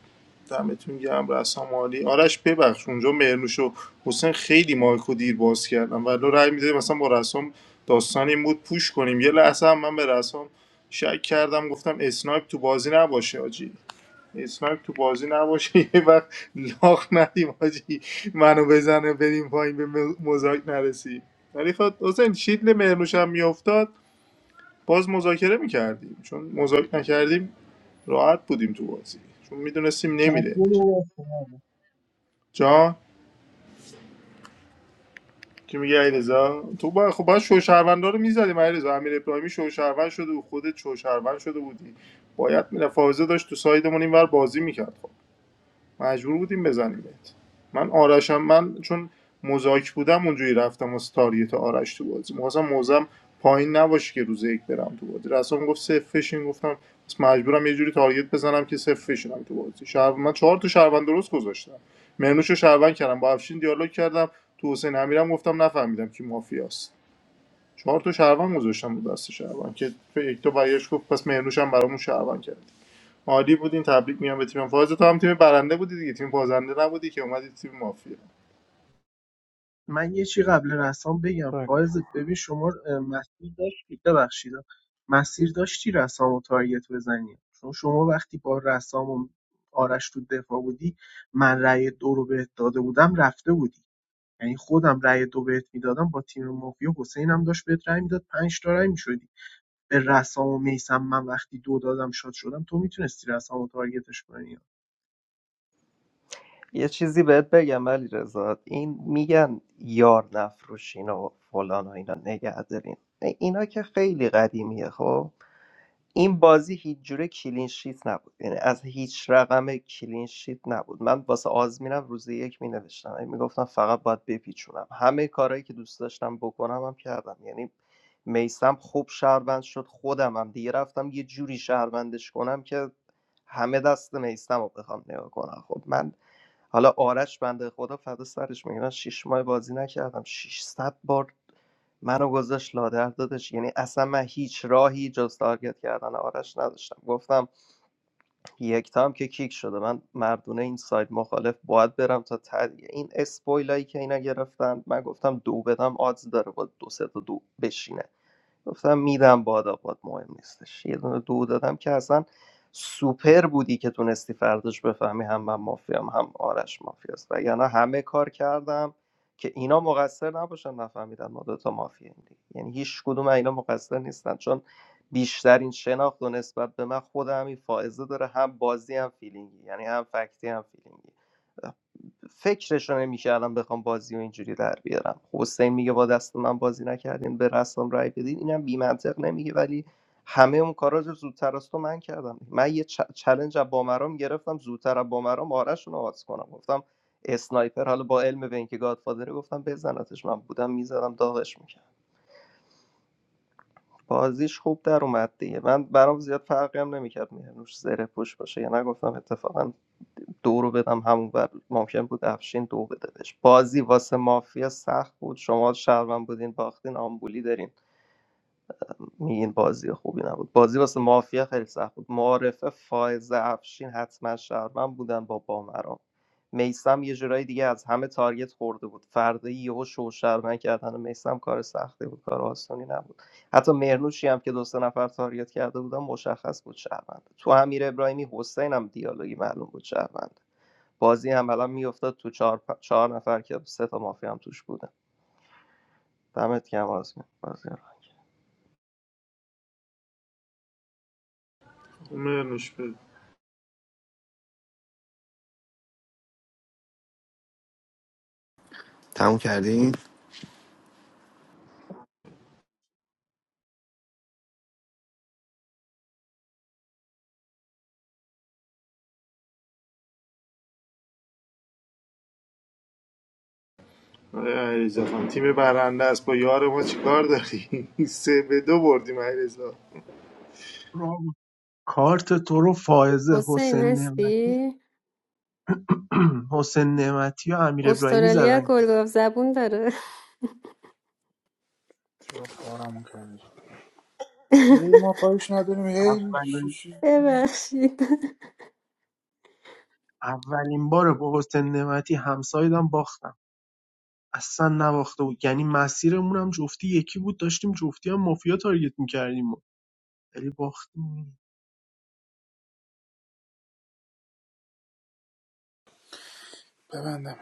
Speaker 17: دمتون گرم رسام عالی آرش ببخش اونجا مرنوش و حسین خیلی مایکو دیر باز کردم ولی رأی میده مثلا با رسام داستان این بود پوش کنیم یه لحظه هم من به رسام شک کردم گفتم اسنایپ تو بازی نباشه آجی اسنایپ تو بازی نباشه <laughs> یه وقت لاخ ندیم آجی منو بزنه بریم پایین به مز- مزاک نرسیم ولی خب حسین شیدل مرنوش هم میافتاد باز مذاکره میکردیم چون مذاکره نکردیم راحت بودیم تو بازی چون میدونستیم نمیده
Speaker 8: رو باز کن
Speaker 17: جان که میگه علیرضا تو با خب باید شوشهروندا رو میزدیم علیرضا امیر ابراهیمی شوشهروند شده و خودت شوشهروند شده بودی باید میره فاوزه داشت تو سایدمون اینور بازی میکرد خب مجبور بودیم بزنیمت من آرشم من چون مزاک بودم اونجوری رفتم واسه تاریت آرش تو بازی می‌خواستم موزم پایین نباشه که روز یک برم تو بازی رسام گفت صفر فشین گفتم بس مجبورم یه جوری تارگت بزنم که صفر فشینم تو بازی شهر من چهار تا شهروند درست گذاشتم مرنوشو شهروند کردم با افشین دیالوگ کردم تو حسین امیرم گفتم نفهمیدم کی مافیاست چهار تا شهروند گذاشتم رو دست شهروند که یک تا برگشت گفت پس مرنوشم برامون شهروند کرد عالی بودین تبریک میگم به تیم فاز تو هم تیم برنده بودی دیگه تیم بازنده نبودی که اومدی تیم مافیا
Speaker 8: من یه چی قبل رسام بگم
Speaker 15: بگو.
Speaker 8: فایز ببین شما اه، مسیر داشتی ببخشید مسیر داشتی رسام و تارگت بزنی چون شما وقتی با رسام و آرش تو دفاع بودی من رأی دو رو بهت داده بودم رفته بودی یعنی خودم رأی دو بهت میدادم با تیم مافیا حسینم داشت بهت رأی میداد 5 تا رأی میشدی به رسام و میسم من وقتی دو دادم شاد شدم تو میتونستی رسام و تارگتش کنی
Speaker 15: یه چیزی بهت بگم ولی رضا این میگن یار نفروشین و فلان و اینا نگه دارین اینا که خیلی قدیمیه خب این بازی هیچ جوره کلین شیت نبود یعنی از هیچ رقم کلین شیت نبود من واسه آزمینم روز یک می نوشتم میگفتم فقط باید بپیچونم همه کارهایی که دوست داشتم بکنم هم کردم یعنی میسم خوب شهروند شد خودم هم دیگه رفتم یه جوری شهروندش کنم که همه دست میسم رو بخوام نگاه کنم خب من حالا آرش بنده خدا فدا سرش میگه من شیش ماه بازی نکردم 600 بار منو گذاشت لادر دادش یعنی اصلا من هیچ راهی جز تارگت کردن آرش نداشتم گفتم یک تام که کیک شده من مردونه این ساید مخالف باید برم تا تدیه این اسپویلایی که اینا گرفتن من گفتم دو بدم آدز داره با دو سه تا دو بشینه گفتم میدم بادا، باد آباد مهم نیستش یه دونه دو دادم که اصلا سوپر بودی که تونستی فرداش بفهمی هم من مافیام هم آرش مافیاست و یعنی همه کار کردم که اینا مقصر نباشن نفهمیدن ما دوتا مافیاییم دیگه. یعنی هیچ کدوم اینا مقصر نیستن چون بیشترین شناخت و نسبت به من خود همین فائزه داره هم بازی هم فیلینگی یعنی هم فکتی هم فیلینگی فکرش رو نمیکردم بخوام بازی و اینجوری در بیارم خب حسین میگه با دست من بازی نکردین به رسام رای بدین اینم بی نمیگه ولی همه اون کارا رو زودتر از تو من کردم من یه چ- چلنج از بامرام گرفتم زودتر از بامرام آرش رو آز کنم گفتم اسنایپر حالا با علم به اینکه گادفادره گفتم بزنتش من بودم میزدم داغش می‌کردم. بازیش خوب در اومد دیگه من برام زیاد فرقی هم نمیکرد مهرنوش زره پوش باشه یا نگفتم اتفاقا دو رو بدم همون بر ممکن بود افشین دو بده بهش بازی واسه مافیا سخت بود شما شهروند بودین باختین آمبولی دارین میگین بازی خوبی نبود بازی واسه مافیا خیلی سخت بود معارفه فائز افشین حتما شهرمن بودن با بامران میسم یه جورایی دیگه از همه تارگت خورده بود فردا یهو شو شهرمن کردن میسم کار سختی بود کار آسانی نبود حتی مرنوشی هم که دو سه نفر تارگت کرده بودن مشخص بود شهرمنده تو امیر ابراهیمی حسین هم دیالوگی معلوم بود شهرمنده بازی هم الان میافتاد تو چهار, پ- چهار نفر که سه تا مافیا هم توش بودن دمت گرم آزمین بازی رو.
Speaker 17: مرنوش بده
Speaker 2: تموم کردین؟
Speaker 17: آره علیرضا خان، تیم برنده است با یار ما چیکار داری <laughs> سه به دو بردیم علیرضا
Speaker 8: را- کارت تو رو فائزه
Speaker 10: حسین
Speaker 8: حسین نعمتی
Speaker 10: هستی
Speaker 8: <clears throat> حسین نعمتی و امیر ابراهیمی
Speaker 10: استرالیا
Speaker 8: زدن
Speaker 10: گلگاف زبون داره
Speaker 1: چرا کارمون کردی
Speaker 10: <laughs>
Speaker 1: ما کاریش نداریم هی
Speaker 8: اولین
Speaker 1: شیش
Speaker 10: ببخشید
Speaker 8: اولین بار با حسین نعمتی همسایدم باختم اصلا نباخته بود یعنی مسیرمون هم جفتی یکی بود داشتیم جفتی هم مافیا تارگت میکردیم ولی باختیم
Speaker 1: ببندم